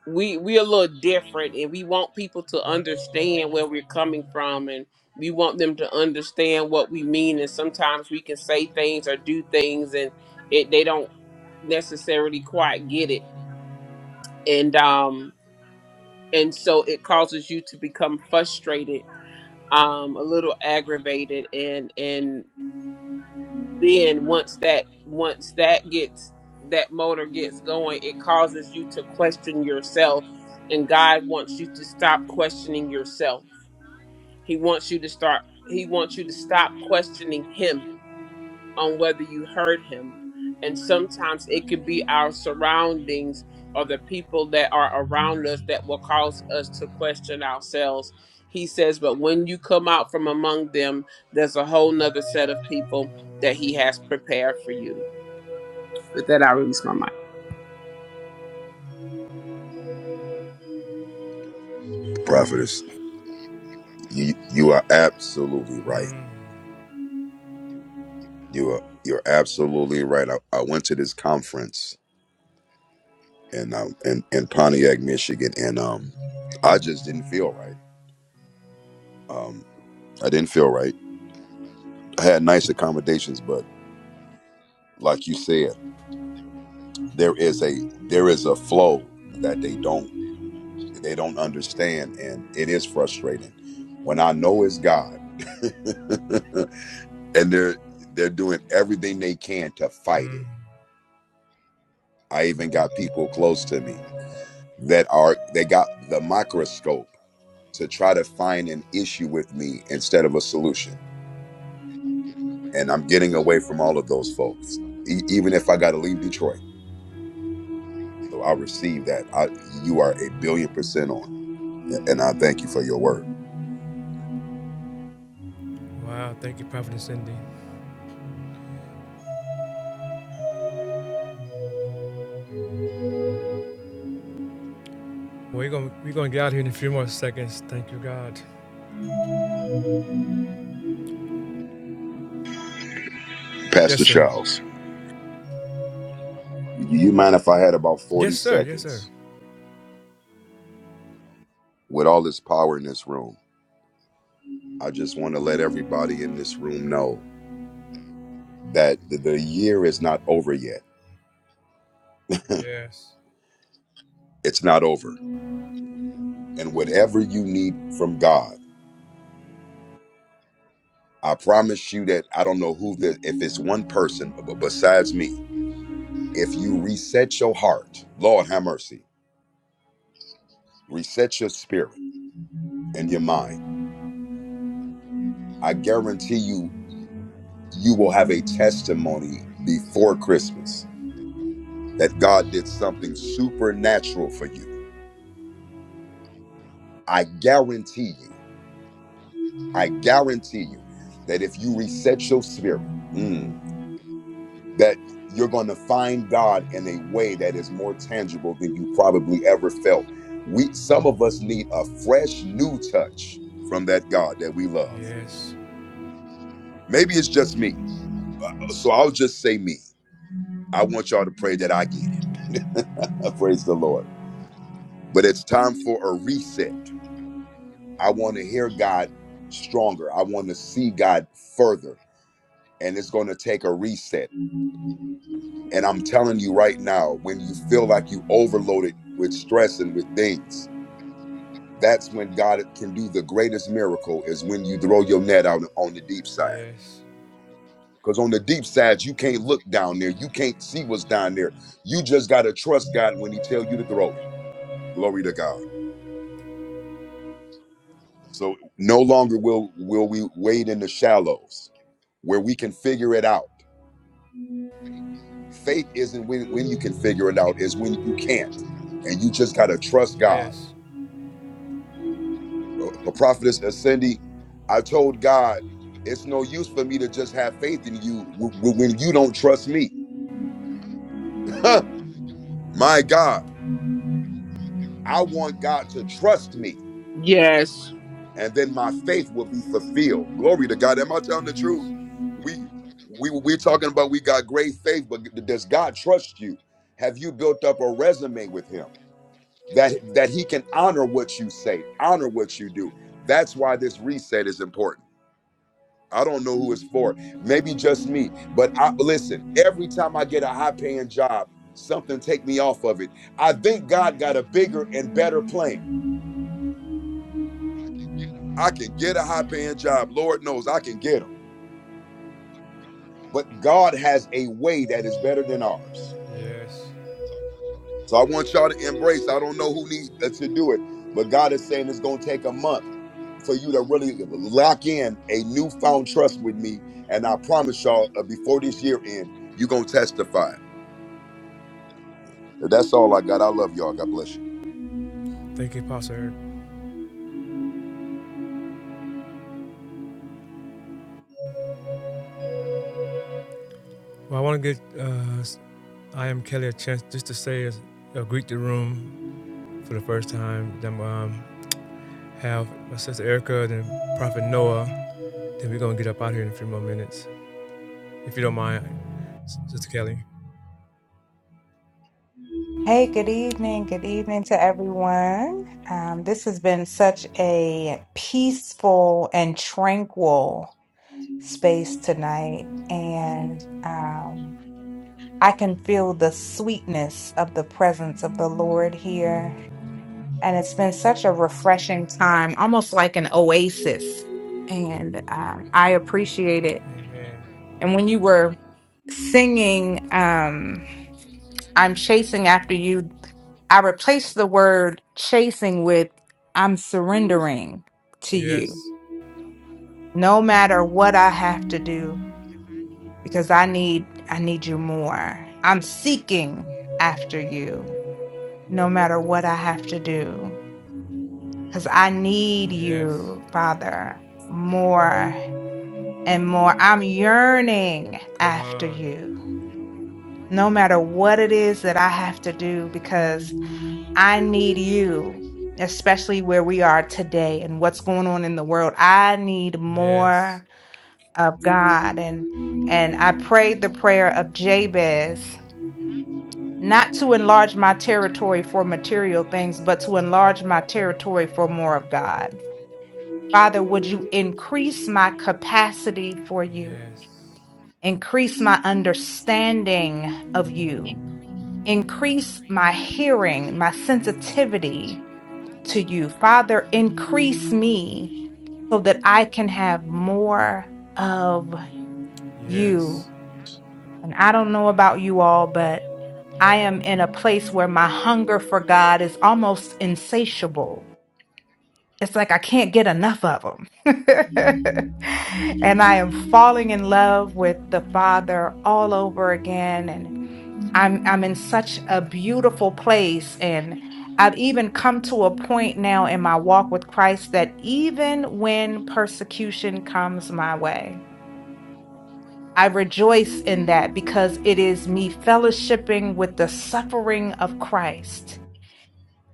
Speaker 4: we we a little different and we want people to understand where we're coming from and we want them to understand what we mean and sometimes we can say things or do things and it they don't necessarily quite get it and um and so it causes you to become frustrated um a little aggravated and and then once that once that gets that motor gets going it causes you to question yourself and god wants you to stop questioning yourself he wants you to start he wants you to stop questioning him on whether you heard him. And sometimes it could be our surroundings or the people that are around us that will cause us to question ourselves. He says, But when you come out from among them, there's a whole nother set of people that he has prepared for you. With that, I release my mic.
Speaker 7: Prophetess, you you are absolutely right. You are you're absolutely right. I, I went to this conference in um in, in Pontiac, Michigan, and um I just didn't feel right. Um I didn't feel right. I had nice accommodations, but like you said, there is a there is a flow that they don't they don't understand and it is frustrating. When I know it's God and they're they're doing everything they can to fight it I even got people close to me that are they got the microscope to try to find an issue with me instead of a solution. And I'm getting away from all of those folks, e- even if I got to leave Detroit. So I receive that. I, you are a billion percent on, and I thank you for your word, Pastor Charles. You mind if I had about 40 seconds with all this power in this room? I just want to let everybody in this room know that the the year is not over yet. It's not over. And whatever you need from God, I promise you that I don't know who the if it's one person b- b- besides me. If you reset your heart, Lord have mercy, reset your spirit and your mind. I guarantee you, you will have a testimony before Christmas that God did something supernatural for you. I guarantee you, I guarantee you that if you reset your spirit, mm, that you're going to find God in a way that is more tangible than you probably ever felt. We some of us need a fresh new touch from that God that we love. Maybe it's just me. So I'll just say me. I want y'all to pray that I get it. Praise the Lord. But it's time for a reset. I want to hear God stronger. I want to see God further. And it's going to take a reset. And I'm telling you right now, when you feel like you overloaded with stress and with things, That's when God can do the greatest miracle is when you throw your net out on the deep side. Because on the deep side, you can't look down there. You can't see what's down there. You just gotta trust God when He tell you to throw it. Glory to God. So no longer will will we wade in the shallows where we can figure it out. Faith isn't when when you can figure it out, is when you can't. And you just gotta trust God uh, prophetess uh, Cindy, I told God, it's no use for me to just have faith in you w- w- when you don't trust me. my God, I want God to trust me,
Speaker 4: Yes.
Speaker 7: and then my faith will be fulfilled. Glory to God. Am I telling the truth? We we we're talking about we got great faith, but does God trust you? Have you built up a resume with Him that that He can honor what you say, honor what you do? That's why this reset is important. I don't know who it's for. Maybe just me. But I listen, every time I get a high paying job, something take me off of it. I think God got a bigger and better plan. I can get a high paying job. Lord knows I can get them. But God has a way that is better than ours. So I want y'all to embrace. I don't know who needs uh, to do it, but God is saying it's going to take a month for you to really lock in a newfound trust with me. And I promise y'all, uh, before this year end, you're going to testify. That's all I got. I love y'all. God bless you.
Speaker 10: Hey, good evening. Good evening to everyone. Um, this has been such a peaceful and tranquil space tonight. And um, I can feel the sweetness of the presence of the Lord here. And it's been such a refreshing time, almost like an oasis. And uh, I appreciate it. And when you were singing, um, I'm chasing after you. I replaced the word chasing with I'm surrendering to you. No matter what I have to do because I need I need you more. I'm seeking after you no matter what I have to do cuz I need you, Father, more and more. I'm yearning after you. No matter what it is that I have to do because I need you, especially where we are today and what's going on in the world. I need more of God. And and I prayed the prayer of Jabez, not to enlarge my territory for material things, but to enlarge my territory for more of God. Father, would you increase my capacity for you? Increase my understanding of you. Increase my hearing, my sensitivity to you. Father, increase me so that I can have more of you. And I don't know about you all, but I am in a place where my hunger for God is almost insatiable. It's like I can't get enough of him. and I am falling in love with the Father all over again. And. I'm I'm in such a beautiful place and I've even come to a point now in my walk with Christ that even when persecution comes my way, I rejoice in that because it is me fellowshipping with the suffering of Christ.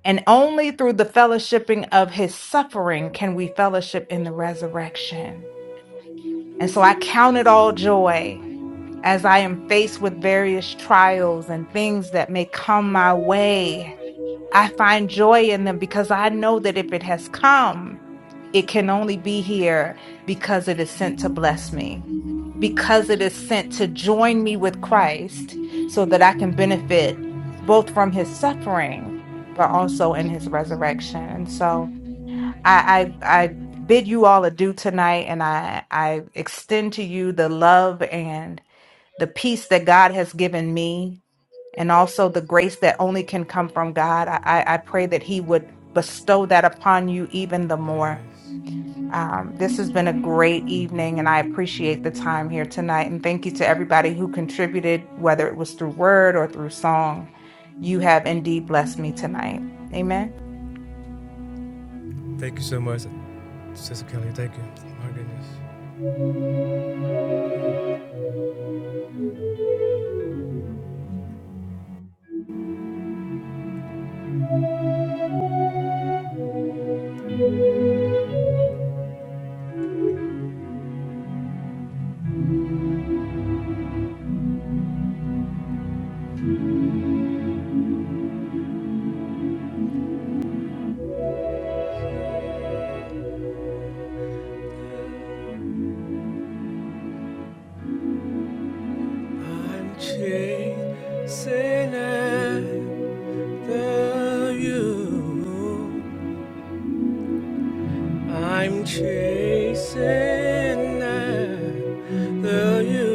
Speaker 10: And only through the fellowshipping of his suffering can we fellowship in the resurrection. And so I count it all joy as I am faced with various trials and things that may come my way I find joy in them because I know that if it has come, it can only be here because it is sent to bless me, because it is sent to join me with Christ so that I can benefit both from his suffering, but also in his resurrection. And so I, I, I bid you all adieu tonight, and I, I extend to you the love and the peace that God has given me and also the grace that only can come from God. I, I I pray that He would bestow
Speaker 1: Hallelujah.
Speaker 10: that upon you even the more. Um, this has been a great evening, and I appreciate the time here tonight. And thank you to everybody who contributed, whether it was through word or through song. You have indeed blessed me tonight. Amen.
Speaker 1: Chasing after you, I'm chasing after you.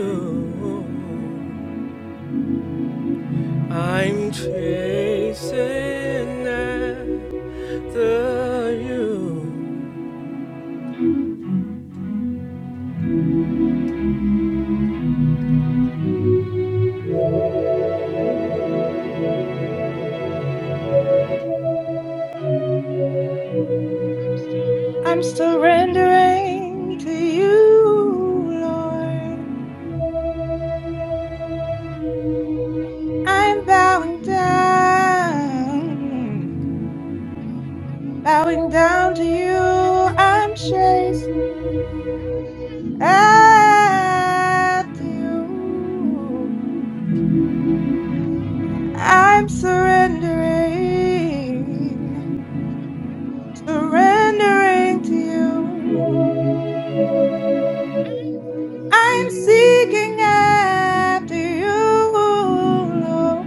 Speaker 1: I'm chasing after you.
Speaker 10: I'm surrendering to you, Lord. I'm bowing down. Bowing down to you, I'm chasing after you. I'm surrendering, surrendering to you. I'm seeking after you, Lord.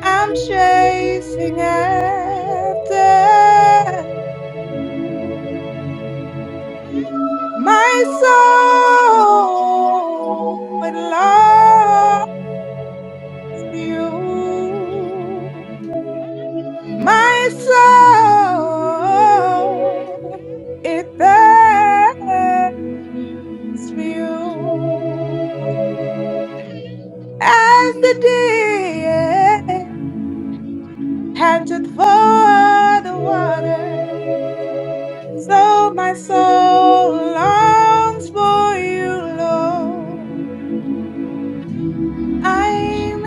Speaker 10: I'm chasing after you. My soul, Lord. you, my soul, it thirsts for you as the deer panteth for the water. So my soul longs for you, Lord. I'm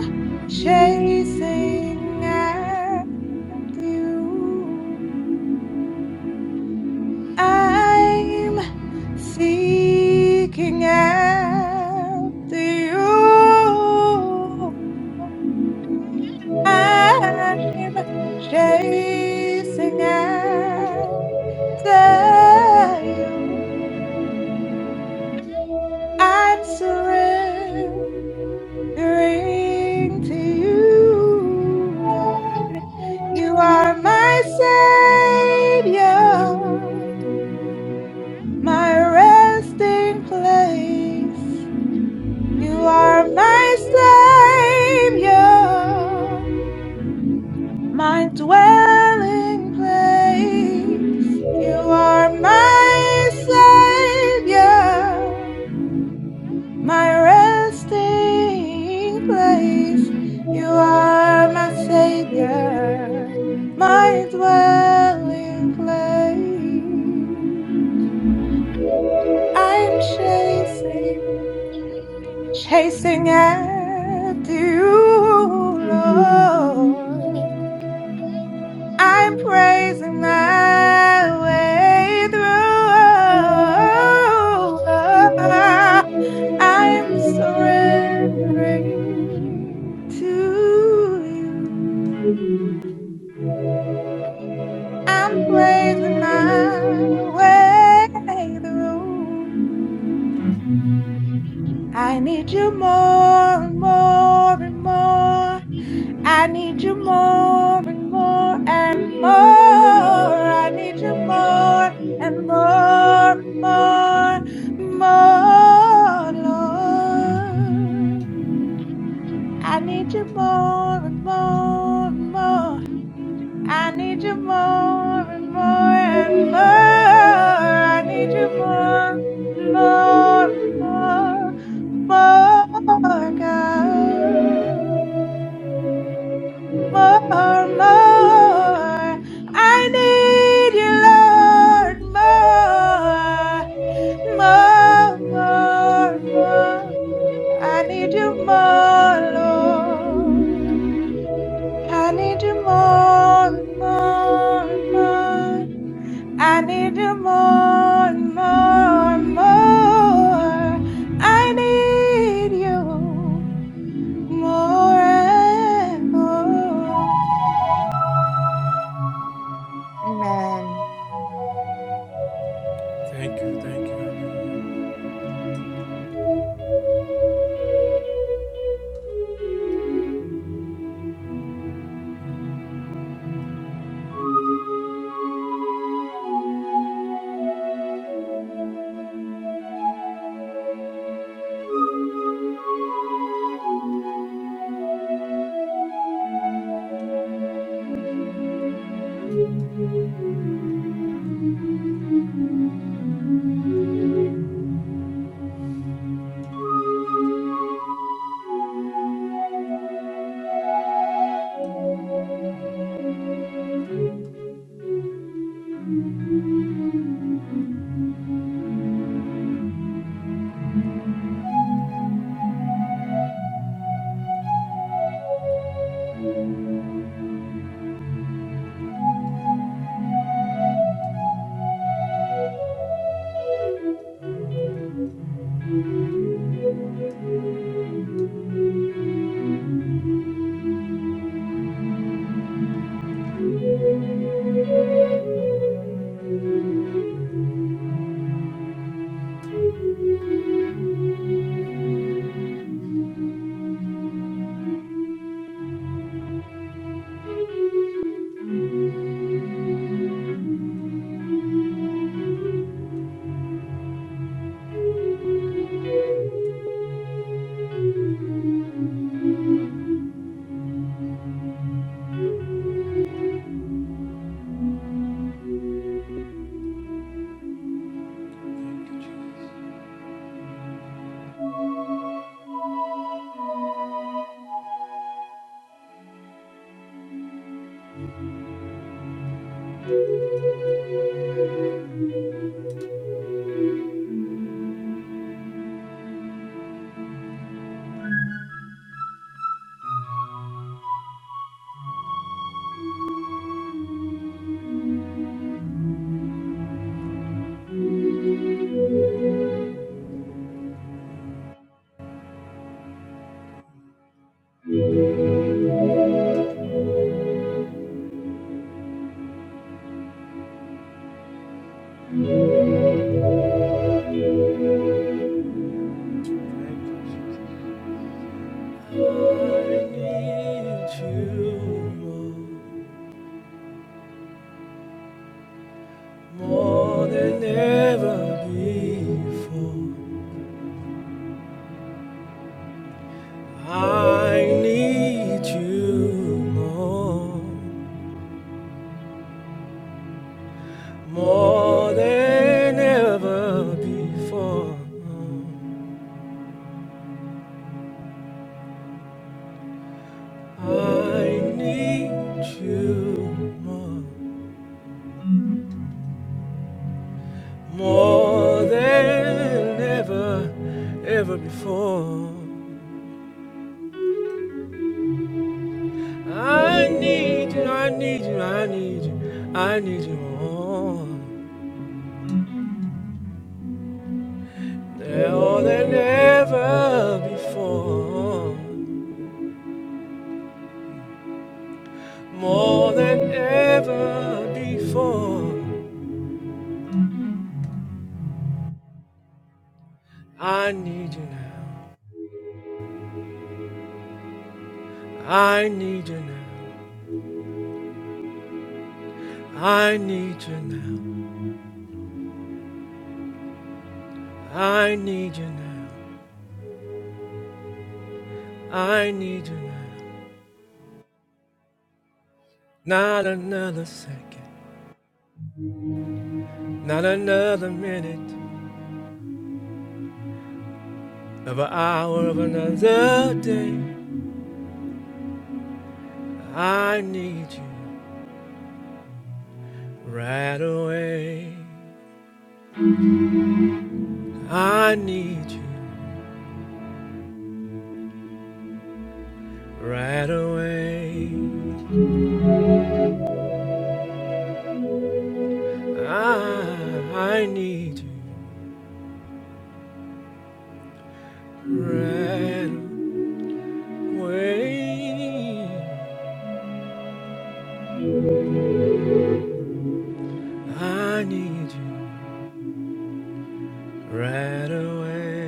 Speaker 10: chasing after you. I'm seeking after you. I'm chasing after you. I'm surrendering to you, Lord. You are my savior, my resting place. You are my Savior, my dwelling place. You are my Savior, my resting place. You are my Savior, my dwelling place. I'm chasing. chasing after you, Lord. I'm praising my way through. I'm surrendering to you. I'm praising my way through. I need you more and more and more I need you more and more and more. I need you more and more and more, more, Lord. I And more and more and more. I need you more and more and more. I need you more, more, more, more, God. More, more. I need you, Lord. More, more, more, more. I need you more, Lord. I need you more, more, more. I need you more, more, more. I need you more and more. Amen.
Speaker 1: I need you more, more than ever before. I need you more, more than ever, ever before. I need you, I need you, I need you, I need you more, more than ever before. More than ever before, I need you now. I need you now. I need you now. I need you now. I need you now. Right away. I, I need you. Right away. I need you. Right away.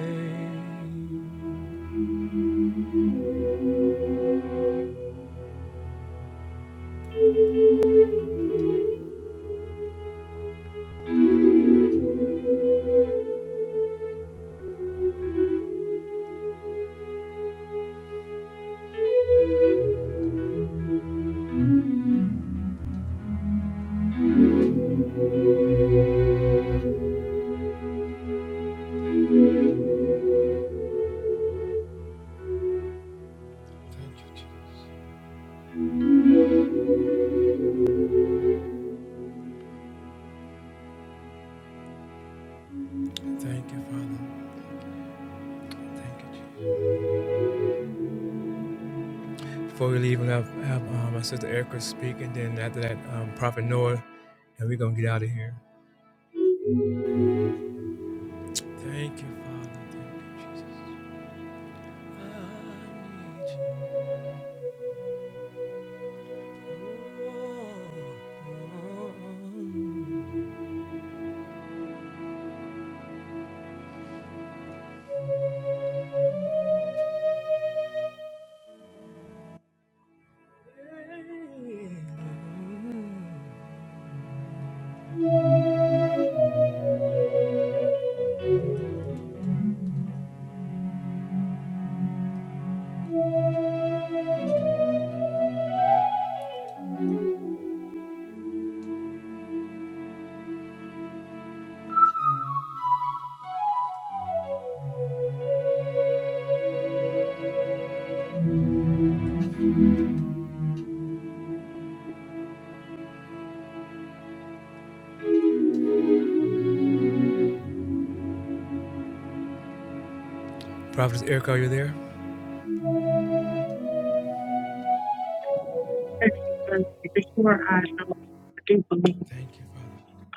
Speaker 11: Before I know, I do believe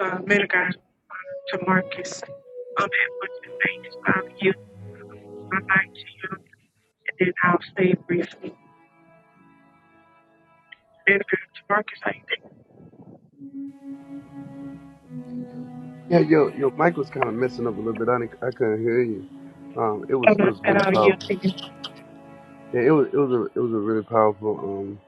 Speaker 11: uh, man of God to Marcus. I'm able to thank um, you, my life to you, and then I'll say it briefly. Man of God to Marcus, I think.
Speaker 9: Yeah, yo, yo, Mike was kind of messing up a little bit. I, didn't, I couldn't hear you. Um, it was
Speaker 11: And
Speaker 9: it
Speaker 11: I
Speaker 9: was
Speaker 11: said,
Speaker 9: really
Speaker 11: oh, yeah,
Speaker 9: powerful.
Speaker 11: thinking.
Speaker 9: Yeah, it was it was a it was a really powerful um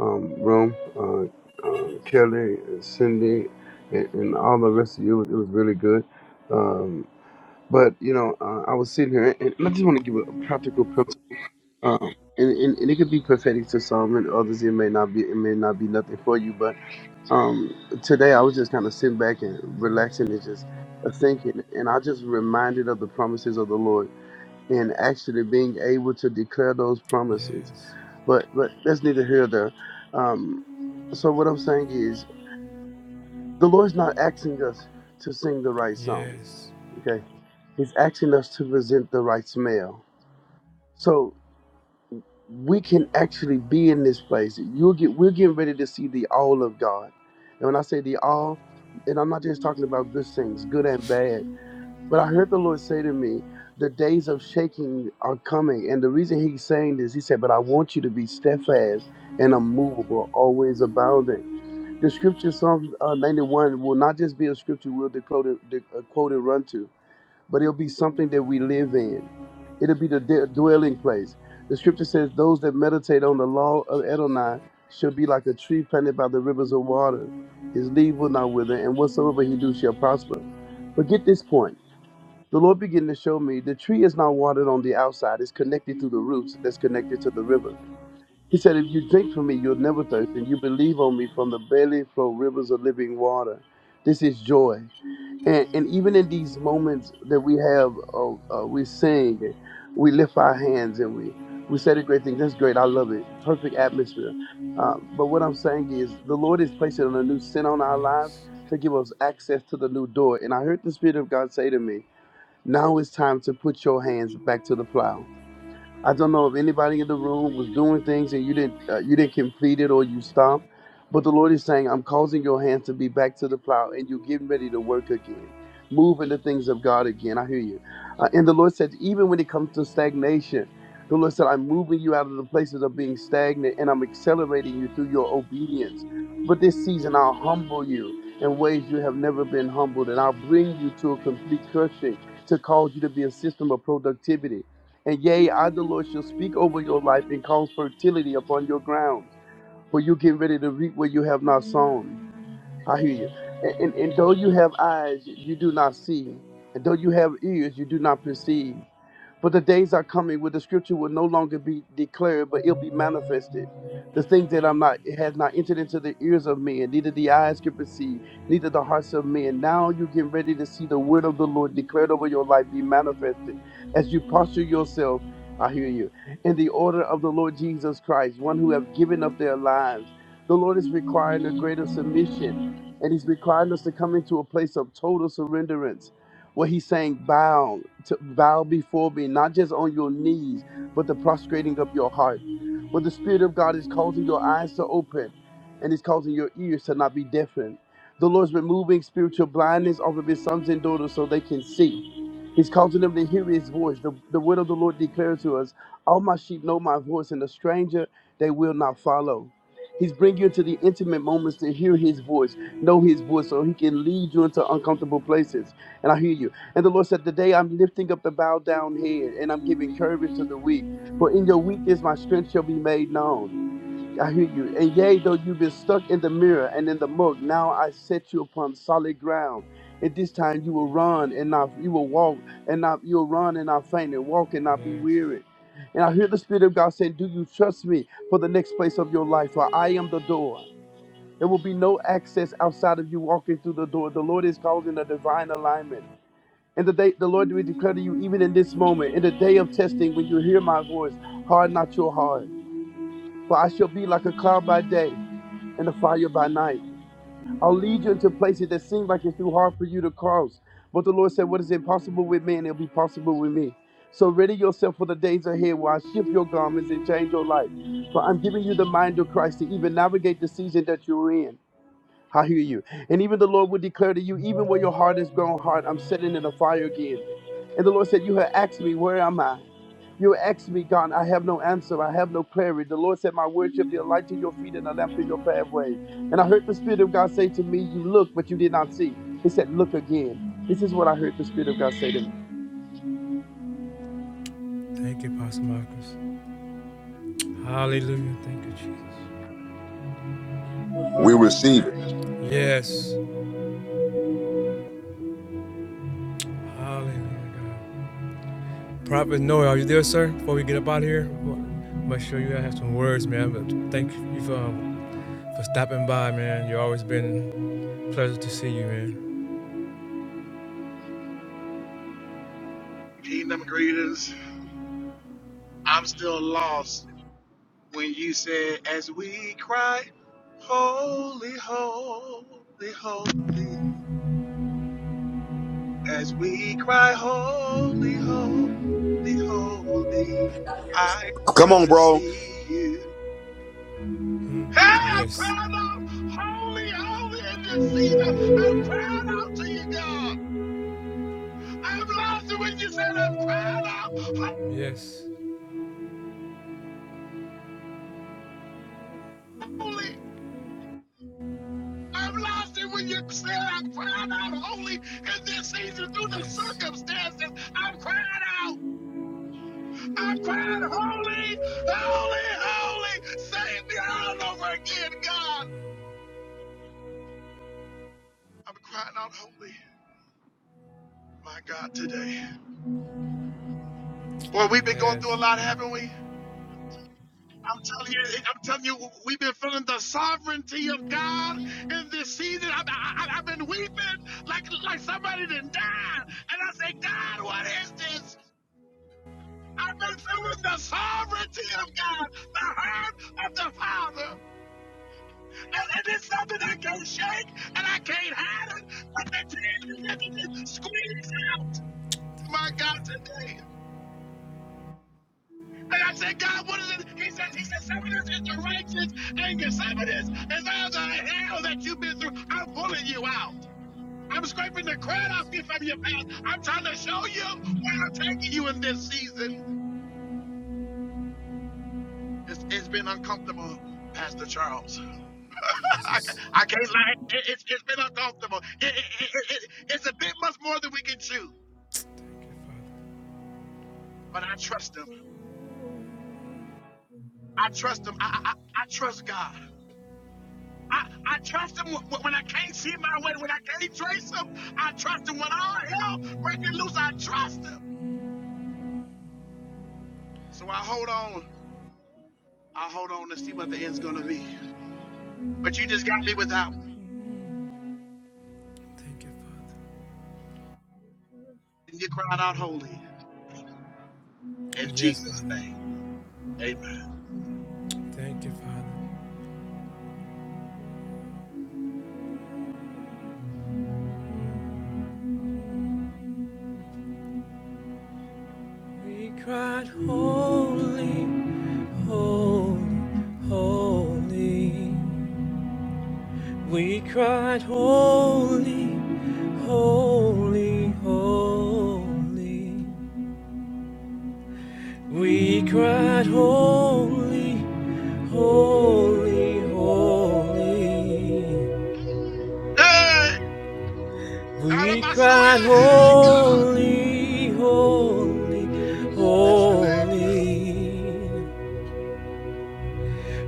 Speaker 9: um room. Uh, uh Kelly and Cindy and, and all the rest of you. It was, it was really good. Um, but you know, uh, I was sitting here and, and I just want to give a practical principle. Um, and, and, and it could be prophetic to some and others. It may not be. It may not be nothing for you, but. Um, today I was just kind of sitting back and relaxing and just uh, thinking, and I just reminded of the promises of the Lord and actually being able to declare those promises. But but that's neither here nor there. Um, so what I'm saying is, the Lord's not asking us to sing the right song. Okay, He's asking us to present the right smell. So we can actually be in this place. You'll get we're getting ready to see the all of God. And when I say the all, and I'm not just talking about good things, good and bad, but I heard the Lord say to me, the days of shaking are coming. And the reason he's saying this, he said, But I want you to be steadfast and unmovable, always abounding. The scripture Psalm uh, 91 will not just be a scripture we'll declare, de- uh, quote and run to but it'll be something that we live in. It'll be the d- dwelling place. The scripture says, Those that meditate on the law of Adonai shall be like a tree planted by the rivers of water. His leaf will not wither, and whatsoever he do shall prosper. But get this point. The Lord began to show me the tree is not watered on the outside, it's connected through the roots that's connected to the river. He said, If you drink from me, you'll never thirst, and you believe on me from the belly flow rivers of living water. This is joy and, and even in these moments that we have, uh, uh, we sing, we lift our hands, and we we say the great things. That's great. I love it. Perfect atmosphere. Um, but what I'm saying is, the Lord is placing a new sin on our lives to give us access to the new door. And I heard the Spirit of God say to me, "Now it's time to put your hands back to the plow." I don't know if anybody in the room was doing things and you didn't uh, you didn't complete it or you stopped, but the Lord is saying, "I'm causing your hands to be back to the plow, and you're getting ready to work again, move in the things of God again." I hear you. Uh, and the Lord said, even when it comes to stagnation, the Lord said, "I'm moving you out of the places of being stagnant, and I'm accelerating you through your obedience." But this season, I'll humble you in ways you have never been humbled, and I'll bring you to a complete cursing to cause you to be a system of productivity. And yea, I, the Lord, shall speak over your life and cause fertility upon your grounds, for you get ready to reap where you have not sown. I hear you. And, and, and though you have eyes, you do not see. And though you have ears, you do not perceive. But the days are coming where the scripture will no longer be declared, but it'll be manifested. The things that I'm not it has not entered into the ears of men, neither the eyes can perceive, neither the hearts of men. Now you get ready to see the word of the Lord declared over your life be manifested. As you posture yourself, I hear you, in the order of the Lord Jesus Christ, one who have given up their lives. The Lord is requiring a greater submission, and He's requiring us to come into a place of total surrenderance. What he's saying, bow to bow before me, not just on your knees, but the prostrating of your heart. What the Spirit of God is causing your eyes to open, and is causing your ears to not be deafened. The Lord's removing spiritual blindness off of His sons and daughters so they can see. He's causing them to hear His voice. The, the word of the Lord declares to us, "All my sheep know my voice, and the stranger they will not follow." He's bringing you into the intimate moments to hear his voice, know his voice, so he can lead you into uncomfortable places. And I hear you. And the Lord said, Today I'm lifting up the bowed down head and I'm giving courage to the weak. For in your weakness my strength shall be made known. I hear you. And yea, though you've been stuck in the mirror and in the mug, now I set you upon solid ground. At this time you will run and not you will walk and not you'll run and not faint and walk and not be weary. And I hear the Spirit of God saying, Do you trust me for the next place of your life? For I am the door. There will be no access outside of you walking through the door. The Lord is causing a divine alignment. And the day the Lord will declare to you, even in this moment, in the day of testing, when you hear my voice, harden not your heart. For I shall be like a cloud by day and the fire by night. I'll lead you into places that seem like it's too hard for you to cross. But the Lord said, What is impossible with man, it'll be possible with me. So ready yourself for the days ahead where I shift your garments and change your life. For I'm giving you the mind of Christ to even navigate the season that you're in. I hear you. And even the Lord will declare to you, even where your heart has grown hard, I'm setting in the fire again. And the Lord said, You have asked me, where am I? You asked me, God, I have no answer. I have no clarity. The Lord said, My word shall be a light to your feet and a lamp to your pathway. And I heard the Spirit of God say to me, You look, but you did not see. He said, Look again. This is what I heard the Spirit of God say to me.
Speaker 7: We receive it.
Speaker 8: Kingdom greetings. I'm still lost when you said, as we cry, holy, holy, holy. As we cry, holy, holy, holy. I
Speaker 7: Come
Speaker 8: want
Speaker 7: on,
Speaker 8: to
Speaker 7: bro.
Speaker 8: see you. Hey, I'm crying out, holy, holy in this season. I'm crying out to you, God. I'm lost when you said, I'm crying out, holy. I've lost it when you said I'm crying out holy in this season through the circumstances. I'm crying out. I'm crying holy, holy, holy. Save me all over again, God. I'm crying out holy, my God, today. Boy, we've been going through a lot, haven't we? I'm telling you, I'm telling you, we've been feeling the sovereignty of God in this season. I, I, I- have been weeping like like somebody that died, and I say, God, what is this? I been feeling the sovereignty of God, the heart of the Father. And, and it's something I can't shake and I can't hide it, but the tears that just squeeze out. My
Speaker 1: Thank
Speaker 8: God, today. And I said, God, what is it? He says, He says, some of this is your righteous anger. Some of this is all the hell that you've been through. I'm pulling you out. I'm scraping the crud off you from your past. I'm trying to show you where I'm taking you in this season. It's, it's been uncomfortable, Pastor Charles. I, I can't lie. It, it's it's been uncomfortable. It, it, it, it, it's a bit much more than we can chew. But I trust him. I trust him. I, I, I trust God. I, I trust him wh- wh- when I can't see my way, when I can't trace him. I trust him when all hell breaking loose. I trust him. So I hold on. I hold on to see what the end's going to be. But you just got me without,
Speaker 1: Father.
Speaker 8: and you cried out holy. In
Speaker 1: Yes,
Speaker 8: Jesus'
Speaker 1: Father.
Speaker 8: name. Amen.
Speaker 1: Thank you, Father. We cried, Holy, holy, holy. We cried, Holy, holy, holy. We cried, Holy, holy, holy.
Speaker 8: Hey!
Speaker 1: We
Speaker 8: Arabasuya,
Speaker 1: cried,
Speaker 8: hey, God!
Speaker 1: Holy, holy,
Speaker 8: That's your name.
Speaker 1: holy.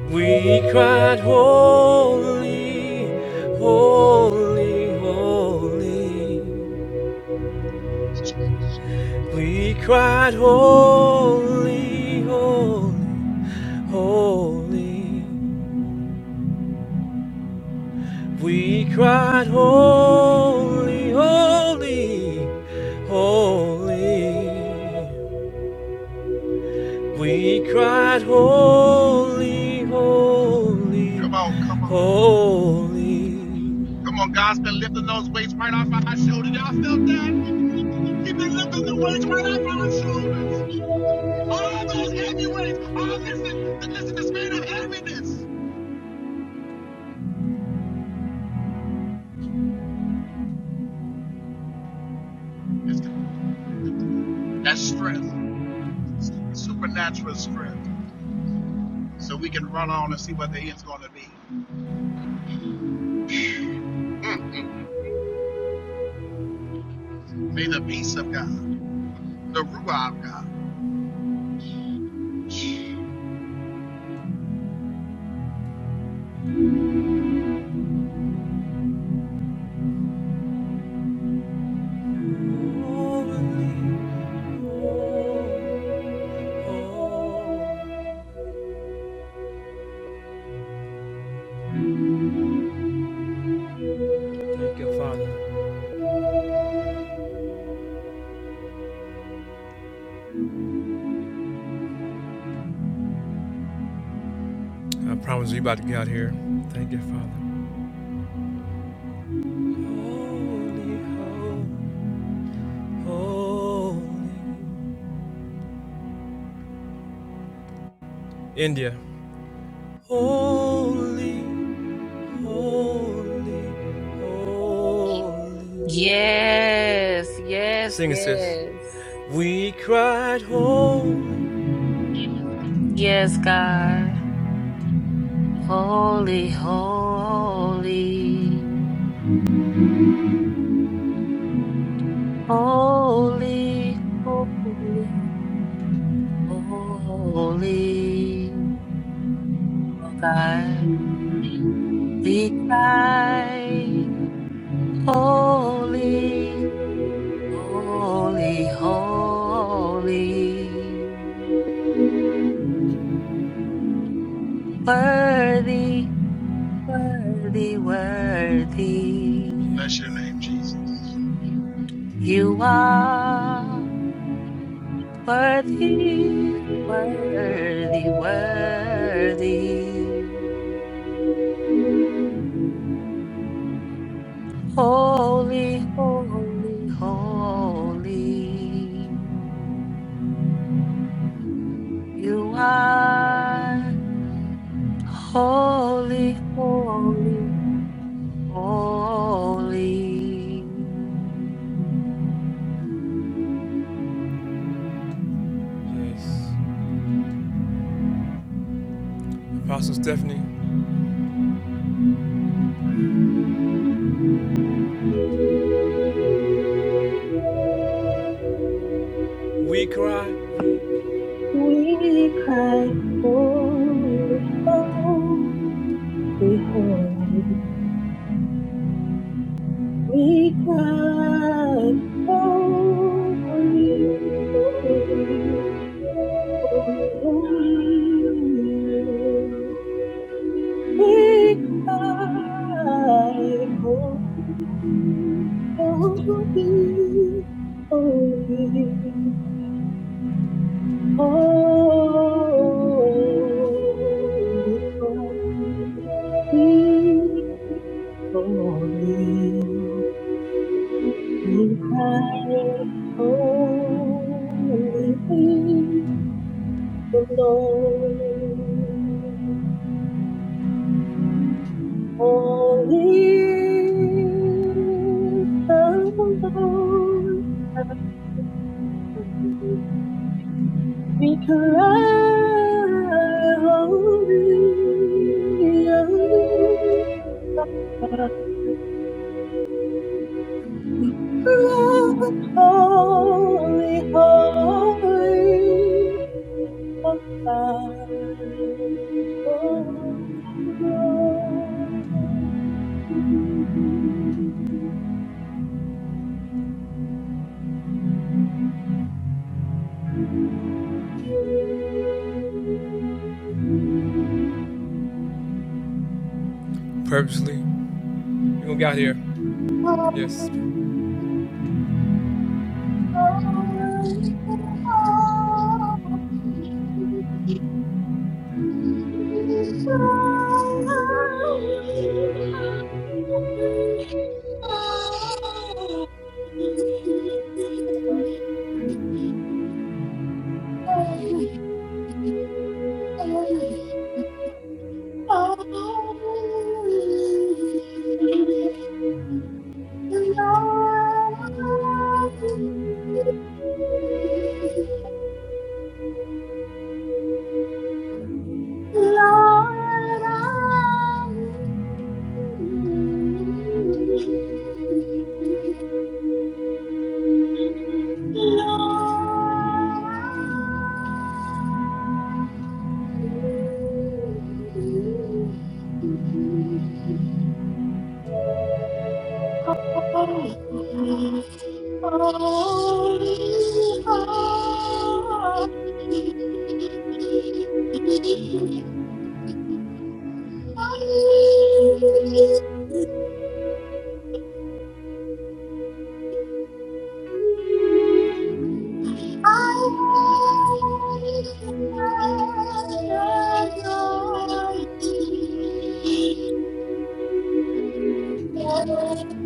Speaker 1: We cried, Holy, holy, holy. We cried, Holy, holy, holy. We cried, Holy, holy, holy. We cried, Holy, holy,
Speaker 8: Come on, come on.
Speaker 1: holy.
Speaker 8: Come on, God's been lifting those weights right off our shoulders. Y'all felt that? He's been lifting the weights right off our shoulders. All those heavy weights. All listen, the, listen, the spirit of heaviness. It's, that's strength, supernatural strength. So we can run on and see what the end's going to be. Mm-mm. May the peace of God, the Ruah of God.
Speaker 1: Holy, Thank you, Father. Holy, holy, India. Holy, holy, holy.
Speaker 6: Yes, yes,
Speaker 1: Sing it, sis.
Speaker 6: yes.
Speaker 1: We cried holy.
Speaker 6: Yes, God. Holy, holy, holy, holy, holy. Oh God, we cry, holy, holy, holy, worthy Worthy, worthy,
Speaker 8: Bless your name, Jesus.
Speaker 6: you are worthy, worthy, worthy. Holy, holy, holy, you are holy, holy, holy.
Speaker 1: Yes. Apostle Stephanie. We cried
Speaker 3: We cry holy, holy, holy. We cry holy, holy, holy. We are holy, holy, holy, holy, holy, holy. We are holy, the Lord. Holy is the Lord. We cry, holy, holy, we cry, holy, holy, holy, Lord.
Speaker 1: purposely. You gonna get out here.
Speaker 5: Oh,
Speaker 1: Yes.
Speaker 5: oh, oh. Lord,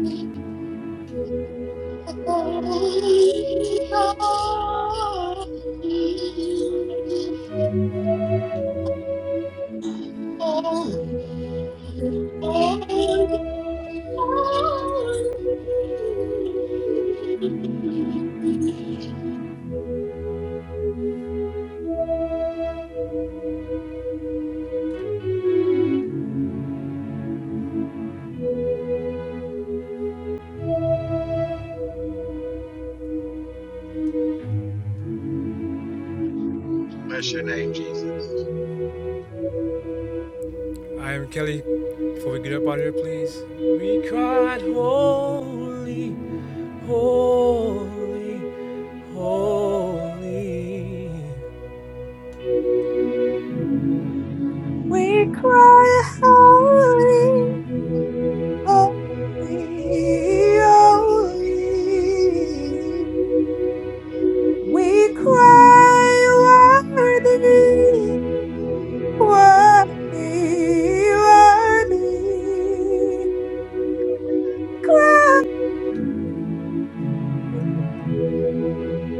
Speaker 5: I Holy,
Speaker 8: Bless your name, Jesus.
Speaker 1: I am Kelly. Before we get up out of here, please. We cried holy. Holy, holy,
Speaker 10: We cry, holy, holy, holy. We cry, worthy, worthy, worthy. Cry,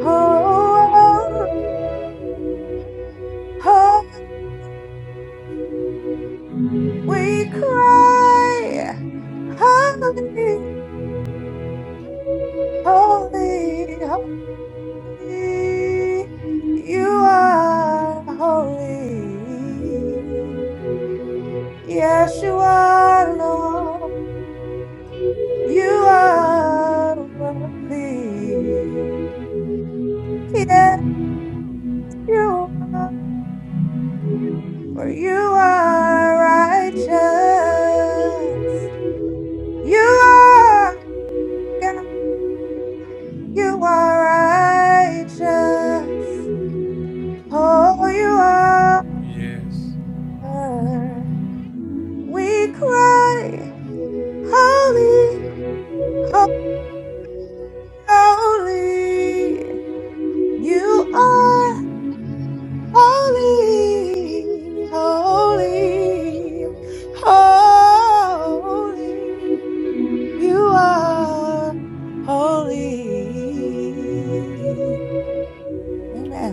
Speaker 10: holy, holy. We cry, holy, holy, holy. You are holy. Yes, you are, Lord. You are worthy. Yes, you are. For you are righteous. You are God. You are righteous. Oh, you
Speaker 1: Yes.
Speaker 10: are. We cry, holy. Holy, you are holy, holy, holy. You are holy. Amen.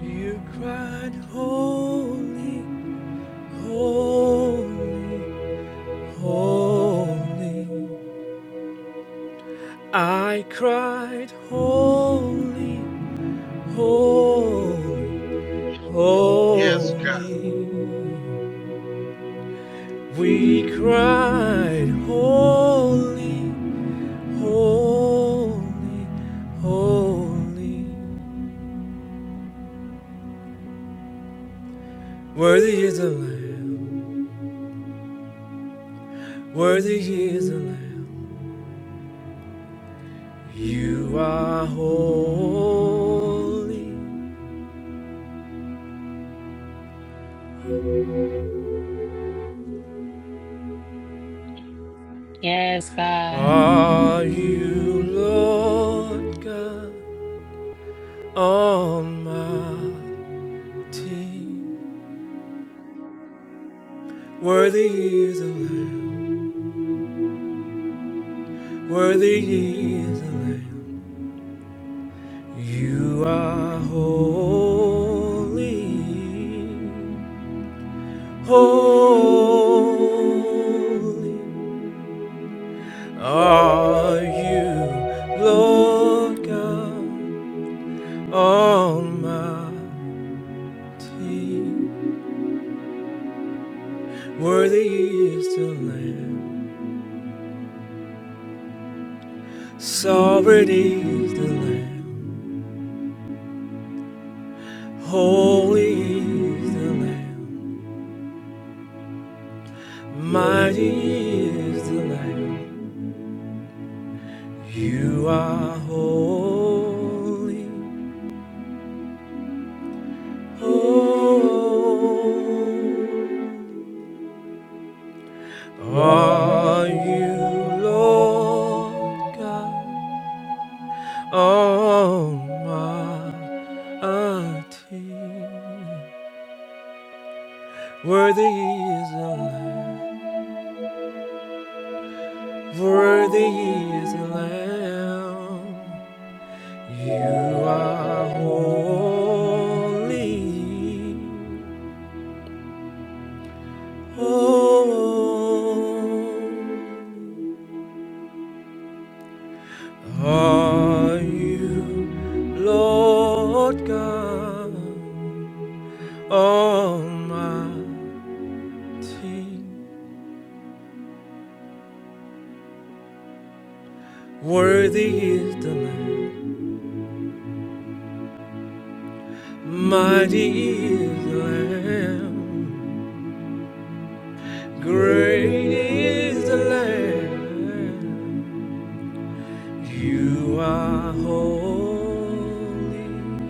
Speaker 1: you cried, holy, holy, holy. I cried, holy, holy,
Speaker 8: Yes, God.
Speaker 1: holy. We cried, holy, holy, holy. Worthy is the Lamb. Worthy is the Lamb. Ah, holy are you, Lord God Almighty. Worthy is the Lamb. Worthy is the Lamb. You are holy. Holy are you, Lord God Almighty, worthy is the Lamb, sovereign is the Lamb, holy is the Lamb, mighty is the Lamb. You are holy, Oh, are you, Lord God Almighty. Worthy is the Lamb. Worthy is the Lamb. You are holy. Holy are you, Lord God Almighty. Worthy is the Lamb. Mighty is the Lamb. Great is the Lamb. You are holy.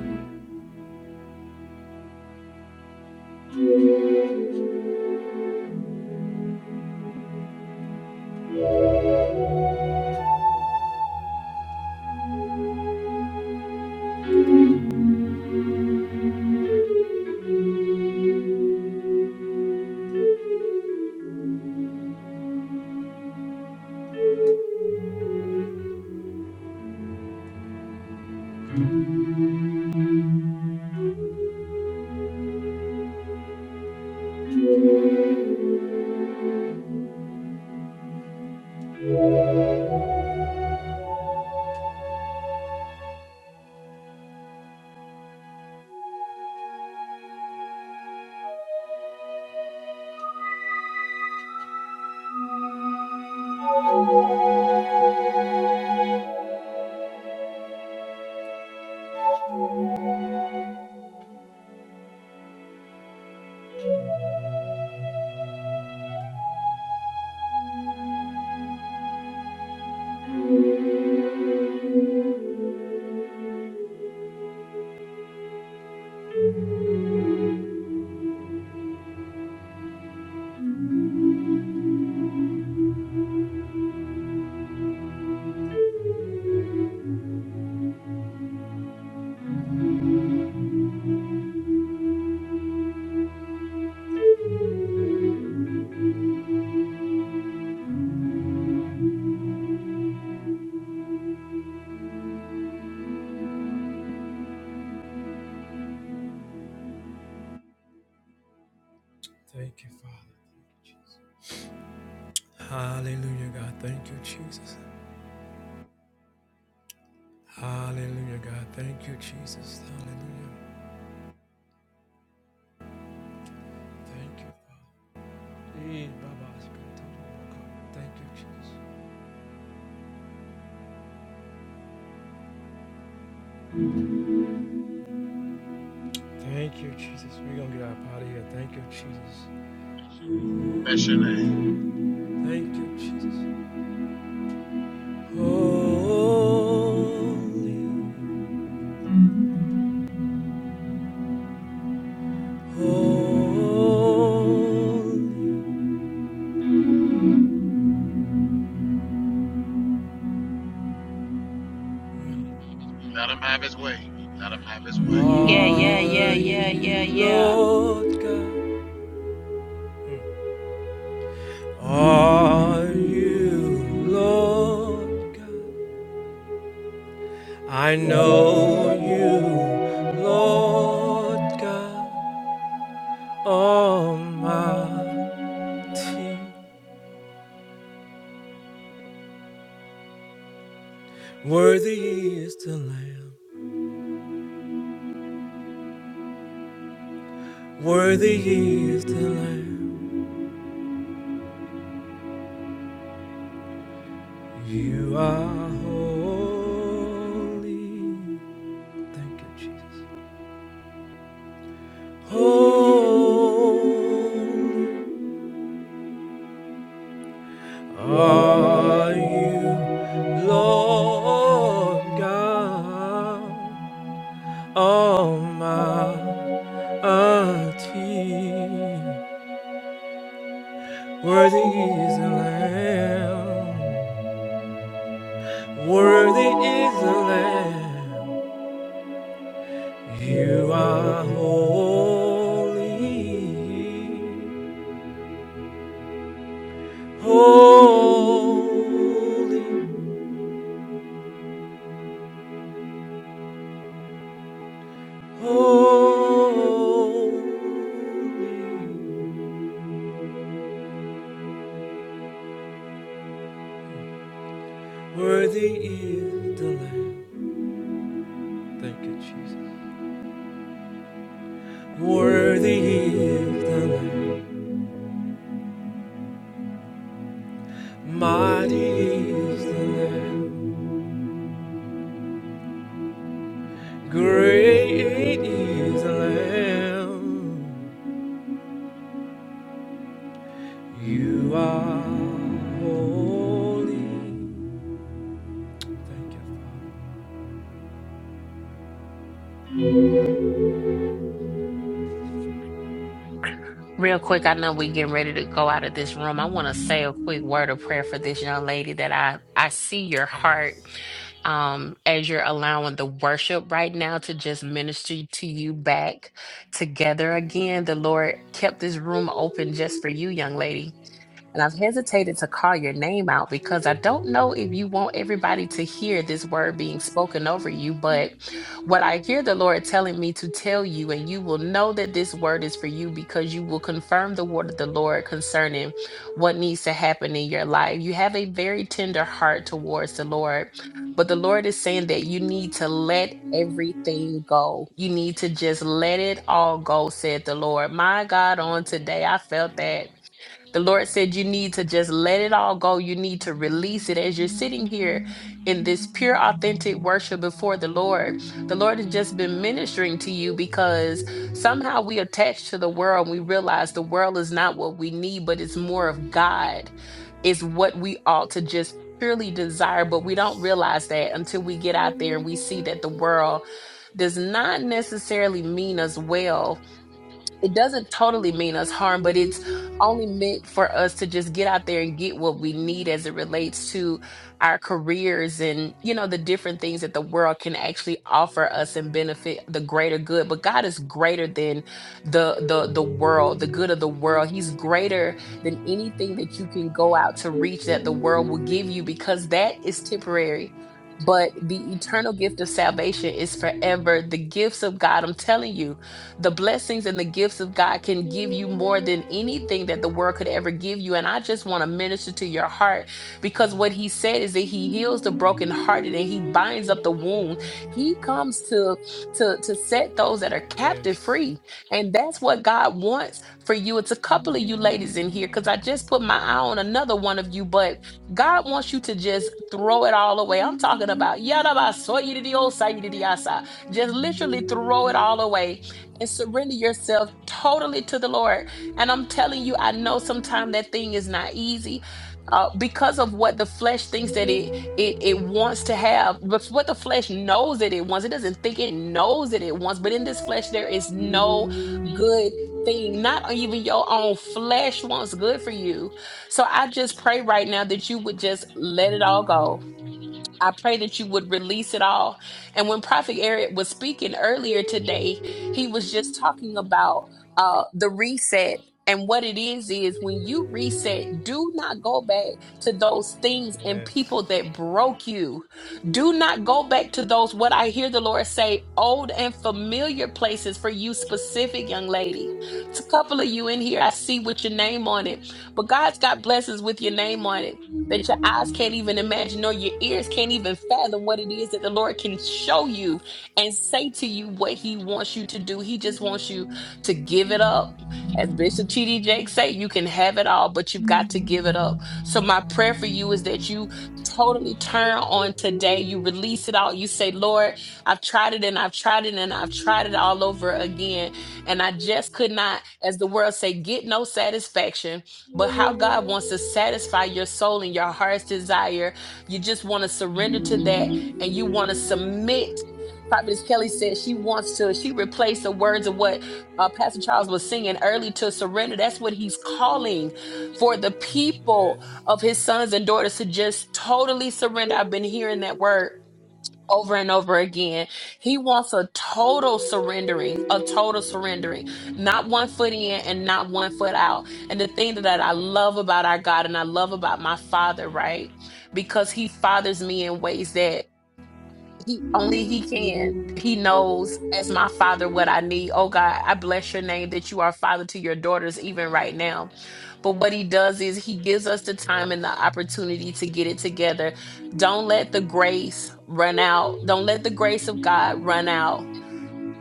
Speaker 1: Hallelujah, God. Thank you, Jesus. Hallelujah, God. Thank you, Jesus. Hallelujah. Thank you, Father. Eh, Baba, it's good to know God. Thank you, Jesus. Thank you, Jesus. We're going to get up out of here. Thank you, Jesus.
Speaker 8: Bless your name.
Speaker 1: Thank you, Jesus. Holy, holy.
Speaker 8: Let him have his way. Let him have his way.
Speaker 6: Yeah, yeah, yeah,
Speaker 1: Are
Speaker 6: yeah, yeah,
Speaker 1: you
Speaker 6: yeah.
Speaker 1: Lord God? Are you Lord God? I know you, Lord God Almighty. Worthy is the Lamb, worthy is the Lamb. You are holy. Thank you, Jesus. Holy. Are you Lord God Almighty? Worthy is the Lamb, worthy is the Lamb. You are holy, holy, holy. Worthy is the Lamb. Thank you, Jesus. Worthy is the Lamb. Mighty is the Lamb. Great is the Lamb. You are holy. Thank you, Father.
Speaker 6: Real quick, I know we getting ready to go out of this room. I want to say a quick word of prayer for this young lady that I I see your heart um as you're allowing the worship right now to just minister to you back together again. The Lord kept this room open just for you, young lady. And I've hesitated to call your name out because I don't know if you want everybody to hear this word being spoken over you, but what I hear the Lord telling me to tell you, and you will know that this word is for you because you will confirm the word of the Lord concerning what needs to happen in your life. You have a very tender heart towards the Lord. But the Lord is saying that you need to let everything go. You need to just let it all go, said the Lord. My God, on today, I felt that the Lord said, You need to just let it all go. You need to release it. As you're sitting here in this pure, authentic worship before the Lord, the Lord has just been ministering to you because somehow we attach to the world and we realize the world is not what we need, but it's more of God, it's what we ought to just purely desire. But we don't realize that until we get out there and we see that the world does not necessarily mean us well it doesn't totally mean us harm, but it's only meant for us to just get out there and get what we need as it relates to our careers and, you know, the different things that the world can actually offer us and benefit the greater good. But God is greater than the the the world, the good of the world. He's greater than anything that you can go out to reach that the world will give you because that is temporary. But the eternal gift of salvation is forever. The gifts of God, I'm telling you, the blessings and the gifts of God can give you more than anything that the world could ever give you. And I just want to minister to your heart because what he said is that he heals the brokenhearted and he binds up the wound. He comes to to to set those that are captive free. And that's what God wants for you. It's a couple of you ladies in here because I just put my eye on another one of you, but God wants you to just throw it all away. I'm talking about yada ba so you to the old side, you to the outside. Just literally throw it all away and surrender yourself totally to the Lord. And I'm telling you, I know sometimes that thing is not easy uh, because of what the flesh thinks that it it it wants to have, but what the flesh knows that it wants. It doesn't think it knows that it wants, but in this flesh there is no good thing. Not even your own flesh wants good for you. So I just pray right now that you would just let it all go I pray that you would release it all. And when Prophet Eric was speaking earlier today, he was just talking about uh, the reset. And what it is, is when you reset, do not go back to those things and people that broke you. Do not go back to those, what I hear the Lord say, old and familiar places for you, specific young lady. It's a couple of you in here. I see with your name on it, but God's got blessings with your name on it that your eyes can't even imagine or your ears can't even fathom what it is that the Lord can show you and say to you what he wants you to do. He just wants you to give it up. As Bishop T.D. Jakes say, you can have it all, but you've got to give it up. So my prayer for you is that you totally turn on today. You release it all. You say, Lord, I've tried it and I've tried it and I've tried it all over again. And I just could not, as the world say, get no satisfaction but how God wants to satisfy your soul and your heart's desire. You just want to surrender to that and you want to submit. Prophetess Kelly said she wants to, she replaced the words of what uh, Pastor Charles was singing early to surrender. That's what he's calling for the people of his sons and daughters to just totally surrender. I've been hearing that word over and over again. He wants a total surrendering, a total surrendering, not one foot in and not one foot out. And the thing that I love about our God and I love about my father, right? Because he fathers me in ways that he only he can he knows as my father what i need oh god i bless your name that you are father to your daughters even right now but what he does is he gives us the time and the opportunity to get it together don't let the grace run out don't let the grace of god run out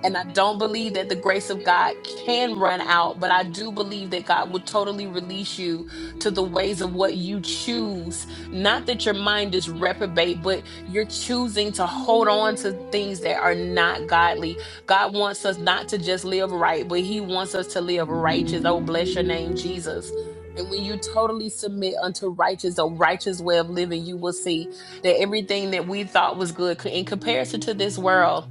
Speaker 6: and I don't believe that the grace of God can run out, but I do believe that God will totally release you to the ways of what you choose. Not that your mind is reprobate, but you're choosing to hold on to things that are not godly. God wants us not to just live right, but He wants us to live righteous. Oh, bless your name, Jesus. And when you totally submit unto righteous, a righteous way of living, you will see that everything that we thought was good in comparison to this world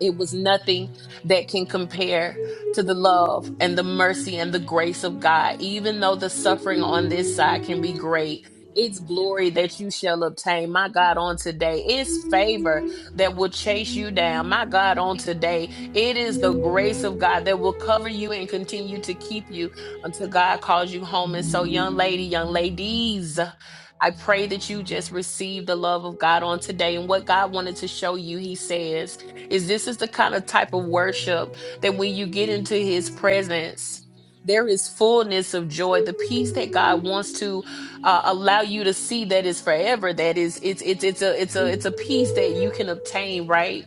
Speaker 6: it was nothing that can compare to the love and the mercy and the grace of God. Even though the suffering on this side can be great, it's glory that you shall obtain, my God, on today. It's favor that will chase you down, my God, on today. It is the grace of God that will cover you and continue to keep you until God calls you home. And so, young lady, young ladies, I pray that you just receive the love of God on today. And what God wanted to show you, He says, is this is the kind of type of worship that when you get into his presence there is fullness of joy the peace that god wants to uh, allow you to see that is forever that is it's it's it's a it's a it's a peace that you can obtain right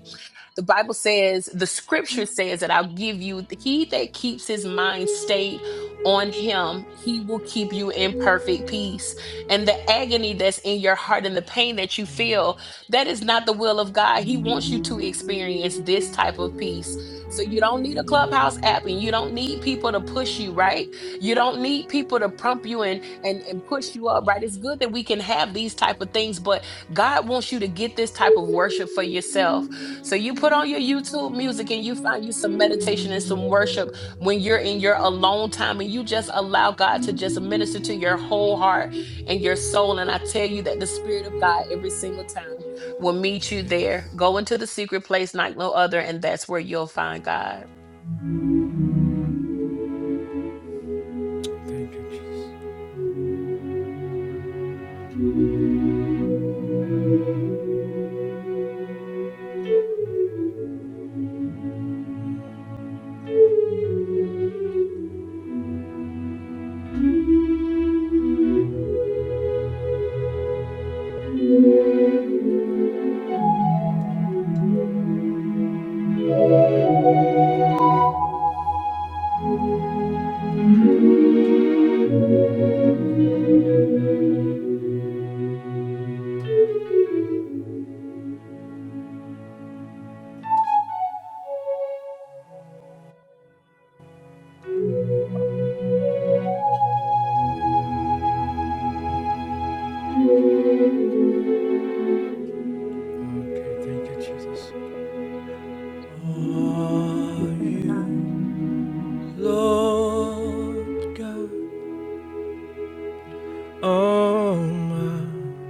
Speaker 6: the Bible says, the scripture says that I'll give you, he that keeps his mind stayed on him, he will keep you in perfect peace. And the agony that's in your heart and the pain that you feel, that is not the will of God. He wants you to experience this type of peace. So you don't need a clubhouse app and you don't need people to push you, right? You don't need people to prompt you and and, and push you up, right? It's good that we can have these type of things, but God wants you to get this type of worship for yourself. So you put on your YouTube music and you find you some meditation and some worship when you're in your alone time and you just allow God to just minister to your whole heart and your soul. And I tell you that the Spirit of God every single time will meet you there. Go into the secret place like no other, and that's where you'll find God.
Speaker 1: Okay, thank you, Jesus. Are
Speaker 12: Glory,
Speaker 11: Man of God.
Speaker 1: you? Lord God Almighty,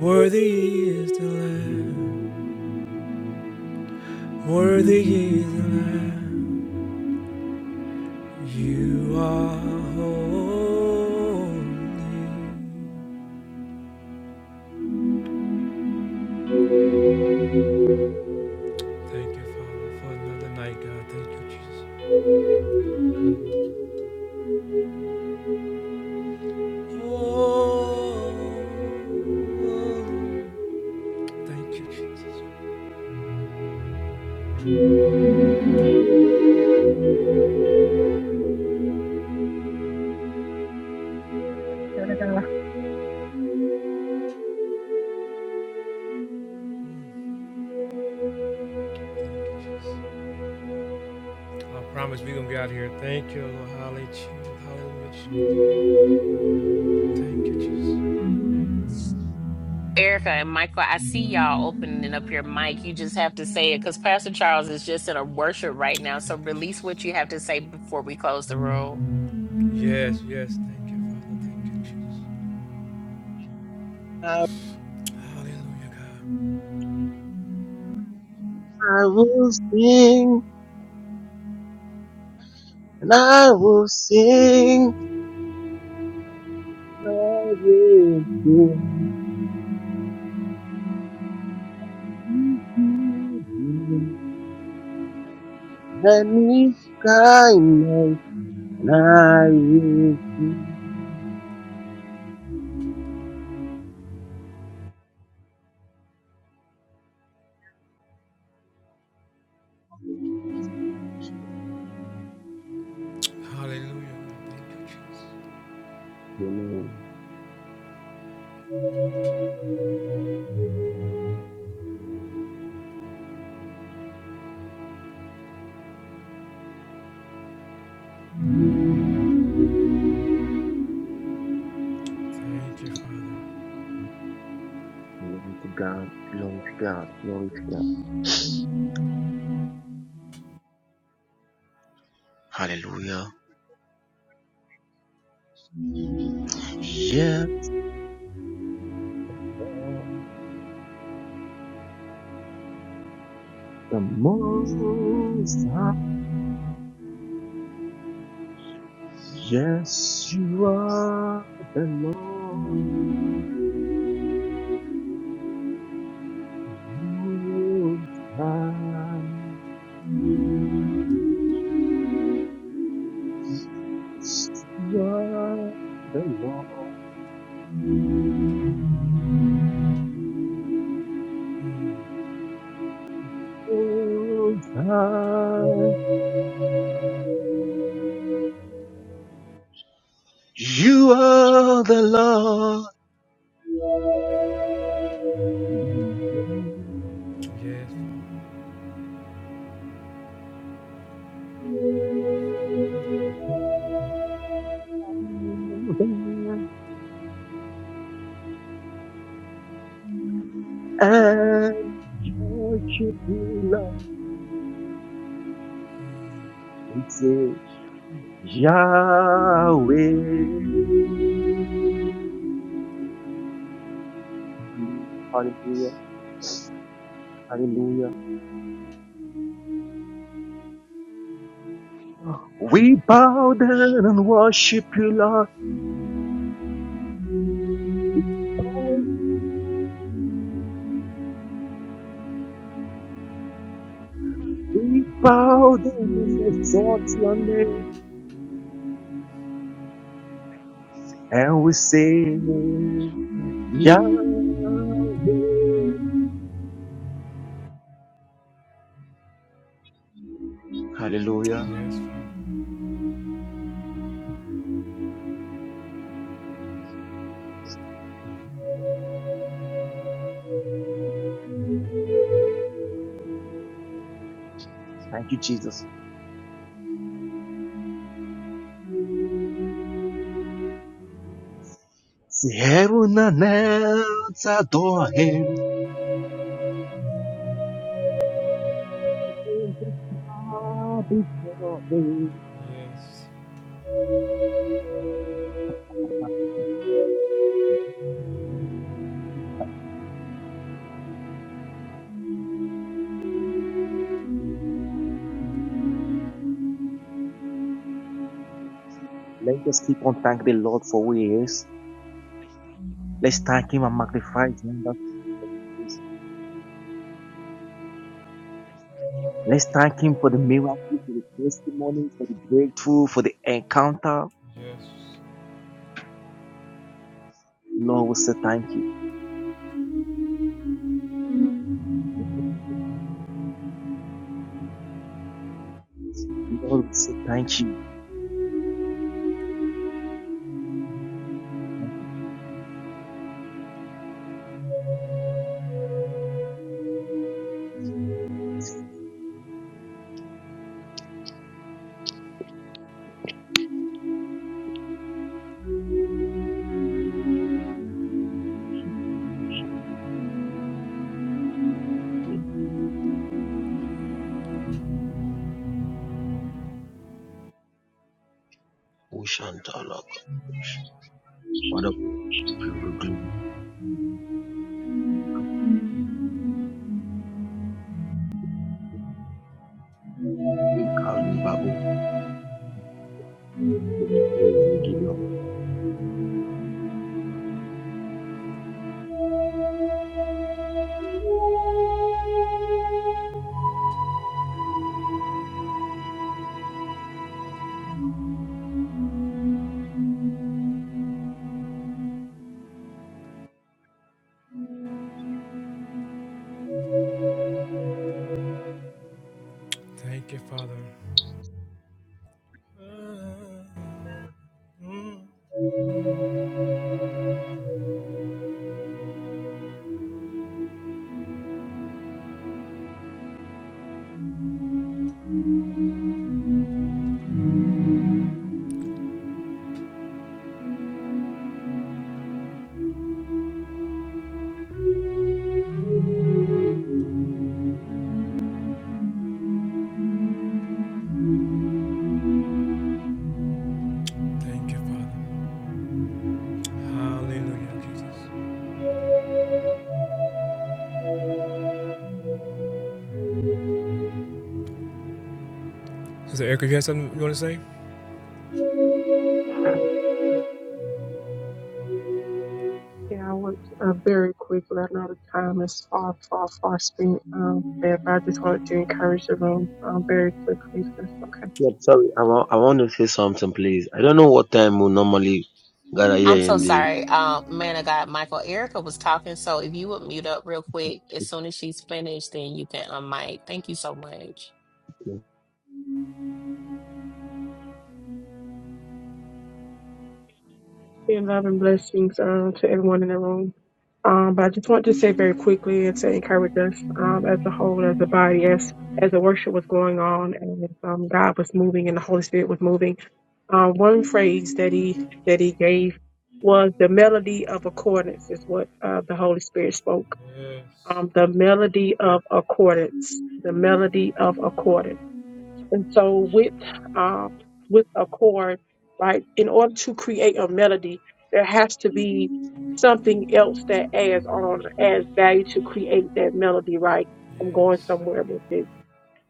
Speaker 1: worthy is the Lamb, worthy is the Lamb. You are holy. Thank you, Father, for another night, God. Thank you, Jesus. Holy. Thank you, Jesus. Thank you, Jesus. I promise we're going to get out of here. Thank you, Lord. Hallelujah. Hallelujah.
Speaker 6: Erica and Michael, I see y'all opening up your mic. You just have to say it because Pastor Charles is just in a worship right now. So release what you have to say before we close the room.
Speaker 12: glory to God, glory to God, glory to God.
Speaker 11: Yeah, I went uh, very quickly. I know the time is far, far, far spent. Um, but I just wanted to encourage the room um, very quickly. If that's okay.
Speaker 6: I'm so sorry, uh, man of God. Michael Erica was talking, so if you would mute up real quick, as soon as she's finished, then you can unmic. Thank you so much.
Speaker 11: And love and blessings uh, to everyone in the room. Um, but I just want to say very quickly and to encourage us um, as a whole, as a body, as as the worship was going on and um, God was moving and the Holy Spirit was moving. Um, one phrase that he that he gave was the melody of accordance is what uh, the Holy Spirit spoke. Um, the melody of accordance. The melody of accordance and so with um, with a chord, right, in order to create a melody, there has to be something else that adds on, adds value to create that melody, right? I'm going somewhere with it.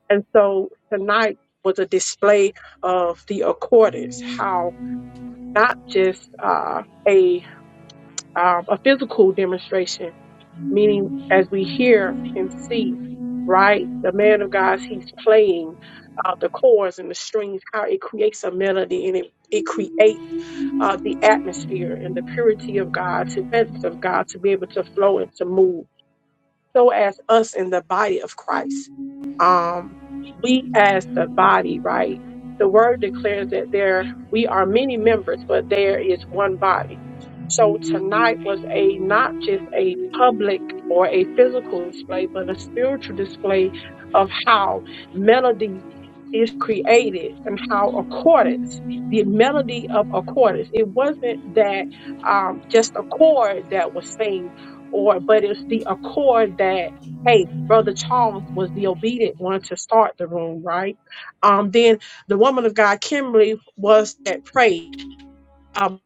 Speaker 11: And so tonight was a display of the accordance, how not just uh, a um, a physical demonstration meaning as we hear and see, right? The man of God, he's playing uh, the chords and the strings, how it creates a melody and it, it creates uh, the atmosphere and the purity of God, the presence of God to be able to flow and to move so as us in the body of Christ. Um, we as the body, right? The word declares that there we are many members, but there is one body. So tonight was a not just a public or a physical display, but a spiritual display of how melody is created and how accordance, the melody of accordance. It wasn't that um, just a chord that was seen or but it's the accord that hey brother charles was the obedient one to start the room right um then the woman of god kimberly was that prayed um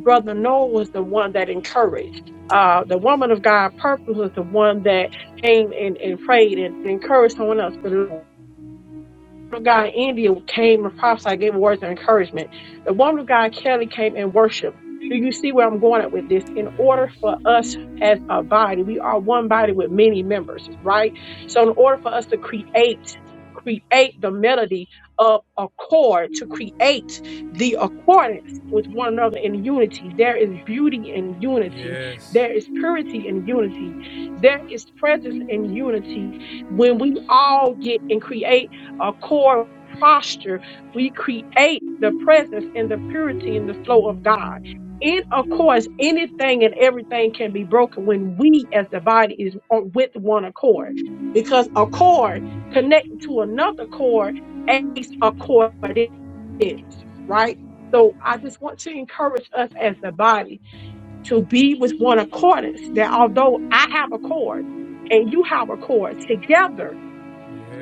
Speaker 11: brother noah was the one that encouraged uh, the woman of God purpose was the one that came and, and prayed and encouraged someone else of God in India came and prophesied, gave words of encouragement. The woman of God, Kelly, came and worshiped. Do you see where I'm going at with this? In order for us as a body, we are one body with many members, right? So in order for us to create, create the melody of accord, to create the accordance with one another in unity, there is beauty in unity. There is purity in unity. There is presence in unity when we all get and create a core posture, we create the presence and the purity and the flow of God. In of course, anything and everything can be broken when we as the body is on- with one accord. Because a cord connected to another cord is a cord is, right? So I just want to encourage us as the body to be with one accordance that although I have a cord and you have a cord together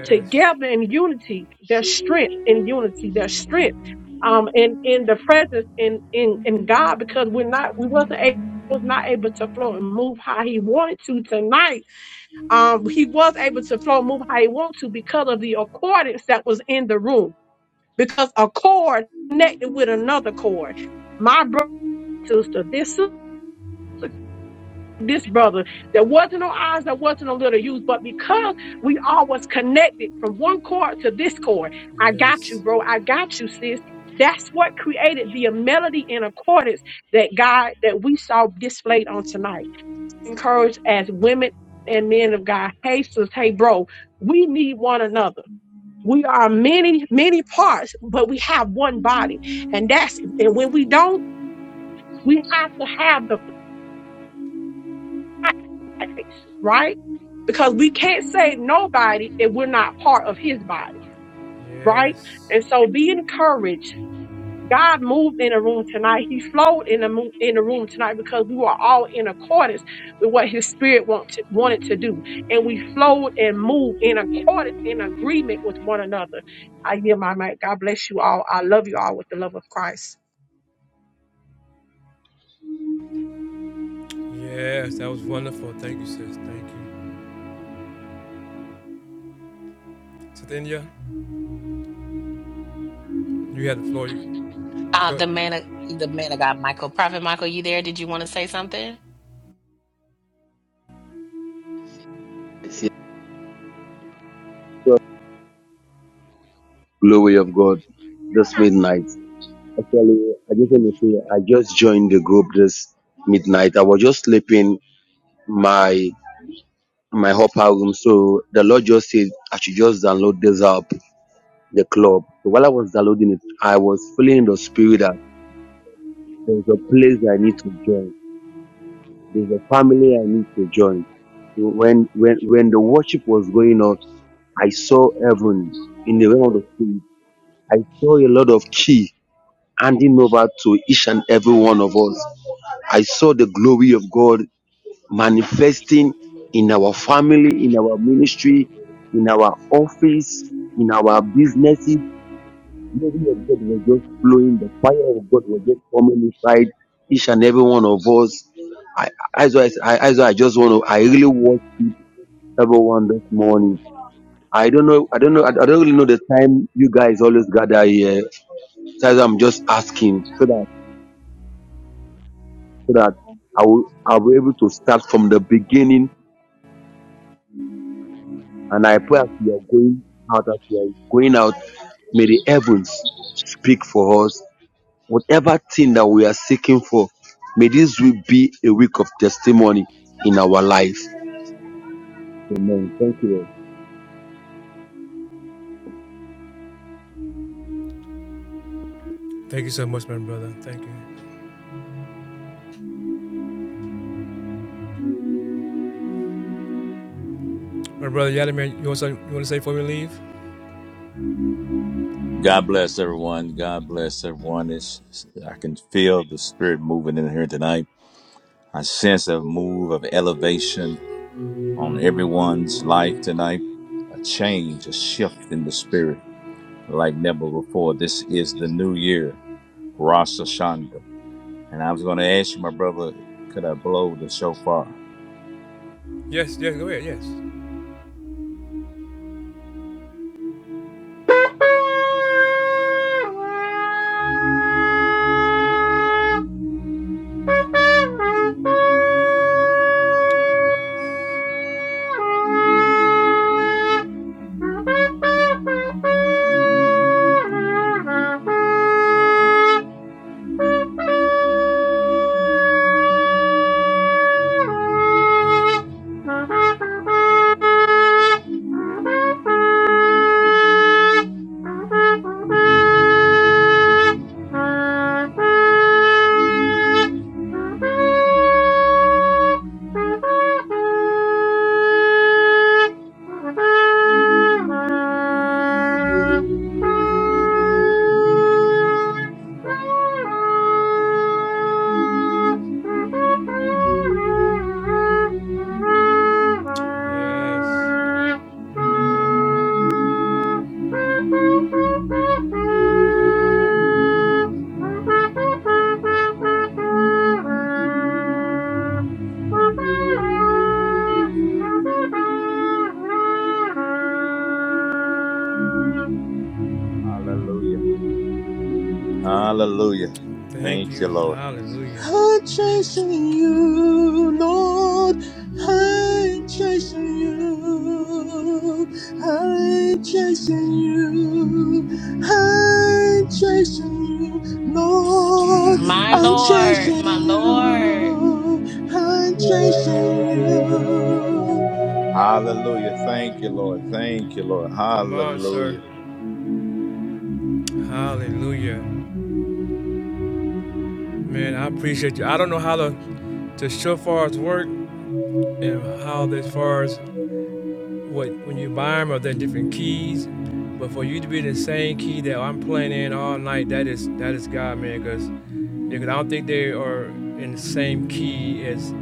Speaker 11: together in unity. There's strength in unity. There's strength um in in the presence in in in God because we're not we wasn't able was not able to flow and move how he wanted to tonight. Um, he was able to flow and move how he wanted to because of the accordance that was in the room. Because a cord connected with another cord. My brother, sister, this this brother that wasn't on ours, that wasn't on little youth, but because we all was connected from one cord to this cord, I got you, bro. I got you, sis. That's what created the melody and accordance that God that we saw displayed on tonight. Encouraged as women and men of God. Hey, sis, hey, bro, we need one another. We are many, many parts, but we have one body. And that's and when we don't, we have to have the right? Because we can't save nobody if we're not part of his body, right? And so be encouraged. God moved in the room tonight. He flowed in the mo- in the room tonight because we were all in accordance with what His Spirit want to, wanted to do, and we flowed and moved in accordance in agreement with one another. I hear my mic. God bless you all. I love you all with the love of Christ.
Speaker 6: Uh, the man of the man of God, Michael, Prophet Michael, you there? Did you want to say something?
Speaker 12: I see the glory of God this midnight. Just joined the group this midnight. I was just sleeping my my upper room, so the Lord just said I should just download this app, the club. So while I was downloading it, I was feeling in the spirit that there's a place I need to join. There's a family I need to join. So When when when the worship was going on, I saw heaven in the realm of the, I saw a lot of key. handing over to each and every one of us. I saw the glory of God manifesting in our family, in our ministry, in our office, in our businesses, flowing. The fire of God was just coming inside each and every one of us. I, as I, I, as I just want to, I really want everyone this morning. I don't know, I don't know, I don't really know the time you guys always gather here. So I'm just asking so that I will, I'll be able to start from the beginning And I pray as we are going out, as we are going out, may the heavens speak for us. Whatever thing that we are seeking for, may this week be a week of testimony in our life.
Speaker 13: God bless everyone. God bless everyone. It's, I can feel the spirit moving in here tonight. I sense a move of elevation on everyone's life tonight. A change, a shift in the spirit like never before. This is the new year, Rosh Hashanah. And I was going to ask you, my brother, could I blow the shofar? Thank you. Thank you. Hallelujah. Hallelujah. Thank you, Lord. I'm chasing you, Lord. I'm chasing you. I'm chasing you. I'm chasing you, Lord.
Speaker 6: My
Speaker 13: I'm
Speaker 6: Lord,
Speaker 13: chasing
Speaker 6: my Lord.
Speaker 13: you. I'm chasing you. Hallelujah. Thank you, Lord. Thank you, Lord.
Speaker 1: Come on, sir.
Speaker 13: Hallelujah.
Speaker 1: Hallelujah. Man, I appreciate you. I don't know how the, the shofars work and how as far as what when you buy them or they different keys. But for you to be the same key that I'm playing in all night, that is that is God, man, cause. because I don't think they are in the same key as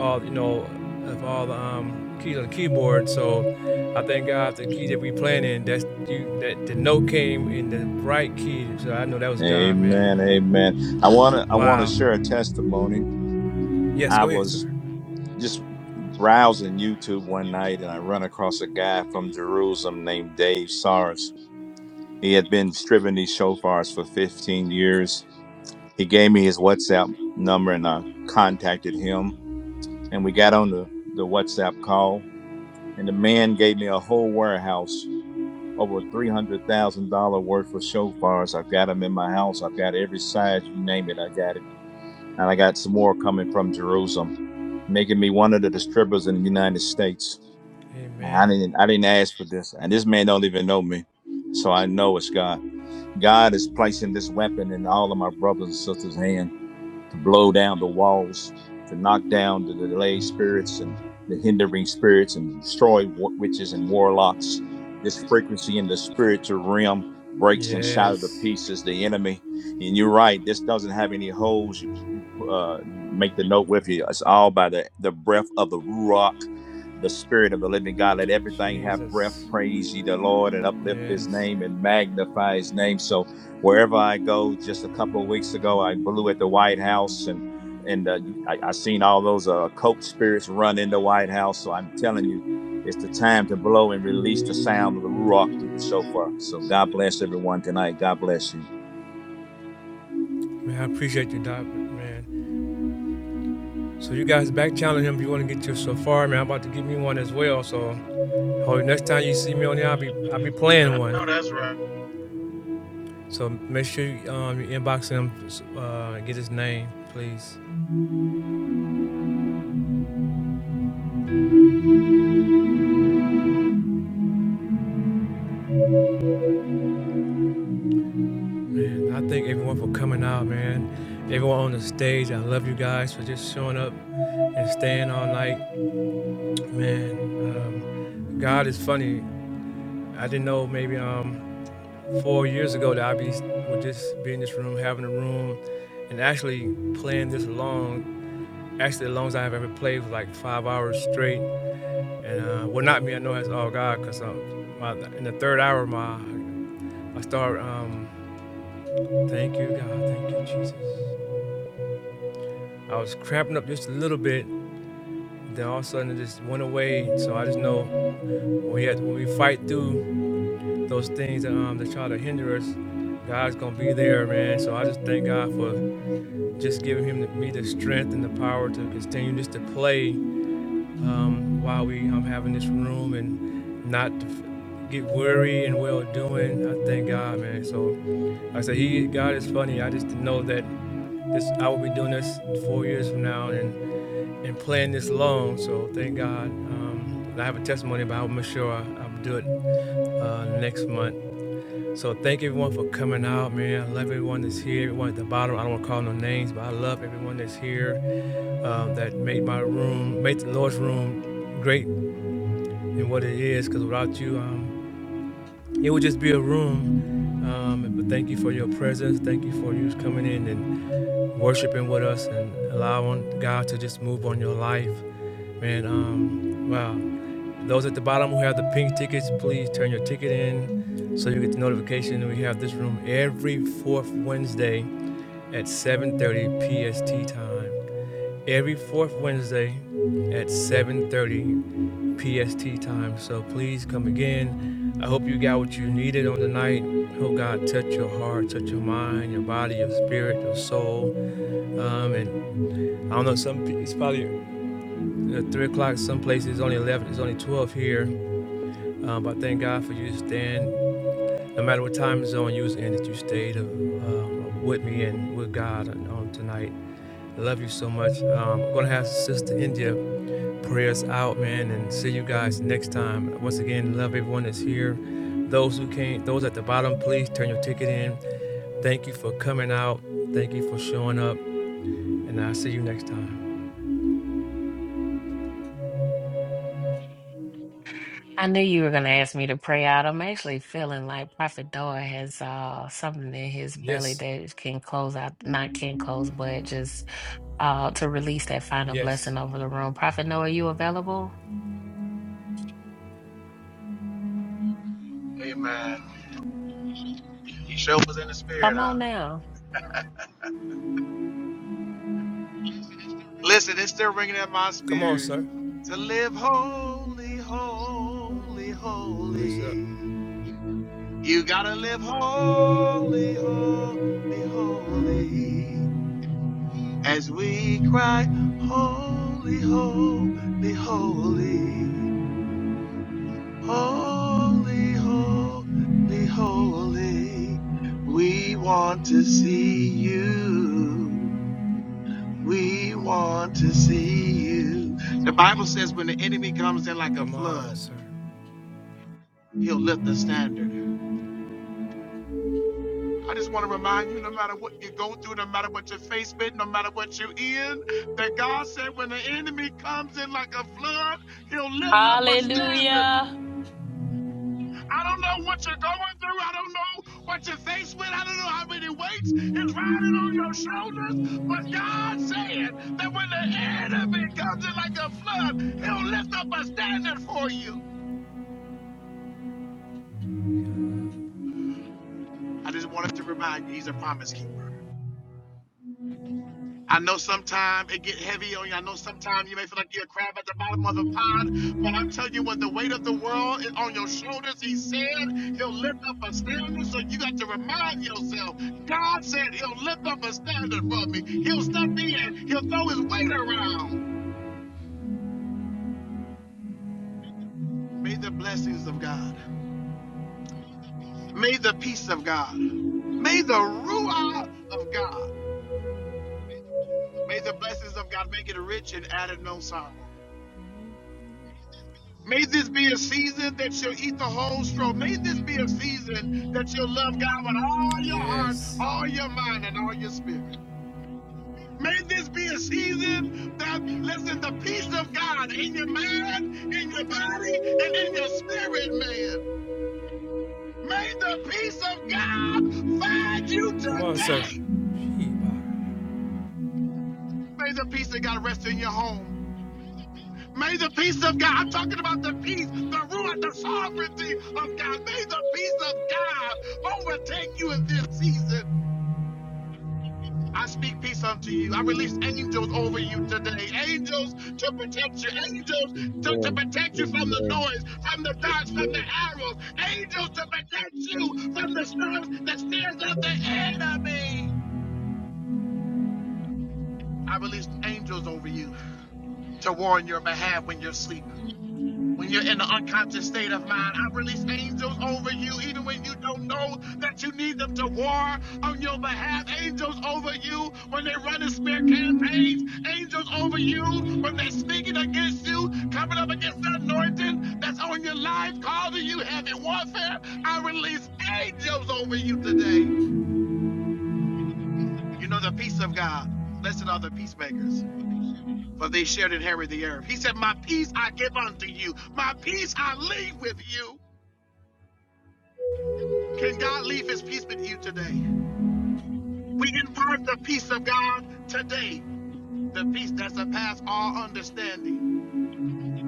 Speaker 1: all you know of all the um, keys on the keyboard. So I thank God the key that we playing in that's you, that the note came in the right key. So I know that was God,
Speaker 13: Amen.
Speaker 1: man.
Speaker 13: Amen. I want to I want to
Speaker 1: Wow.
Speaker 13: share a testimony.
Speaker 1: Yes,
Speaker 13: I
Speaker 1: go ahead, sir.
Speaker 13: was
Speaker 1: Man,
Speaker 13: just browsing YouTube one night and I run across a guy from Jerusalem named Dave Sars. He had been stripping these shofars for 15 years. He gave me his WhatsApp number and I contacted him and we got on the, the WhatsApp call and the man gave me a whole warehouse over $300,000 worth of shofars. I've got them in my house. I've got every size you name it. I got it and I got some more coming from Jerusalem, making me one of the distributors in the United States. And I didn't I didn't ask for this, and this man don't even know me, so I know it's God. God is placing this weapon in all of my brothers and sisters' hand to blow down the walls, to knock down the delayed spirits and the hindering spirits and destroy wa- witches and warlocks. This frequency in the spiritual realm breaks and shatters to pieces the enemy. And you're right, this doesn't have any holes. You, you, pu- uh, you make the note with you. It's all by the, the breath of the Ruach, the spirit of the living God. Let everything have breath. Praise ye the Lord and uplift his name and magnify his name. So wherever I go. Just a couple of weeks ago, I blew at the White House, and and uh, I, I seen all those uh, coat spirits run in the White House. So I'm telling you, it's the time to blow and release the sound of the rock through the shofar. So God bless everyone tonight. God bless you.
Speaker 1: I appreciate you, Doc. Man. So you guys back challenge him if you want to get your so far, man. I'm about to give me one as well. So hope next time you see me on there, I'll be I'll be playing
Speaker 8: I know
Speaker 1: one.
Speaker 8: that's right.
Speaker 1: So make sure you, um, you inbox him, uh, get his name, please. Man, I thank everyone for coming out, man. Everyone on the stage, I love you guys for just showing up and staying all night, man. Um, God is funny. I didn't know maybe um, four years ago that I'd be would just be in this room, having a room, and actually playing this long, actually the longest I've ever played was like five hours straight. And uh, well, not me. I know that's all God, cause um, my, in the third hour, my I start. Um, thank you, God. Thank you, Jesus. I was cramping up just a little bit. Then all of a sudden it just went away. So I just know when we have, when we fight through those things that, um, that try to hinder us, God's gonna be there, man. So I just thank God for just giving him the, me the strength and the power to continue just to play um, while we I'm um, having this room and not get weary and well doing. I thank God, man. So like I said, he God is funny. I just know that this I will be doing this four years from now, and. and playing this long. So thank God. Um, I have a testimony, but I'll make sure I, I'll do it uh, next month. So thank everyone for coming out, man. I love everyone that's here, everyone at the bottom. I don't want to call no names, but I love everyone that's here um, that made my room, made the Lord's room great in what it is. Because without you, um, it would just be a room. Um, but thank you for your presence. Thank you for you coming in and worshiping with us and allowing God to just move on your life, man. Um, wow. Those at the bottom who have the pink tickets, please turn your ticket in so you get the notification. We have this room every fourth Wednesday at 7:30 PST time. Every fourth Wednesday at 7:30 PST time. So please come again. I hope you got what you needed on the night. Hope God touched your heart, touched your mind, your body, your spirit, your soul. Um, and I don't know, some it's probably uh, three o'clock. Some places it's only eleven. It's only twelve here. Um, but thank God for you staying, no matter what time zone you was in, that you stayed uh, um, with me and with God on tonight. I love you so much. Um, I'm going to have Sister India pray us out, man, and see you guys next time. Once again, love everyone that's here.
Speaker 6: I knew you were going to ask me to pray out. I'm actually feeling like Prophet Noah has uh, something in his belly that can close out, not can close, but just uh, to release that final blessing over the room. Prophet Noah, you available?
Speaker 8: Amen. He sure was in the spirit.
Speaker 6: Come
Speaker 8: Huh?
Speaker 6: on now.
Speaker 8: Listen, it's still ringing in my spirit. To live holy, holy, holy. You gotta live holy, holy, holy. As we cry, holy, holy, holy. Holy, holy, holy. We want to see you. We want to see you. The Bible says when the enemy comes in like a flood, he'll lift the standard. I just want to remind you no matter what you go through, no matter what you're faced with, no matter what you're in, that God said when the enemy comes in like a flood, he'll lift up a standard.
Speaker 6: Hallelujah.
Speaker 8: I don't know what you're going through. I don't know what you're faced with. I don't know how many weights is riding on your shoulders. But God said that when the enemy comes in like a flood, he'll lift up a standard for you. I just wanted to remind you, he's a promise keeper. I know sometimes it get heavy on you. I know sometimes you may feel like you're a crab at the bottom of the pond, but I'm telling you, when the weight of the world is on your shoulders, he said he'll lift up a standard. So you got to remind yourself, God said he'll lift up a standard for me. He'll step in, he'll throw his weight around. May the blessings of God, may the peace of God, may the ruah of God, may the blessings of God make it rich and add it no sorrow. May this be a season that you'll eat the whole straw. May this be a season that you'll love God with all your heart, all your mind, and all your spirit. May this be a season that, listen, the peace of God in your mind, in your body, and in your spirit, man. May the peace of God find you today. May the peace of God rest in your home. May the peace of God, I'm talking about the peace, the ruin, the sovereignty of God. May the peace of God overtake you in this season. I speak peace unto you. I release angels over you today. Angels to protect you. Angels to, to protect you from the noise, from the darts, from the arrows. Angels to protect you from the stars, the snares of the enemy. I released angels over you to warn your behalf when you're asleep When you're in the unconscious state of mind, I release angels over you, even when you don't know that you need them to war on your behalf. Angels over you when they're running smear campaigns. Angels over you when they're speaking against you, coming up against the anointing that's on your life, causing you heavy warfare. I release angels over you today. You know the peace of God. Blessed are the peacemakers, for they shall inherit the earth. He said, My peace I give unto you, my peace I leave with you. Can God leave his peace with you today? We impart the peace of God today, the peace that surpasses all understanding.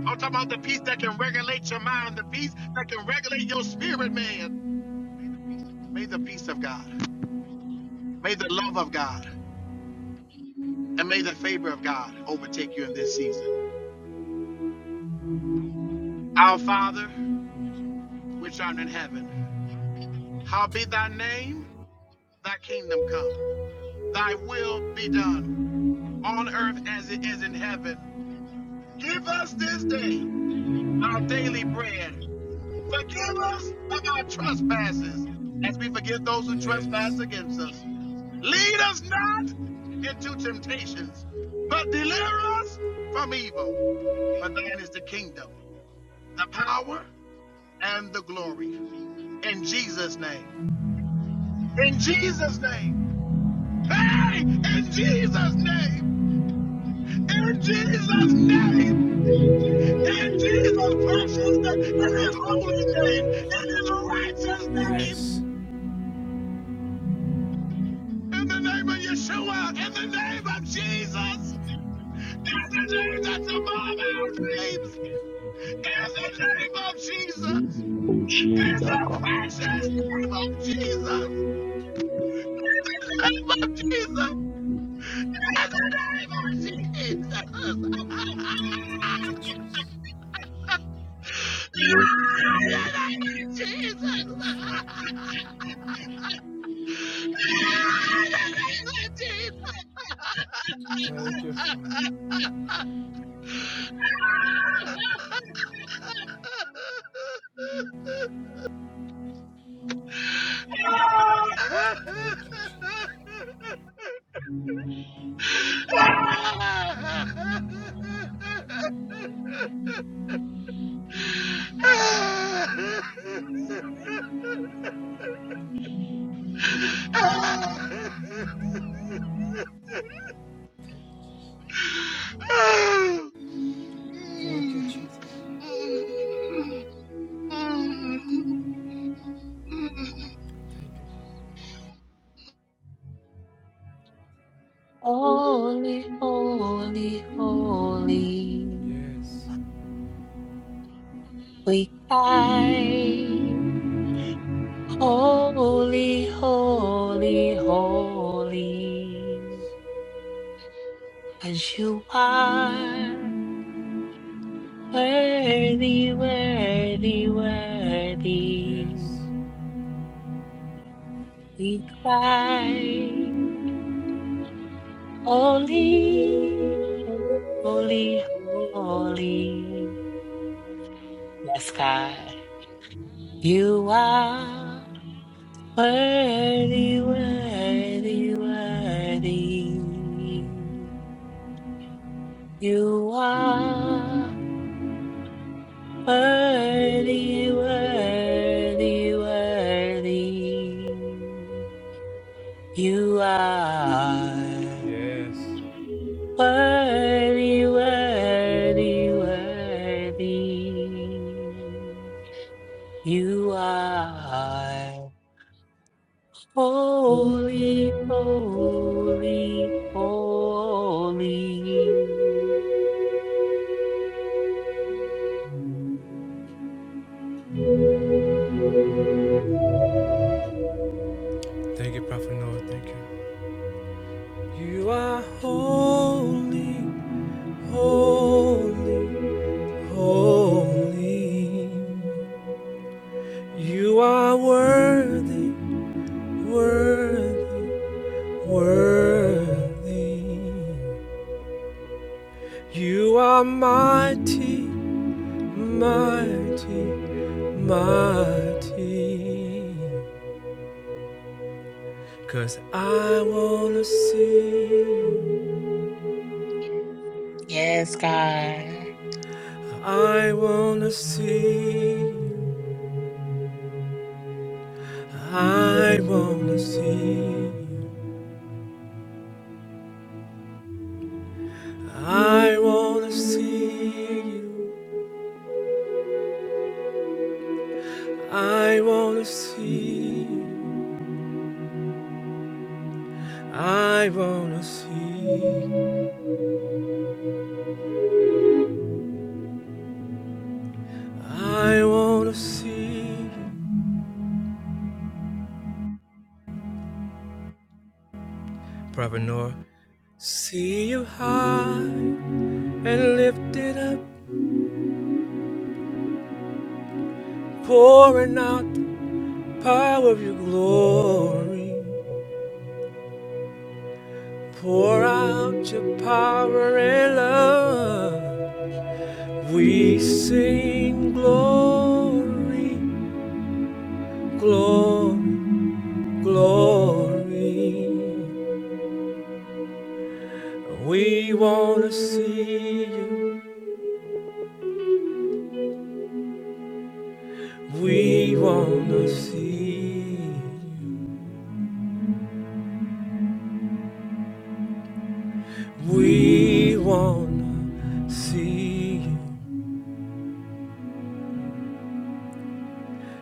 Speaker 8: I'm talking about the peace that can regulate your mind, the peace that can regulate your spirit, man. May the peace of God, may the love of God, and may the favor of God overtake you in this season. Our Father, which art in heaven, hallowed be thy name, thy kingdom come, thy will be done on earth as it is in heaven. Give us this day our daily bread Forgive us of our trespasses as we forgive those who trespass against us. Lead us not into temptations, but deliver us from evil. For thine is the kingdom, the power, and the glory. In Jesus' name. In Jesus' name. Hey, in Jesus' name. In Jesus' name. In Jesus' precious name. In his holy name. In his righteous name. In the name of Yeshua, in the name of Jesus, in the name that's above our names, in the name of Jesus, in the precious name of Jesus, in the name of Jesus, in the name of Jesus. in in the the name name of of Jesus, In the name of Jesus.
Speaker 6: Holy, holy, holy. We cry. Holy, holy, holy. As you are worthy, worthy, worthy. We cry. Holy, holy, holy. Yes, God. You are. Worthy, worthy, worthy. You are worthy, worthy, worthy. You are worthy, worthy, worthy. You are. Holy, holy, holy.
Speaker 1: Holy, you are worthy, worthy, worthy. You are mighty, mighty, mighty, 'cause I wanna see,
Speaker 6: Yes, God.
Speaker 1: I wanna see, I wanna see, I wanna see you, I wanna see, I wanna see, I wanna see you. Prophet Noah, see you high and lifted up pouring out the power of your glory. Pour out your power and love. We sing glory, glory, glory. We want to see you. We want to see you. We want to see you.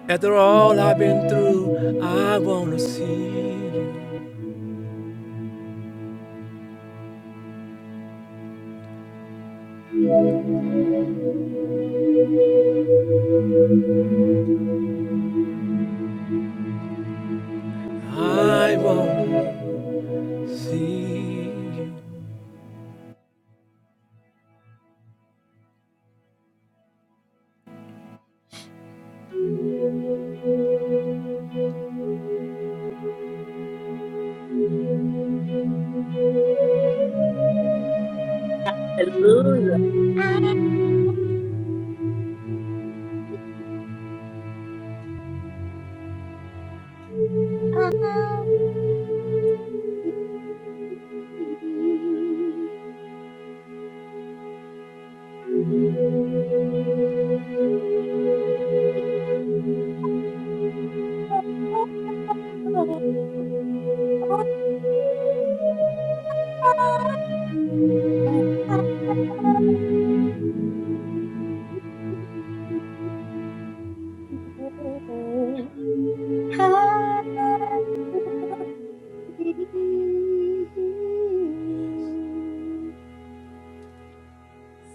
Speaker 1: After all I've been through, I want to see you.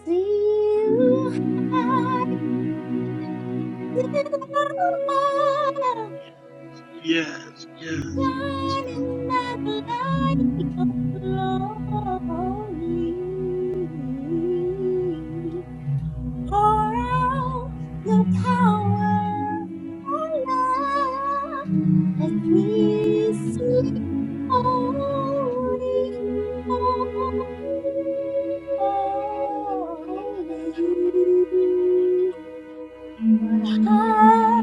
Speaker 5: See you high above,
Speaker 8: Yes, yes. yes.
Speaker 5: shining by the light of your glory. Pour out your power and love as we sing holy, holy. What a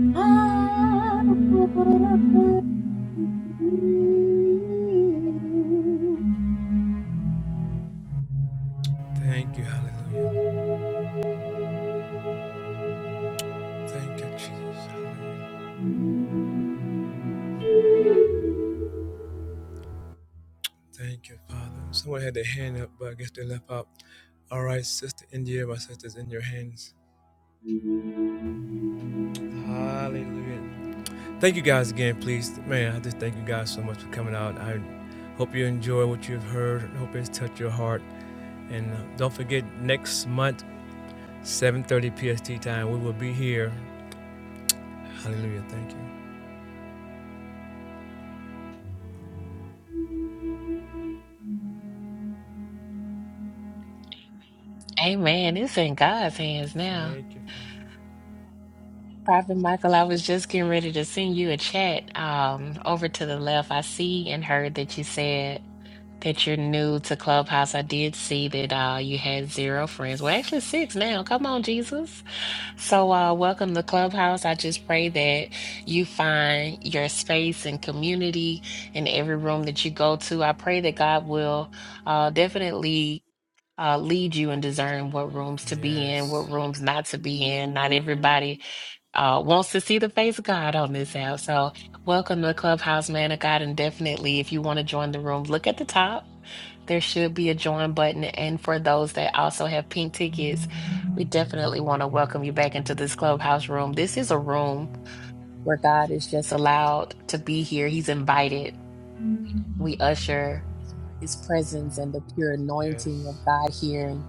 Speaker 5: I
Speaker 6: Amen. It's in God's hands now. Prophet Michael, I was just getting ready to send you a chat. Um, over to the left, I see and heard that you said that you're new to Clubhouse. I did see that uh you had zero friends. Well, actually six now. Come on, Jesus. So, uh, welcome to Clubhouse. I just pray that you find your space and community in every room that you go to. I pray that God will uh, definitely uh, lead you and discern what rooms to be in, what rooms not to be in. Not everybody uh, wants to see the face of God on this app. So, welcome to Clubhouse, man of God. And definitely, if you want to join the room, look at the top there should be a join button. And for those that also have pink tickets, we definitely want to welcome you back into this clubhouse room. This is a room where God is just allowed to be here, He's invited. We usher His presence and the pure anointing of God here. And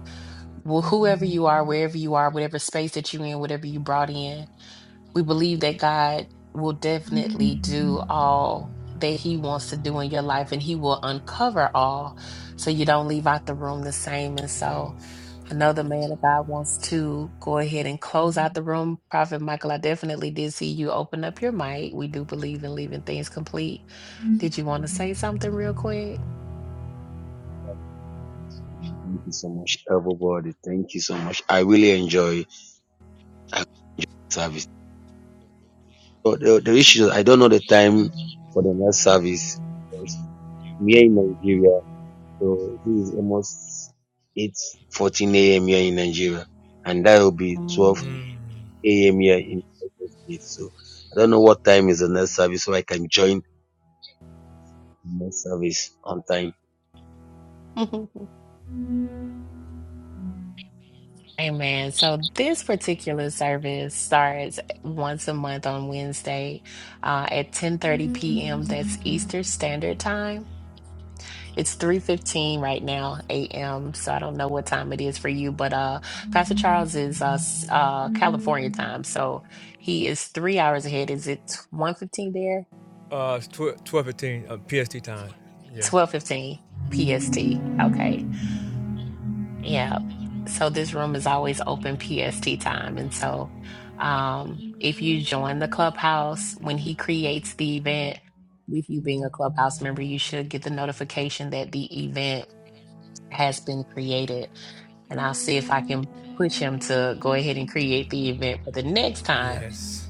Speaker 6: wh- whoever you are, wherever you are, whatever space that you're in, whatever you brought in we believe that God will definitely do all that He wants to do in your life and He will uncover all so you don't leave out the room the same. And so I know the man of God wants to go ahead and close out the room. Prophet Michael, I definitely did see you open up your mic. We do believe in leaving things complete. Did you want to say something real quick?
Speaker 12: I- The, the, the issue is I don't know the time.
Speaker 6: Mm. Amen. So this particular service starts once a month on Wednesday uh, at 10:30 p.m. That's Eastern Standard Time. It's 3:15 right now a.m. So I don't know what time it is for you, but uh, Pastor Charles is uh, s- uh, California time, so he is three hours ahead. Is it 1:15 there? 12:15 PST. Okay. Yeah. So this room is always open PST time. And so um, if you join the clubhouse, when he creates the event, with you being a clubhouse member, you should get the notification that the event has been created. And I'll see if I can push him to go ahead and create the event for the next time.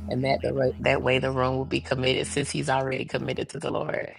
Speaker 6: And that the right, that way the room will be committed since he's already committed to the Lord.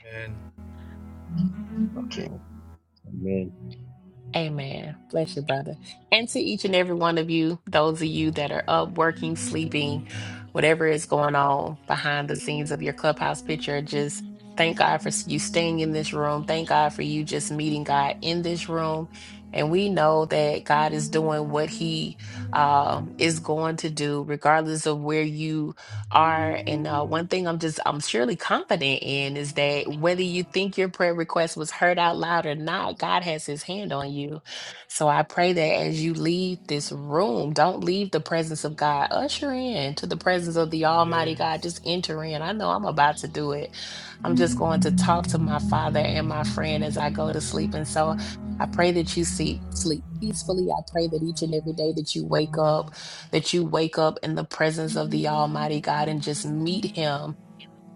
Speaker 6: Amen. Bless you, brother. And to each and every one of you, those of you that are up, working, sleeping, whatever is going on behind the scenes of your clubhouse picture, just thank God for you staying in this room. Thank God for you just meeting God in this room. And we know that God is doing what He um, is going to do, regardless of where you are. And uh, one thing I'm just, I'm surely confident in is that whether you think your prayer request was heard out loud or not, God has his hand on you. So I pray that as you leave this room, don't leave the presence of God. Usher in to the presence of the Almighty God. Just enter in. I know I'm about to do it. I'm just going to talk to my father and my friend as I go to sleep. And so I pray that you see, sleep peacefully. I pray that each and every day that you wake up that you wake up in the presence of the Almighty God and just meet Him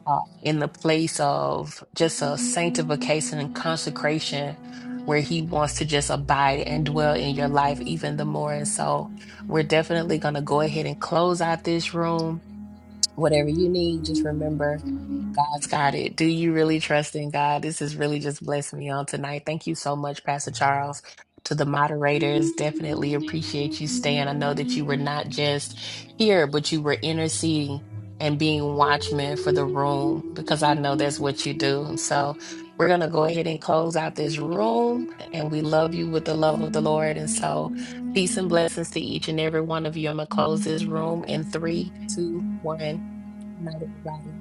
Speaker 6: uh, in the place of just a sanctification and consecration where He wants to just abide and dwell in your life even the more. And so we're definitely going to go ahead and close out this room whatever you need, just remember God's got it. Do you really trust in God? This has really just blessed me on tonight. Thank you so much, Pastor Charles. To the moderators, definitely appreciate you staying. I know that you were not just here, but you were interceding and being watchmen for the room because I know that's what you do. So we're going to go ahead and close out this room. And we love you with the love of the Lord. And so peace and blessings to each and every one of you. I'm going to close this room in three, two, one. Good night, everybody.